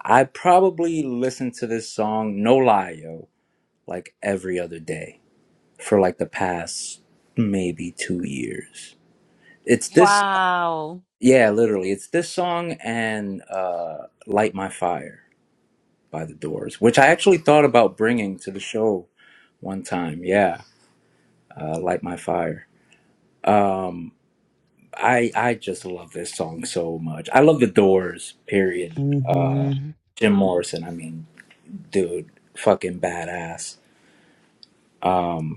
S1: I probably listen to this song, no lie, yo, like every other day for like the past maybe two years. It's this,
S3: Wow.
S1: yeah, literally. It's this song and uh, Light My Fire by The Doors, which I actually thought about bringing to the show one time. Yeah, uh, Light My Fire. Um, I, I just love this song so much. I love The Doors, period.
S2: hmm
S1: Jim Morrison, I mean, dude, fucking badass. Um,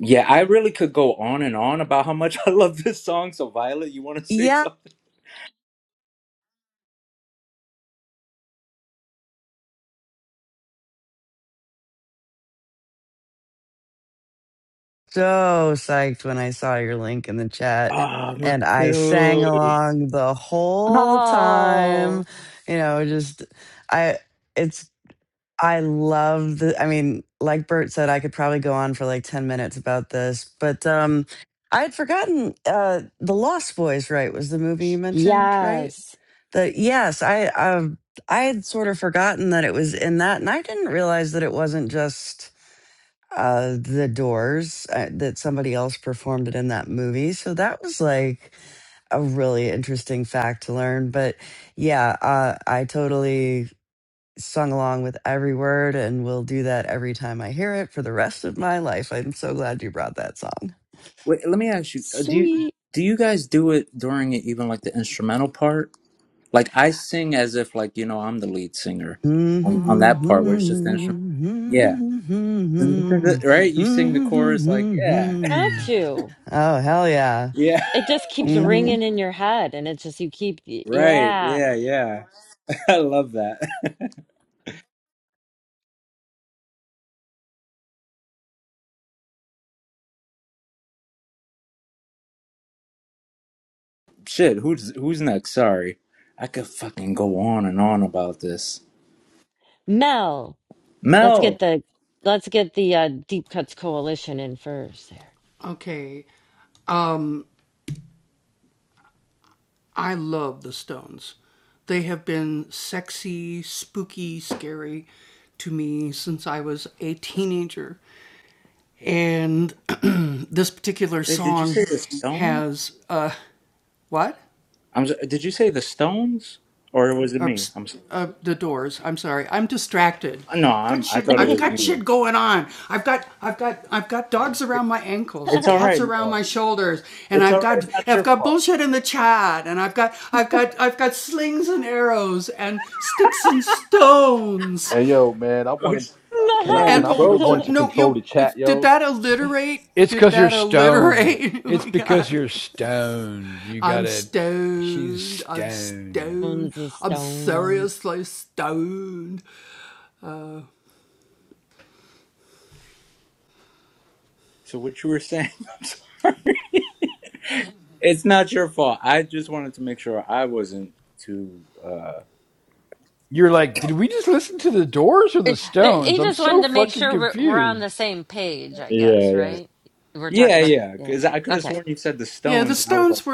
S1: Yeah, I really could go on and on about how much I love this song. So, Violet, you want to say
S2: Yeah.
S1: something?
S2: So psyched when I saw your link in the chat.
S1: Ah, me
S2: And I sang
S1: too.
S2: along the whole time.
S3: Oh
S2: You know, just, I, it's, I love the, I mean, like Bert said, I could probably go on for like 10 minutes about this, but, um, I had forgotten, uh, The Lost Boys, right? Was the movie you mentioned, right?
S3: yes.
S2: The yes, I um I had sort of forgotten that it was in that, and I didn't realize that it wasn't just uh the Doors uh, that somebody else performed it in that movie. So that was like a really interesting fact to learn. But yeah, uh, I totally sung along with every word, and will do that every time I hear it for the rest of my life. I'm so glad you brought that song.
S1: Wait, let me ask you: uh, Do you
S3: Sweet.
S1: do you guys do it during it, even like the instrumental part? Like I sing as if like you know I'm the lead singer on, on that part where it's just the instrument. Yeah, right. You sing the chorus like yeah,
S3: Not to.
S2: Oh, hell yeah.
S1: yeah,
S3: It just keeps
S2: hmm
S3: ringing in your head, and it's just you keep, y-
S1: right,
S3: yeah.
S1: yeah, yeah. I love that. Shit, who's who's next? Sorry, I could fucking go on and on about this.
S3: Mel, let's get
S1: Mel,
S3: the let's get the uh, Deep Cuts Coalition in first. There,
S1: wait, did you say the stone? I'm. so- Did you say the stones, or was it me? I'm. so- No, I'm. I thought it was me. It's
S3: Mel.
S1: all right, Mel. It's all right. It's not your fault.
S10: Hey yo, man, I
S1: Oh,
S10: want
S1: sh-
S10: to. Can I
S1: Damn,
S10: can
S1: we
S10: I be the
S1: broke
S10: one
S1: are.
S10: to control the chat, yo?
S5: It's because you're stoned. It's because you're stoned. You got to She's stoned.
S3: Stones is stoned.
S1: So what you were saying? I'm sorry. it's not your fault. I just wanted to make sure I wasn't too. uh
S5: You're like, did we just listen to the doors or the
S3: Eh, eh,
S5: stones?
S3: He
S5: I'm
S3: just wanted
S5: so
S3: to make
S5: fucking
S3: sure we're, we're on the
S5: confused.
S3: same page, I
S1: Yeah,
S3: guess,
S1: yeah,
S3: right? We're
S1: yeah,
S3: talking about the
S1: yeah.
S3: yeah,
S1: Because I could
S3: yeah.
S1: have
S3: Okay,
S1: sworn you said the stones, and I was like,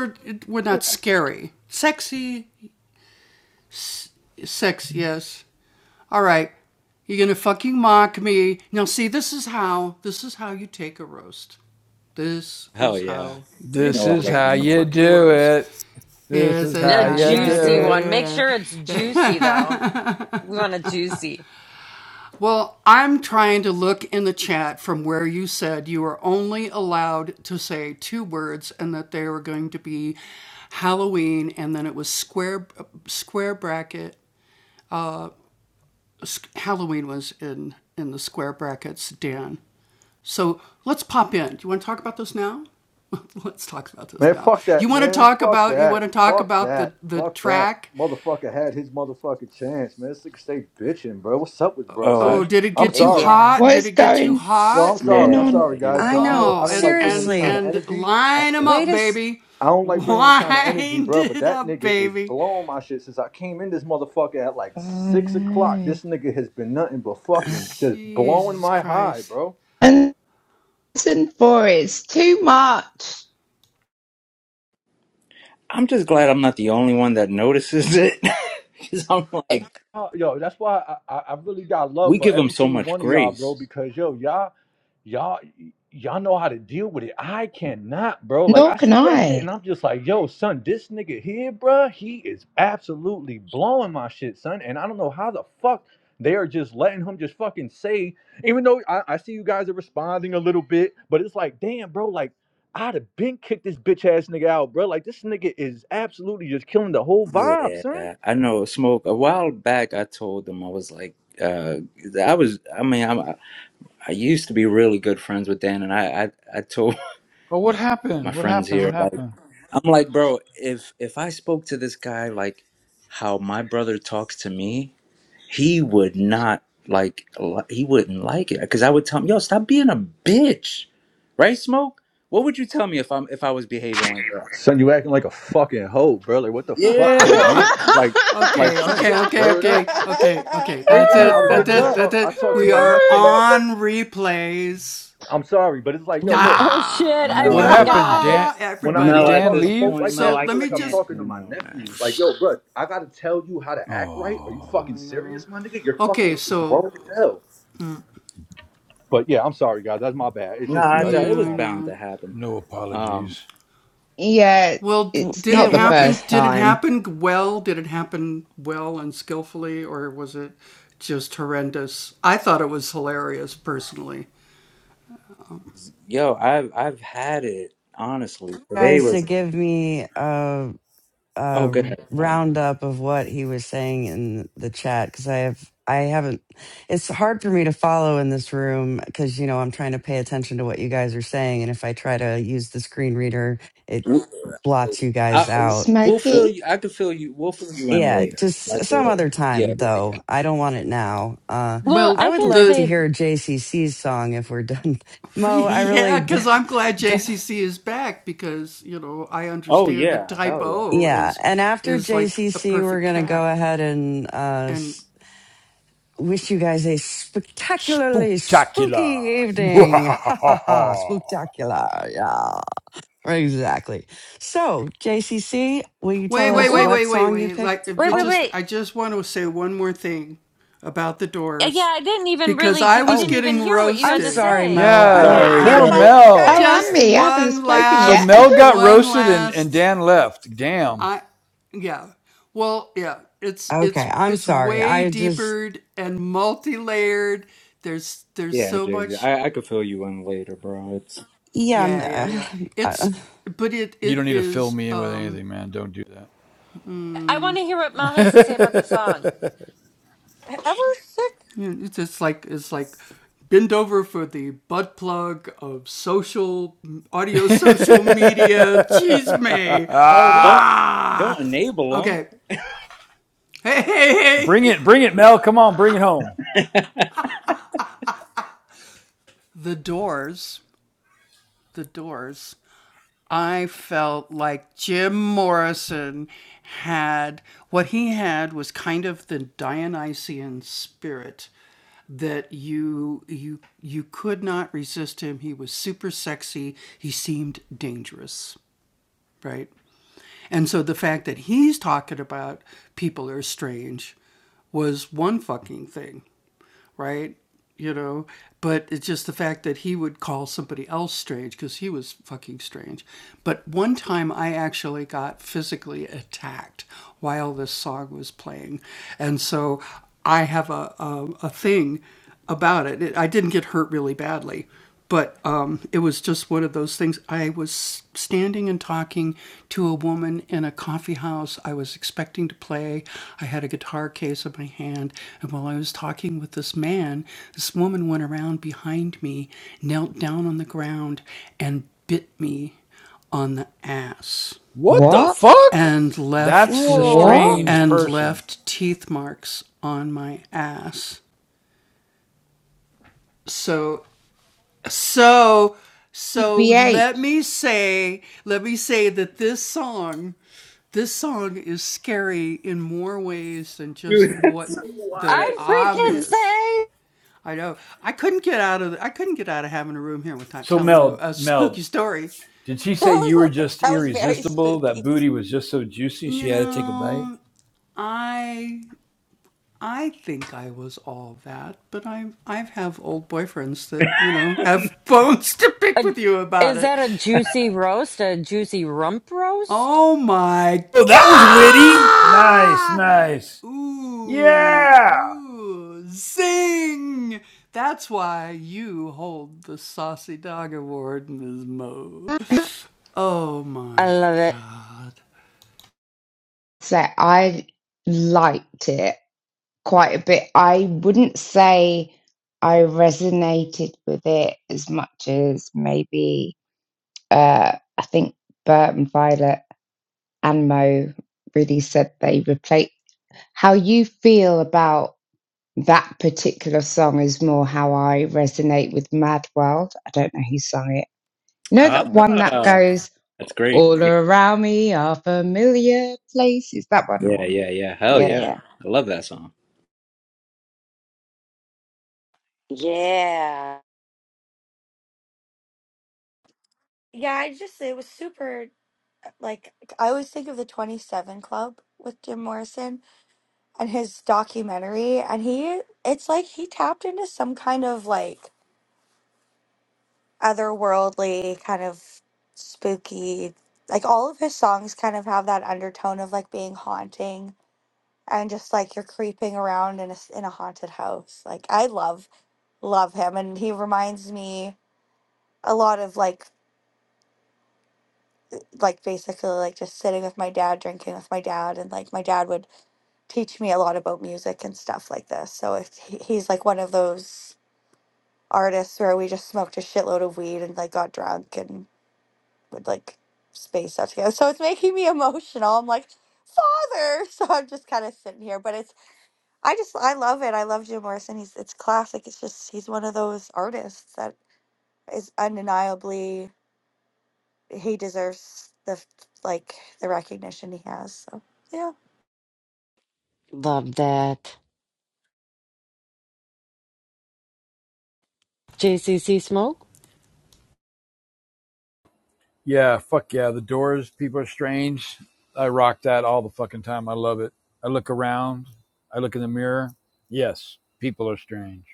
S1: hell yeah. You
S5: This
S1: know I
S5: is
S1: love
S5: how
S1: you more.
S5: you do it. This is how
S3: a
S5: you do
S3: juicy
S5: it.
S3: one. Make sure it's juicy though. We want a juicy.
S10: Man, fuck that, man. Fuck that. Fuck that. Fuck that. Motherfucker had his motherfucking chance, man. This nigga stay bitching, bro. What's up with bro,
S1: Oh, I,
S10: son? I'm
S3: eh,
S10: sorry.
S3: Yeah.
S6: What is going?
S10: Yo, I'm
S6: What's going
S10: sorry.
S1: yeah.
S10: I'm
S6: on?
S10: sorry,
S1: He
S10: guys,
S1: left.
S2: I
S10: but I
S2: know.
S10: know I don't like bringing this kind of
S2: Seriously,
S10: energy. I,
S2: wait a s-
S10: I don't like bringing this kind of energy, bro. But that nigga is blowing my shit since I came in this motherfucker at like
S6: Oh
S10: six o'clock.
S6: no!
S10: This nigga has been nothing but fucking just blowing my high, bro.
S6: And. Listen for it. It's too much.
S1: I'm just glad I'm not the only one that notices it. 'Cause I'm
S3: Eh,
S1: like,
S10: Uh, Yo, that's why I, I, I really got love
S1: we
S10: for
S1: give them
S10: every
S1: so
S10: single
S1: much
S10: one of y'all, bro.
S1: grace.
S10: Because yo, y'all y'all y'all know how to deal with it. I cannot, bro. Like
S6: Nor
S10: I
S6: can
S10: see that shit
S6: I.
S10: and I'm just like, yo, son, this nigga here, bro, he is absolutely blowing my shit, son. And I don't know how the fuck they are just letting him just fucking say, even though I, I see you guys are responding a little bit, but it's like, damn, bro, like I'd have been kicked this bitch ass nigga out, bro. Like this nigga is absolutely just killing the whole vibe, son.
S1: Yeah, I know. Smoke. A while back, I told them I was like, uh, I was. I mean, I'm, I used to be really good friends with Dan, and I, I, I told
S5: Oh, what
S1: my
S5: happened? What
S1: friends
S5: happened? What
S1: here like,
S5: happened?
S1: I'm like, bro, if if I spoke to this guy like how my brother talks to me, he would not like he wouldn't like it because I would tell him, "Yo, stop being a bitch." Right, Smoke? What would you tell me if I'm if I was behaving like that?
S10: Son, you acting like a fucking hoe, bro. Like what the fuck,
S1: Yeah,
S10: nigga, man?
S6: oh
S10: Like, like, son,
S1: straight,
S10: word up.
S1: straighten
S10: Like
S1: the
S10: I was
S1: fuck
S10: literally
S1: up.
S10: talk. I talk to my nephews.
S6: no.
S10: I'm sorry, but it's like, yo, look.
S3: Oh shit!
S10: I
S3: I
S10: feel
S1: No,
S5: What
S1: at
S10: like
S1: this
S3: forgot.
S5: happened?
S1: point,
S10: like
S5: Dan,
S10: when I
S5: did
S10: when I
S1: no, at
S5: Dan
S10: talk
S1: this
S10: to folk
S5: leave?
S1: point,
S10: like
S1: Mo,
S10: that, I
S1: I
S10: feel like I'm
S1: can't
S10: talking to my
S1: anymore, man.
S10: nephews. Like, yo, bro, I gotta tell you how to act right. Are you
S5: Oh,
S10: fucking serious, my nigga? You're fucking grown as hell. But yeah, I'm sorry, guys. That's my bad. It's
S1: No,
S10: just you
S1: I
S10: know that
S1: thought
S10: shit
S1: it
S10: was
S1: was
S10: long.
S1: bound to happen.
S5: no
S1: Um,
S5: apologies.
S6: Yeah, it's not
S2: it
S6: the
S2: wa-
S6: first time.
S1: yo, I've I've had it honestly. Today
S2: guys to
S1: was
S2: give me a,
S1: oh,
S2: a
S1: good.
S2: roundup of what he was saying in the chat because I have I haven't. It's hard for me to follow in this room because you know I'm trying to pay attention to what you guys are saying, and if I try to use the screen reader, it
S1: We-
S2: blots you guys
S1: I,
S2: out.
S1: we'll fill
S6: Smokey?
S1: you. I can fill you. We'll fill you in
S2: Yeah,
S1: later.
S2: just
S1: Like,
S2: some
S1: uh,
S2: other
S1: yeah,
S2: time
S1: yeah, yeah.
S2: though. I don't want it now. Uh,
S3: Well,
S2: I
S3: I
S2: would
S3: can
S2: like to
S3: say, th-
S2: hear JCC's song if we're done. Mo, I really, d- d-
S1: Oh yeah, hell yeah.
S2: yeah. And after JCC, we're gonna go ahead and uh, s- wish you guys a spectacularly spooky
S5: Spooktacular.
S2: evening. Ha ha ha! Spooktacular, yeah, exactly. So JCC, will you tell
S3: w-
S2: us
S3: well,
S2: what song you picked?
S3: wait, wait,
S2: Oh,
S3: wait. Uh, Yeah, I didn't even really get, we didn't
S2: oh,
S3: even hear what you
S2: I'm
S3: had to
S2: sorry,
S3: say.
S2: Mo.
S8: Oh,
S5: yeah,
S2: I'm
S8: Didn't
S1: Sorry,
S8: get
S5: poor
S2: I've
S8: my
S1: sorry.
S6: Oh,
S5: Mel.
S6: and
S8: share.
S6: me. I haven't spoken
S5: So
S6: yet.
S5: Mel got roasted and, and Dan left. Damn.
S2: Okay, I'm sorry. I just,
S1: Yeah, Jay. I I could fill you in later, bro. It's
S2: yeah. I'm, Uh, uh,
S5: You don't need to fill me in with anything, man. Don't do that.
S3: I want to hear what Mal has to say about the song.
S8: Ever sick?
S1: oh don't don't enable them,
S5: bring it, bring it, Mel. Come on, bring it home. What the
S6: What?
S5: fuck? That's a
S6: What?
S5: strange
S3: Whoa.
S5: person.
S6: BBH.
S1: dude. That's so
S3: I'd
S1: wild.
S3: freaking say,
S5: So Mel, Mel, did she
S8: That
S5: say you were
S8: was
S5: just
S8: that was very
S5: irresistible? That
S8: spooky.
S5: booty was just so juicy she had to take a bite?
S3: a, is that a juicy roast? A juicy rump roast?
S5: Oh, that was witty. Nice, nice. Yeah.
S3: I love it.
S6: So I liked it quite a bit. I wouldn't say I resonated with it as much as maybe. uh, I think Bert and Violet and Mo really said they replaced. how you feel about that particular song is more how I resonate with Mad World. I don't know who sung it. You know that one that
S1: Ah,
S6: goes
S1: that's great.
S6: all
S1: Yeah,
S6: around me are familiar places. That one or
S1: yeah,
S6: what?
S1: yeah, yeah. Hell
S6: Yeah, yeah.
S1: yeah. I love that song.
S3: Yeah.
S8: Yeah, I just, it was super, like, I always think of the Twenty Seven Club with Jim Morrison. and his documentary and he it's like he tapped into some kind of like otherworldly kind of spooky like all of his songs kind of have that undertone of like being haunting and just like you're creeping around in a s- in a haunted house like i love love him and he reminds me a lot of like like basically like just sitting with my dad drinking with my dad and like my dad would teach me a lot about music and stuff like this so if he- he's like one of those artists where we just smoked a shitload of weed and like got drunk and would like space out together. So it's making me emotional. I'm like, father. So I'm just kind of sitting here, but it's I just I love it. I love Jim Morrison. He's it's classic. It's just he's one of those artists that is undeniably he deserves the like the recognition he has. So yeah,
S3: Love that. JCC smoke?
S5: Yeah, fuck yeah. The doors, people are strange. I rock that all the fucking time. I love it. I look around. I look in the mirror. Yes, people are strange.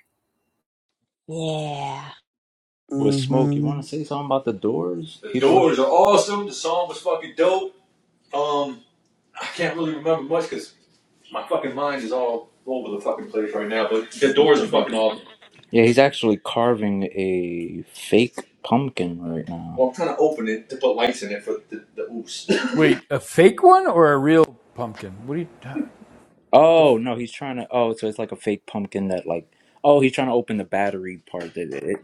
S3: Yeah.
S1: With smoke, you
S2: mm-hmm.
S1: want to say something about the Doors? The People. Doors are awesome. The song was fucking dope. Um, I can't really remember much because. My fucking mind is all over the fucking place right now, but the doors are fucking awesome. Yeah, he's actually carving a fake pumpkin right now. Well, I'm trying to open it to put lights in it for the, the oops.
S5: Wait, a fake one or a real pumpkin? What do you the f-
S1: Oh no, he's trying to. Oh, so it's like a fake pumpkin that like. Oh, he's trying to open the battery part. That it, it,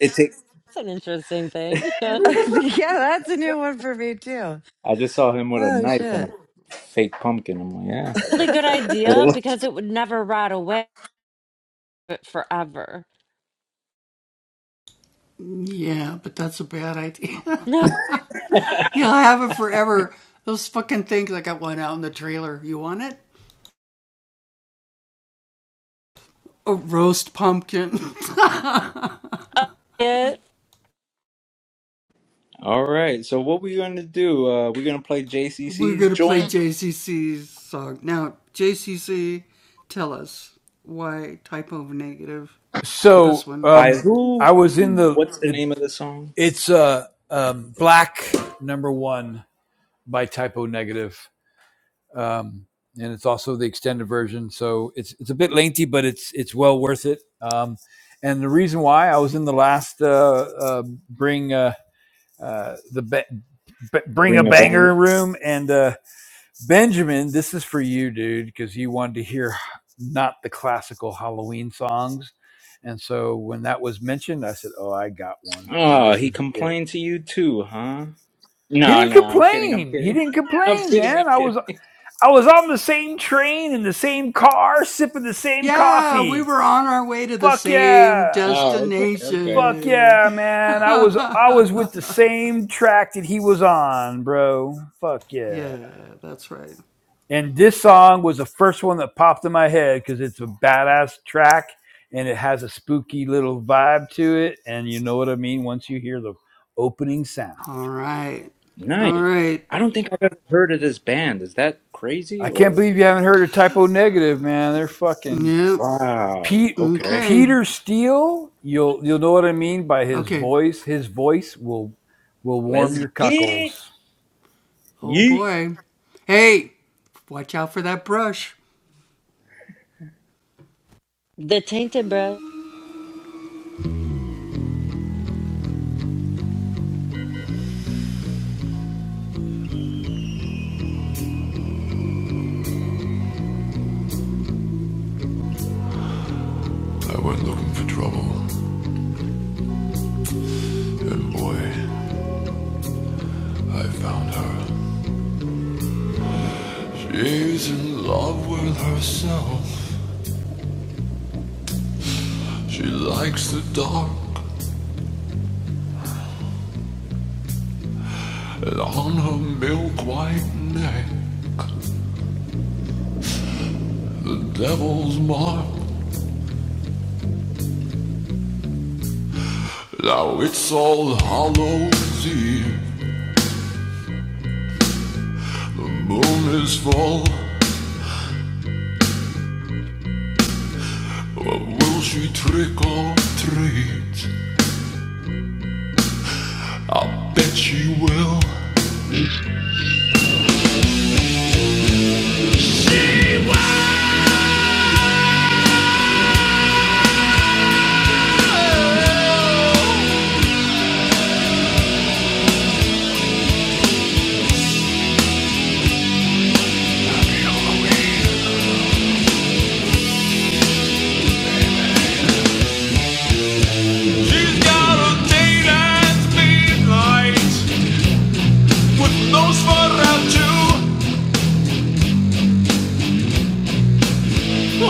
S1: it takes.
S3: It's an interesting thing. really
S2: yeah, that's a new one for me too.
S1: I just saw him with a
S2: Oh,
S1: knife and a
S2: shit.
S1: fake pumpkin. I'm like,
S3: good idea
S1: yeah.
S3: because it would never rot away but forever. Uh, it-
S1: All right. So what we gonna do? Uh, we're gonna play JCC's joint
S5: So
S1: by
S5: um, I
S1: who?
S5: was in
S1: And
S5: the
S1: what's the
S5: it,
S1: name of the song?
S5: it's uh, um, black number one by typo negative, um, and it's also the extended version. So it's it's a bit lengthy, but it's it's well worth it. Um, and the reason why I was in the last uh, uh, bring uh, uh, the ba- bring a
S1: Ring of Valor.
S5: banger room, and uh, Benjamin, this is for you, dude, because you wanted to hear not the classical Halloween songs. And so when that was mentioned, I said, Oh, I got one. And
S1: Oh,
S5: this
S1: he
S5: is it.
S1: complained to you too, huh?
S5: He
S1: No,
S5: didn't
S1: no, I'm kidding. I'm
S5: complain. He
S1: kidding.
S5: didn't
S1: I'm
S5: complain,
S1: kidding. I'm
S5: man. I
S1: kidding.
S5: was I was on the same train in the same car, sipping the same coffee. Fuck yeah.
S1: Oh, okay, okay.
S5: Fuck yeah, man. I was I was with the same track that he was on, bro. Fuck yeah. And this song was the first one that popped in my head because it's a badass track and it has a spooky little vibe to it. And you know what I mean once you hear the opening sound.
S1: Nice. I don't think I've ever heard of this band. Is that
S5: I
S1: crazy
S5: can't
S1: or?
S5: believe you haven't heard of Typo Negative, man. They're fucking
S1: Wow.
S5: Pete
S1: Okay.
S5: Peter Steele. You'll you'll know what I mean by his voice. His voice will will warm
S1: Let's
S5: your
S1: get it.
S5: cuckles.
S1: Yeet.
S3: The tainted bread.
S9: I went looking for trouble, and boy, I found her. She's in love with herself. She likes the dark, And on her milk white neck, the devil's mark. Now it's all Hallows Eve. Moon is full. But will she trick or treat? Bet she will.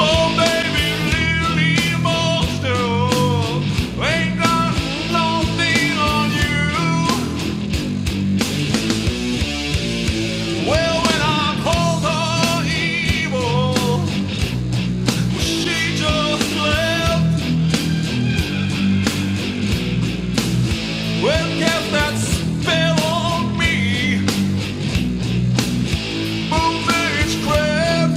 S9: Oh, baby, look. Well, when I called her evil, she just left. Well, guess that spell on me. Moon age crab.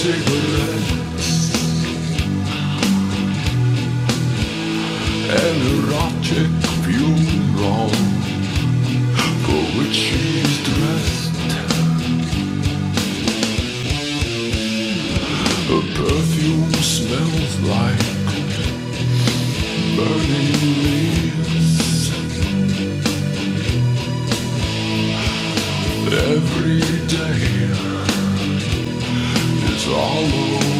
S9: Cigarette and her object funeral for which she is dressed. Her perfume smells like burning leaves. Every day is Halloween.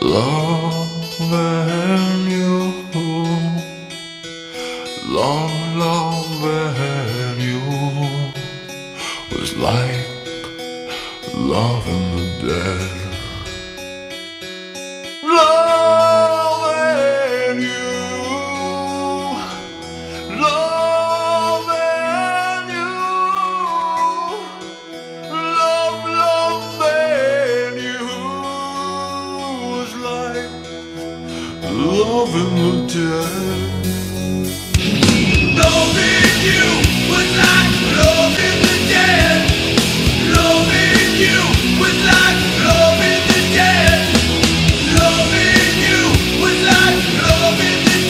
S9: Loving you, you're I don't Who loving you, love, loving you. love, love, when you was like loving the dead. Loving you, loving you, love, loving you was like loving the dead. Loving you was like loving the dead. Loving you was like loving the dead. It was like Loving the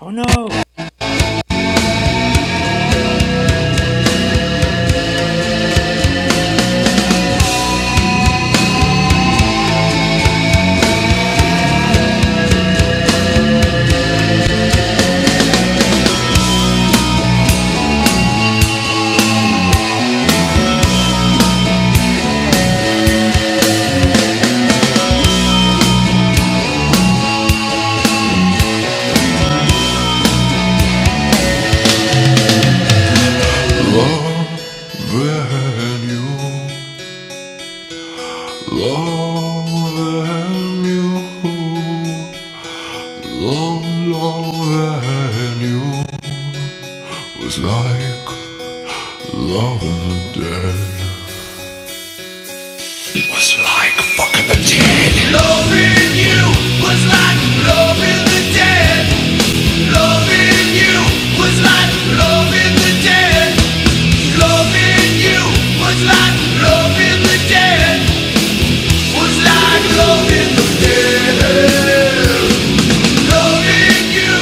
S1: Oh no.
S9: dead. It was like fucking the dead. Loving you was like loving the dead. Loving you was like loving the dead. Loving you was like loving the dead. Was like loving the dead. Loving you,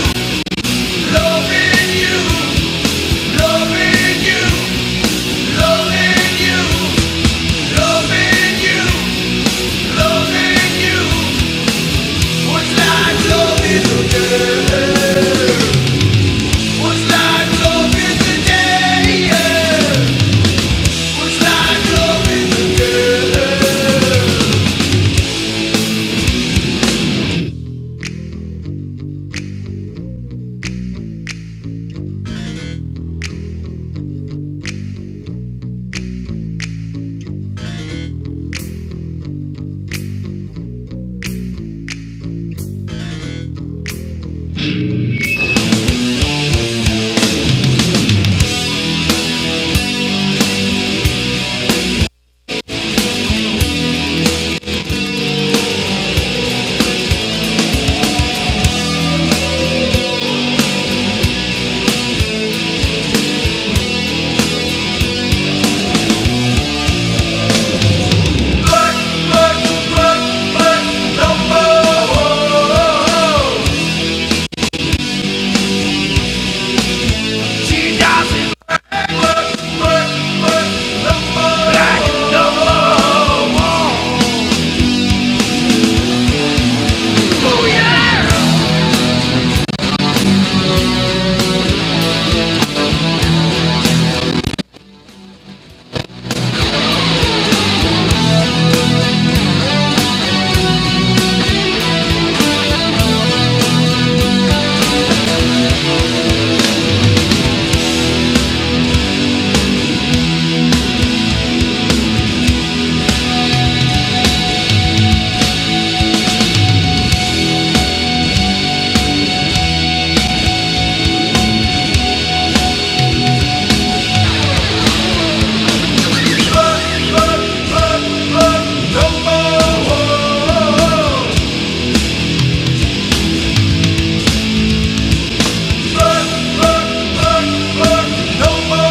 S9: loving you, loving you, loving you, loving you, loving you was like loving the dead. Was like loving the dead. Was like no more.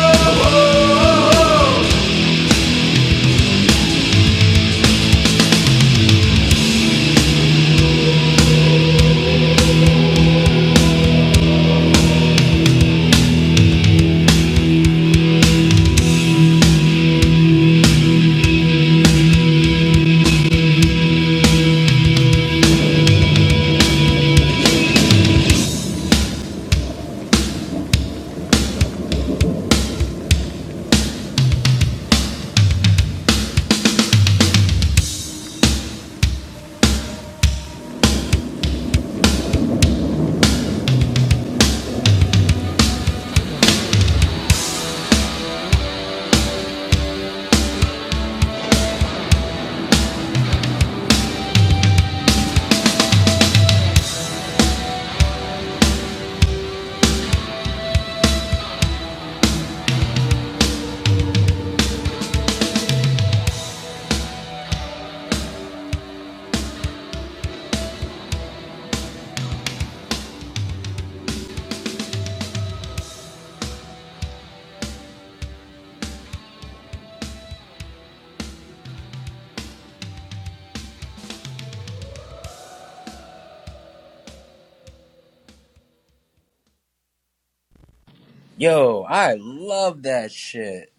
S1: Yo, I love that shit.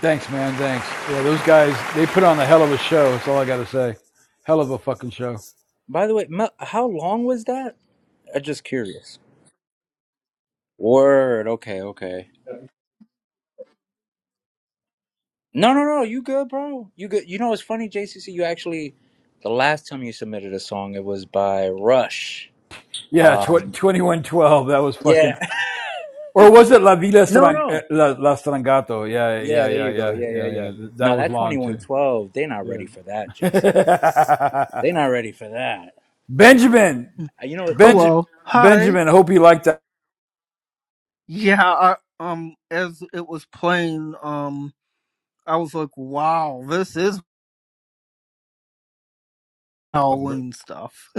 S5: Thanks, man. Thanks. Yeah, those guys they put on a hell of a show. That's all I got to say. Hell of a fucking show.
S1: By the way, Mel, how long was that? I'm just curious. Word. Okay. Okay. No, no, no. You good, bro? You good? You know, it's funny, JCC. You actually, the last time you submitted a song, it was by Rush.
S5: Yeah, tw-
S1: Um,
S5: 2112. That was fucking.
S1: yeah.
S5: Or was it La Villa
S1: No,
S5: Strang- eh,
S1: no.
S5: La, La Strangato? Yeah,
S1: Yeah,
S5: yeah,
S1: there
S5: yeah,
S1: you go.
S5: yeah,
S1: Yeah, yeah,
S5: yeah,
S1: yeah.
S5: yeah. That
S1: No,
S5: was
S1: that
S5: long too.
S1: 2112, they're not
S5: Yeah.
S1: ready for that, JC. They're not ready for that.
S5: Benjamin,
S12: Mm.
S1: Uh, You know what's funny?
S5: Benj-
S12: Hello. Hi.
S5: Benjamin. I hope you liked that.
S12: Yeah, I, um as it was playing, um I was like, wow, this is Halloween stuff.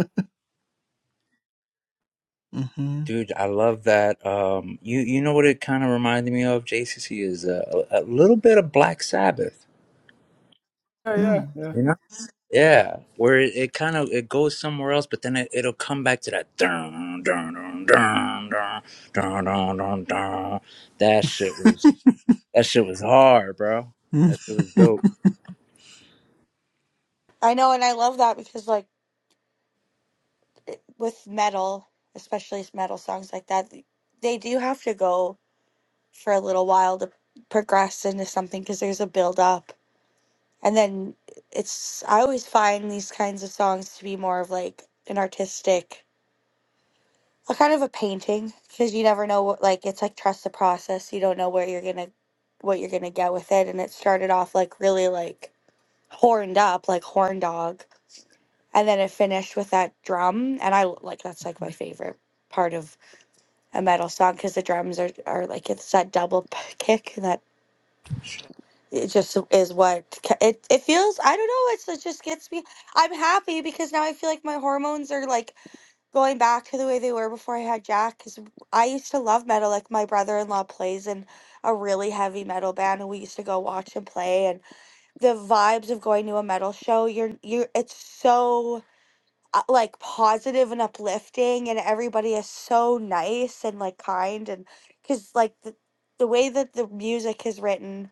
S12: hmm
S1: Dude, I love that. Um, you you know what it kind of reminded me of, JCC, is a, a a little bit of Black Sabbath.
S5: Yeah, yeah, yeah.
S1: You know. Yeah, where it, it kind of it goes somewhere else, but then it, it'll come back to that dun dun dun dun dun dun dun dun. dun. That shit was that shit was hard, bro. That shit was dope.
S8: I know, and I love that because like it- with metal, especially metal songs like that, they do have to go. for a little while to progress into something because there's a build up. And then it's, I always find these kinds of songs to be more of like an artistic, a kind of a painting because you never know what, like, it's like trust the process. You don't know where you're going to, what you're going to get with it. And it started off like really like horned up, like horn dog. And then it finished with that drum. And I like, that's like my favorite part of a metal song because the drums are, are like, it's that double p- kick and that it just is what ca- it, it feels i don't know it's, it just gets me i'm happy because now i feel like my hormones are like going back to the way they were before i had jack because i used to love metal like my brother-in-law plays in a really heavy metal band and we used to go watch him play and the vibes of going to a metal show you're you it's so uh, like positive and uplifting and everybody is so nice and like kind and because like the, the way that the music is written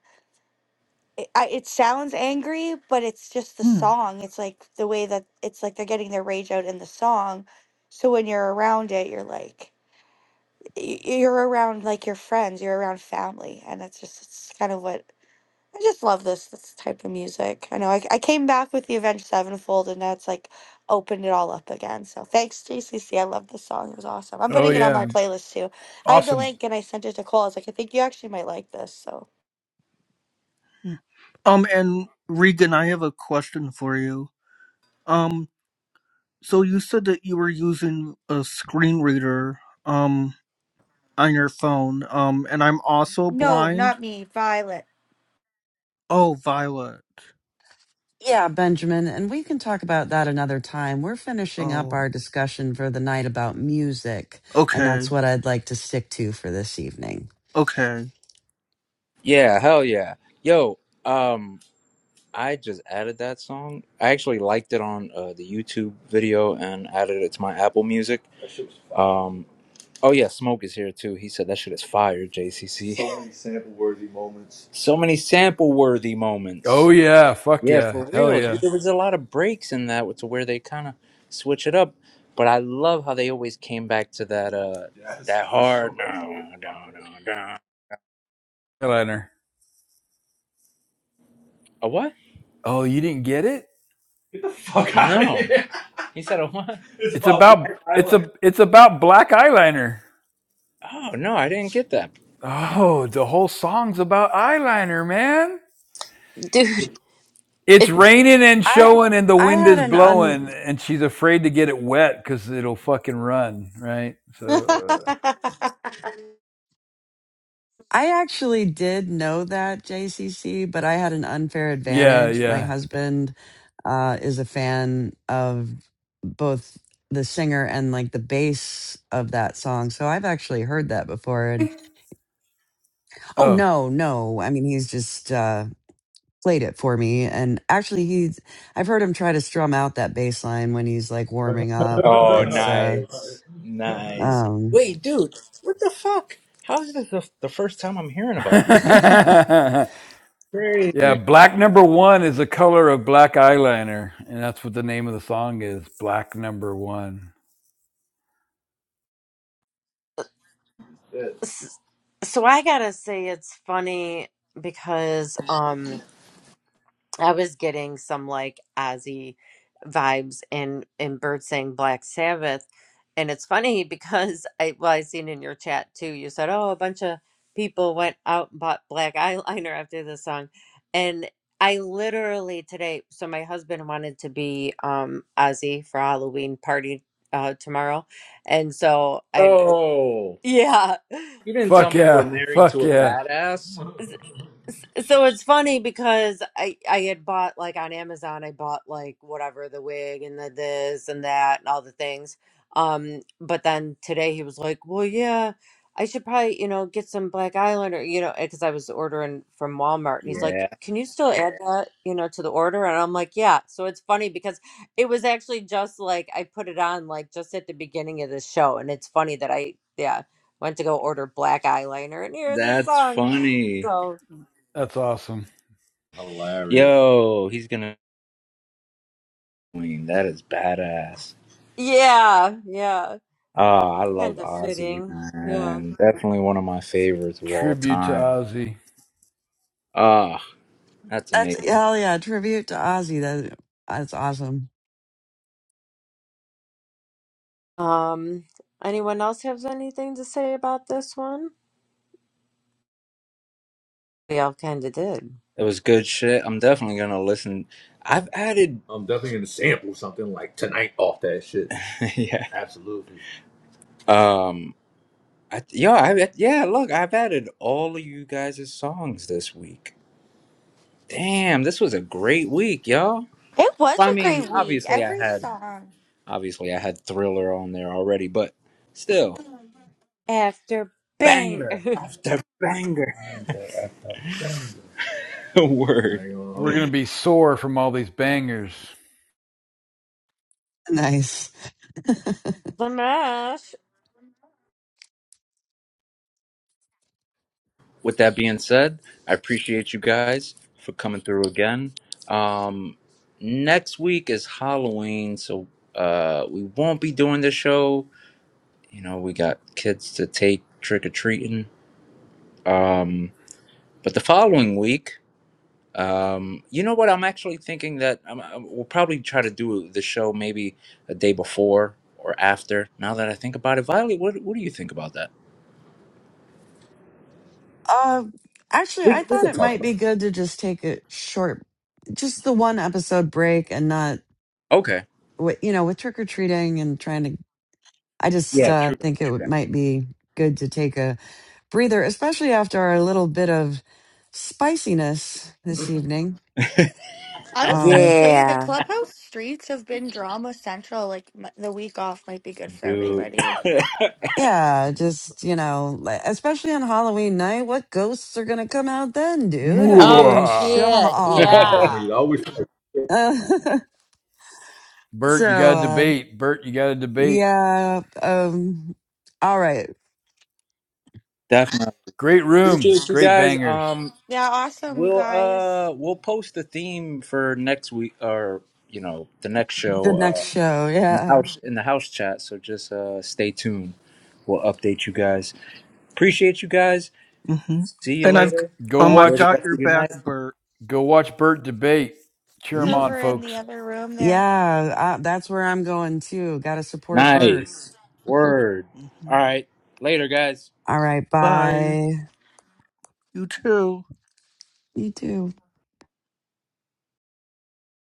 S8: it, I, it sounds angry, but it's just the song. It's like the way that it's like they're getting their rage out in the song. So when you're around it, you're like y- you're around like your friends, you're around family, and that's just it's kind of what I just love this this type of music. I know I, I came back with the Avenged Sevenfold, and that's like opened it all up again. So thanks JCC, I love this song. It was awesome. I'm
S5: Oh
S8: putting it on my
S5: yeah,
S8: playlist too. I have the
S5: awesome.
S8: link, and I sent it to Cole. I was like, I think you actually might like this. So
S12: Um and Regan, I have a question for you. Um so you said that you were using a screen reader um on your phone. Um and I'm also
S8: no,
S12: blind.
S8: not me, Violet.
S12: Oh, Violet.
S2: yeah, Benjamin, and we can talk about that another time. We're finishing up
S12: Oh.
S2: our discussion for the night about music, and that's
S12: Okay.
S2: what I'd like to stick to for this evening.
S12: Okay.
S1: Yeah, hell yeah, yo. Um, I just added that song. I actually liked it on uh, the YouTube video and added it to my Apple Music. That shit was fire. Um, oh yeah, Smoke is here too. He said that shit is fire. JCC. So many sample worthy moments. So many sample worthy moments.
S5: Oh yeah, fuck
S1: Yeah,
S5: yeah,
S1: for
S5: hell
S1: real.
S5: yeah,
S1: Dude, there was a lot of breaks in that to where they kind of switch it up. But I love how they always came back to that uh Yes. that hard. No, no, no, no.
S5: eyeliner.
S1: A what?
S5: Oh, you didn't get it?
S1: Get the fuck out of No. here. He said a what? It's
S5: It's
S1: about
S5: about
S1: Black
S5: it's
S1: Island.
S5: a it's about black eyeliner.
S1: Oh no, I didn't get that. No.
S5: Oh, the whole song's about eyeliner, man.
S3: dude
S5: It's
S3: it
S5: raining and
S2: I
S5: showing, and the
S2: I
S5: wind
S2: had
S5: is
S2: an
S5: blowing, and she's afraid to get it wet because it'll fucking run, right? So, uh,
S8: it
S2: I actually did know that JCC, but I had an unfair
S5: yeah,
S2: advantage. My
S5: yeah.
S2: husband uh, is a fan of both the singer and like the bass of that song. So I've actually heard that before. And oh,
S5: Oh.
S2: no, no. I mean, he's just uh, played it for me. And actually, he's, I've heard him try to strum out that bass line when he's like warming up.
S1: Oh,
S2: It's, uh,
S1: nice, nice.
S2: um,
S1: Wait, dude, what the fuck? How is this the, the first time I'm hearing about these guys?
S5: yeah,
S1: Crazy.
S5: black number one is the color of black eyeliner, and that's what the name of the song is Black Number One.
S1: Shit.
S3: s- so i gotta say it's funny because um I was getting some like Ozzy vibes and and Bird saying Black Sabbath, and it's funny because I well I seen in your chat too. You said oh a bunch of people went out and bought black eyeliner after this song, and I literally today. So my husband wanted to be um Ozzy for Halloween party uh, tomorrow, and so I
S1: Oh.
S3: yeah.
S1: You didn't tell
S5: Fuck
S1: me you were
S5: yeah.
S1: married
S5: Fuck
S1: to a
S5: yeah.
S1: badass.
S3: So it's funny because I I had bought like on Amazon I bought like whatever the wig and the this and that and all the things. Um, but then today he was like, "Well, yeah, I should probably you know get some Black Eyeliner, you know, because I was ordering from Walmart." And he's
S1: Yeah,
S3: like, "Can you still add that you know to the order?" And I'm like, "Yeah." So it's funny because it was actually just like I put it on like just at the beginning of the show, and it's funny that I yeah went to go order black eyeliner and hear this
S1: that's
S3: song.
S1: funny.
S3: So.
S5: That's awesome.
S1: Hilarious. Yo, he's gonna win. That is badass.
S3: Yeah, yeah.
S1: Ah, I love
S3: Kind of
S1: Ozzy,
S3: fitting. Yeah.
S1: man. Definitely one of my favorites of all
S5: Tribute to
S1: time.
S5: Ozzy.
S1: Ah, that's
S2: that's,
S1: amazing.
S2: hell yeah, tribute to Ozzy. That, that's awesome.
S3: Um, anyone else have anything to say about this one? We all kind of did.
S1: It was good shit. I'm definitely gonna listen. I've added, I'm definitely gonna sample something like tonight off that shit. yeah. Absolutely. Um, I, yo, I yeah. Look, I've added all of you guys' songs this week. Damn, this was a great week, y'all.
S8: was
S1: Well, I
S8: a
S1: mean,
S8: great week.
S1: obviously I
S8: Every
S1: had
S8: song.
S1: obviously I had Thriller on there already, but still
S3: After bang.
S1: banger after banger. Word.
S5: We're going to be sore from all these bangers.
S2: Nice.
S3: Smash.
S1: With that being said, I appreciate you guys for coming through again. Um next week is Halloween, so uh we won't be doing the show. You know, we got kids to take trick or treating. But the following week Um, you know what? I'm actually thinking that I'm, i we'll probably try to do the show maybe a day before or after. Now that I think about it, Violet, what what do you think about that?
S2: Uh, actually,
S1: We,
S2: I
S1: we
S2: thought
S1: could
S2: it
S1: talk
S2: might be
S1: about it.
S2: good to just take a short, just the one episode break and not,
S1: Okay.
S2: wi- you know, with trick or treating and trying to. I just
S1: Yeah.
S2: uh,
S1: True.
S2: think it
S1: True.
S2: would-
S1: that.
S2: might be good to take a breather, especially after our little bit of spiciness this evening.
S8: I was gonna
S2: Um,
S8: say the
S3: Yeah.
S8: clubhouse streets have been drama central. Like m- the week off might be good for
S1: Dude.
S8: everybody.
S2: yeah, just you know, li- especially on Halloween night, what ghosts are gonna come out then, dude? I
S3: Oh
S2: mean,
S5: Mwah.
S3: shit.
S2: shaw.
S3: Yeah.
S1: Definitely, always.
S5: Bert,
S2: so,
S5: you got to
S2: uh,
S5: debate. Bert, you got to debate.
S2: Yeah. Um. All right.
S1: Definitely
S5: Great room.
S1: appreciate you
S5: Great
S1: guys.
S5: bangers.
S1: Um,
S8: Yeah, awesome, you
S1: we'll
S8: guys.
S1: uh we'll post the theme for next week or you know the next
S2: The
S1: show
S2: next
S1: uh
S2: show.
S1: in the
S2: Yeah.
S1: house in the house chat. So just uh stay tuned. We'll update you guys. Appreciate you guys.
S12: hmm
S1: See you
S12: And I've
S1: later.
S5: Go
S12: um I've
S1: Enjoy the
S5: watch
S12: got
S1: rest
S12: your
S1: of your
S12: back,
S1: night.
S12: Bert.
S5: Go watch Bert debate. Cheer
S8: It's
S5: him
S1: Mhm.
S5: on,
S8: over in the
S5: folks.
S8: other room there.
S2: Yeah. Uh, that's where I'm going too. Got to support Bert.
S1: Nice. Word.
S12: hmm
S1: All right. Later, guys.
S2: All right.
S12: Bye.
S2: Bye.
S12: You too.
S2: You too.